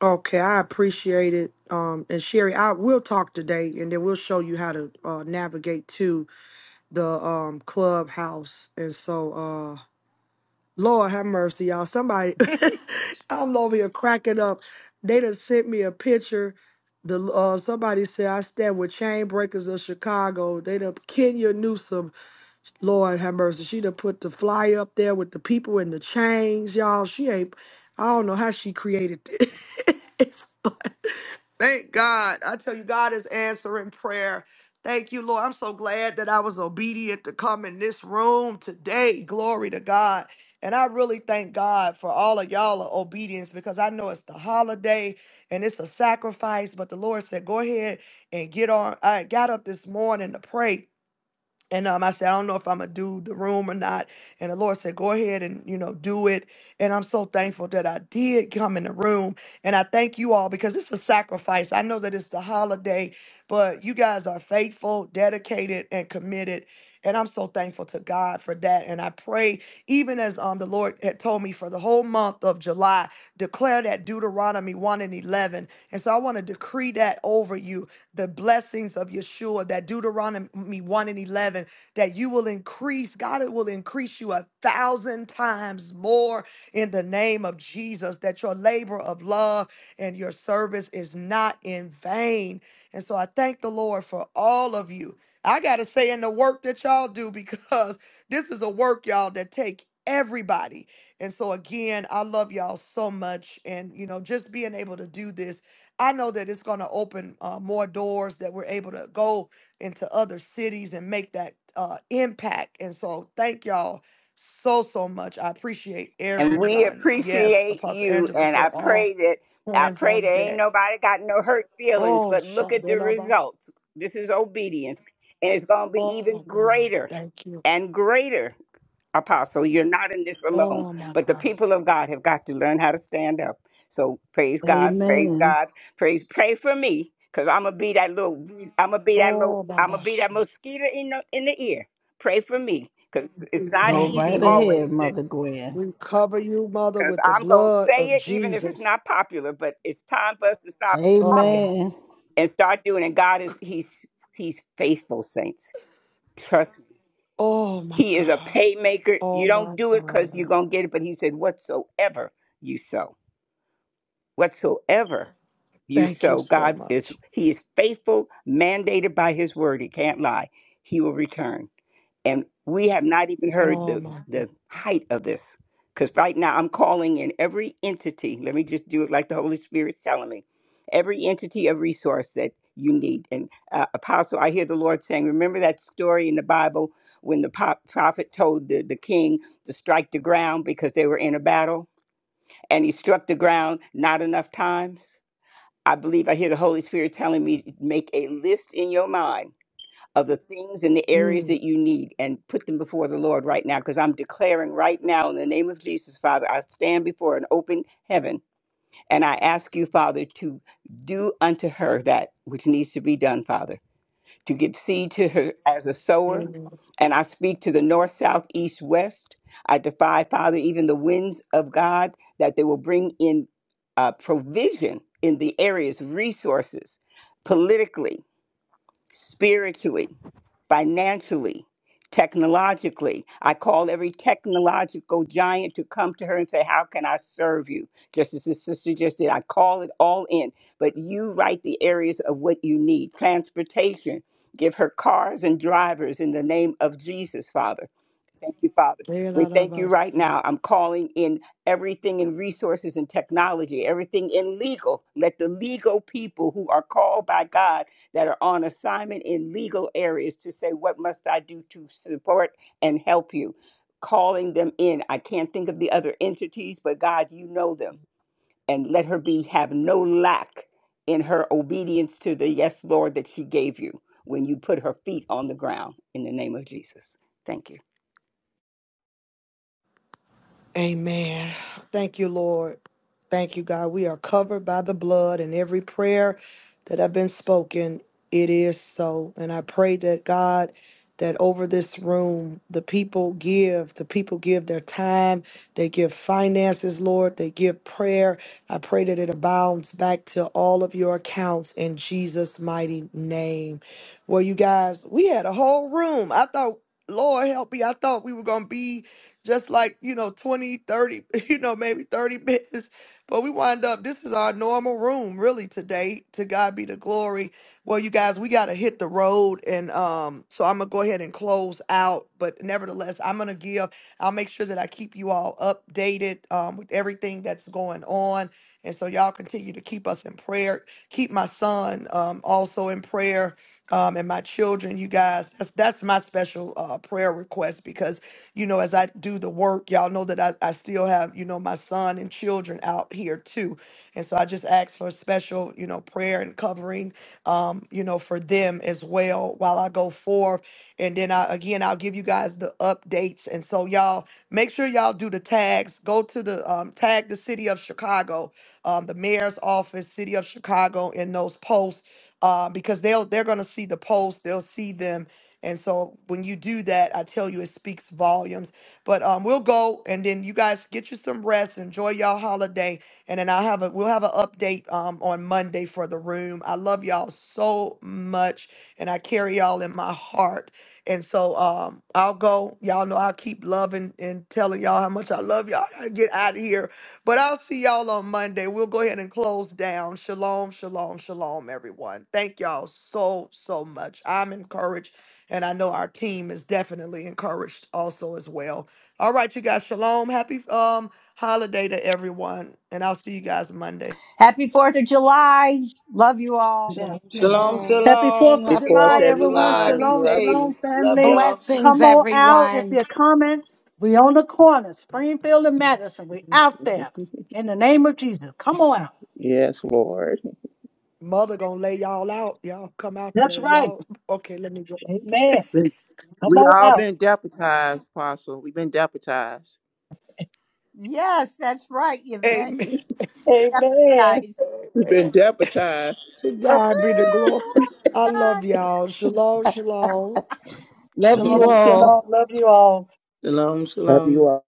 Speaker 1: Okay. I appreciate it. Um and Sherry, I will talk today and then we'll show you how to uh navigate to the um clubhouse. And so uh Lord have mercy, y'all. Somebody I'm over here cracking up. They done sent me a picture. The uh somebody said I stand with chain breakers of Chicago. They done Kenya Newsom Lord have mercy. She done put the fly up there with the people in the chains, y'all. She ain't, I don't know how she created it. it's, fun. thank God. I tell you, God is answering prayer. Thank you, Lord. I'm so glad that I was obedient to come in this room today. Glory to God. And I really thank God for all of y'all obedience because I know it's the holiday and it's a sacrifice. But the Lord said, go ahead and get on. I got up this morning to pray and um, I said, I don't know if I'm gonna do the room or not. And the Lord said, Go ahead and you know do it. And I'm so thankful that I did come in the room. And I thank you all because it's a sacrifice. I know that it's the holiday, but you guys are faithful, dedicated, and committed. And I'm so thankful to God for that. And I pray, even as um the Lord had told me for the whole month of July, declare that Deuteronomy 1 and 11. And so I want to decree that over you the blessings of Yeshua, that Deuteronomy 1 and 11, that you will increase, God will increase you a thousand times more in the name of Jesus, that your labor of love and your service is not in vain. And so I thank the Lord for all of you. I got to say, in the work that y'all do, because this is a work, y'all, that take everybody. And so again, I love y'all so much. And you know, just being able to do this I know that it's going to open uh, more doors that we're able to go into other cities and make that uh, impact. And so, thank y'all so so much. I appreciate
Speaker 12: And we
Speaker 1: everyone. Yes,
Speaker 12: appreciate
Speaker 1: Apostle
Speaker 12: you.
Speaker 1: Angela
Speaker 12: And
Speaker 1: said,
Speaker 12: I
Speaker 1: "All
Speaker 12: pray that, I
Speaker 1: hands
Speaker 12: pray that
Speaker 1: on
Speaker 12: ain't
Speaker 1: deck."
Speaker 12: nobody got no hurt feelings,
Speaker 1: Oh,
Speaker 12: but look at the
Speaker 1: Shabbat.
Speaker 12: results. This is obedience. And it's going to be even
Speaker 1: Oh God,
Speaker 12: greater
Speaker 1: thank you.
Speaker 12: and greater Apostle, you're not in this alone,
Speaker 1: Oh my
Speaker 12: but the
Speaker 1: God.
Speaker 12: people of God have got to learn how to stand up. So praise God, praise
Speaker 3: Amen.
Speaker 12: God, praise, pray for me, cause I'm gonna be that little, I'm gonna be that little,
Speaker 1: Oh
Speaker 12: I'm gonna
Speaker 1: Baba.
Speaker 12: be that mosquito in the in the ear. Pray for me, cause it's not
Speaker 3: Go
Speaker 1: Thank you,
Speaker 12: easy
Speaker 3: right
Speaker 1: Lord.
Speaker 3: ahead,
Speaker 12: always to,
Speaker 3: Mother Gwen.
Speaker 1: We cover you, Mother,
Speaker 12: cause
Speaker 1: with the
Speaker 12: I'm gonna
Speaker 1: blood
Speaker 12: say
Speaker 1: of
Speaker 12: it even if it's
Speaker 1: Jesus.
Speaker 12: not popular, but it's time for us to stop
Speaker 1: Uh
Speaker 12: talking
Speaker 1: oh.
Speaker 3: Amen.
Speaker 12: and start doing. And God is, he's he's faithful, saints.
Speaker 1: Oh my
Speaker 12: He is a
Speaker 1: God.
Speaker 12: paymaker.
Speaker 1: Oh
Speaker 12: You don't
Speaker 1: my
Speaker 12: do it because
Speaker 1: God.
Speaker 12: you're going to get it, but he said, whatsoever you sow, whatsoever you
Speaker 1: Thank you
Speaker 12: sow,
Speaker 1: so
Speaker 12: God is,
Speaker 1: much.
Speaker 12: he is faithful, mandated by his word. He can't lie. He will return and we have not even heard
Speaker 1: Oh
Speaker 12: the
Speaker 1: my.
Speaker 12: the height of this because right now i'm calling in every entity let me just do it like the holy spirit's telling me every entity of resource that you need and uh, apostle i hear the lord saying remember that story in the bible when the po- prophet told the, the king to strike the ground because they were in a battle and he struck the ground not enough times i believe i hear the holy spirit telling me make a list in your mind of the things and the areas
Speaker 1: Mm.
Speaker 12: that you need and put them before the Lord right now. Because I'm declaring right now in the name of Jesus, Father, I stand before an open heaven and I ask you, Father, to do unto her that which needs to be done, Father, to give seed to her as a sower. And I speak to the north, south, east, west. I defy, Father, even the winds of God that they will bring in uh, provision in the areas, resources, politically, spiritually financially, technologically. I call every technological giant to come to her and say, How can I serve you? Just as this sister just did. I call it all in, but you write the areas of what you need transportation. Give her cars and drivers in the name of Jesus, Father Thank you, Father. We thank you right
Speaker 1: Mm.
Speaker 12: now. I'm calling in everything in resources and technology, everything in legal. Let the legal people who are called by God that are on assignment in legal areas to say, What must I do to support and help you? Calling them in. I can't think of the other entities, but God, you know them. And let her be have no lack in her obedience to the yes, Lord, that she gave you when you put her feet on the ground in the name of Jesus. Thank you.
Speaker 1: Amen. Thank you, Lord. Thank you, God. We are covered by the blood and every prayer that have been spoken, it is so. And I pray that God that over this room, the people give, the people give their time, they give finances, Lord, they give prayer. I pray that it abounds back to all of your accounts in Jesus' mighty name. Well, you guys, we had a whole room. I thought, Lord help me, I thought we were gonna be just like, you know, 20, 30, you know, maybe 30 minutes. But we wind up, this is our normal room, really, today. To God be the glory. Well, you guys, we got to hit the road. And um, so I'm going to go ahead and close out. But nevertheless, I'm going to give, I'll make sure that I keep you all updated um, with everything that's going on. And so y'all continue to keep us in prayer. Keep my son um, also in prayer um, and my children, you guys. That's that's my special uh, prayer request because you know, as I do the work, y'all know that I, I still have, you know, my son and children out here too. And so I just ask for special, you know, prayer and covering, um, you know, for them as well while I go forth. And then I, again, I'll give you guys the updates. And so y'all make sure y'all do the tags, go to the, um, tag the city of Chicago, um, the mayor's office, city of Chicago in those posts. Uh, because they'll they're gonna see the posts, they'll see them, and so when you do that, I tell you, it speaks volumes. But um, we'll go, and then you guys get you some rest, enjoy y'all holiday, and then I have a we'll have an update um on Monday for the room. I love y'all so much, and I carry y'all in my heart. And so um, I'll go. Y'all know I keep loving and telling y'all how much I love y'all. I gotta get out of here, but I'll see y'all on Monday. We'll go ahead and close down. Shalom, shalom, shalom, everyone. Thank y'all so so much. I'm encouraged and I know our team is definitely encouraged also as well. All right, you guys, shalom. Happy um holiday to everyone. And I'll see you guys Monday.
Speaker 5: Happy 4th of July. Love you all.
Speaker 17: Yeah,
Speaker 4: Shalom,
Speaker 17: mm.
Speaker 11: Shalom,
Speaker 4: shalom.
Speaker 17: Happy
Speaker 11: shalom.
Speaker 17: Fourth of
Speaker 10: Happy
Speaker 11: Happy
Speaker 10: Fourth,
Speaker 17: July,
Speaker 11: 4th of
Speaker 17: everyone.
Speaker 11: July.
Speaker 10: everyone.
Speaker 11: Be
Speaker 10: We
Speaker 17: Shalom,
Speaker 10: love
Speaker 11: safe.
Speaker 10: you.
Speaker 17: shalom,
Speaker 11: Love
Speaker 17: family.
Speaker 11: y'all.
Speaker 15: blessings
Speaker 17: Come on out if
Speaker 15: everyone
Speaker 17: you're coming. We on the corner, Springfield and Madison. We out there in the name of Jesus. Come on out.
Speaker 10: Yes, Lord.
Speaker 1: Mother gonna lay y'all out. Y'all come out
Speaker 17: That's
Speaker 1: there.
Speaker 17: right.
Speaker 1: Y'all okay, let me go.
Speaker 17: Amen.
Speaker 10: We
Speaker 17: Come
Speaker 10: we
Speaker 17: on
Speaker 10: all
Speaker 17: out.
Speaker 10: been deputized, Apostle. We've been deputized.
Speaker 5: Yes, that's right, Yvette.
Speaker 1: Amen.
Speaker 10: We've
Speaker 17: Amen.
Speaker 5: Guys.
Speaker 1: Amen.
Speaker 10: been deputized.
Speaker 1: To God be the glory. I love y'all. Shalom, shalom.
Speaker 3: Love you
Speaker 17: Shalom, shalom.
Speaker 3: all.
Speaker 17: Love you all.
Speaker 11: shalom,
Speaker 10: Love
Speaker 11: shalom.
Speaker 10: you all.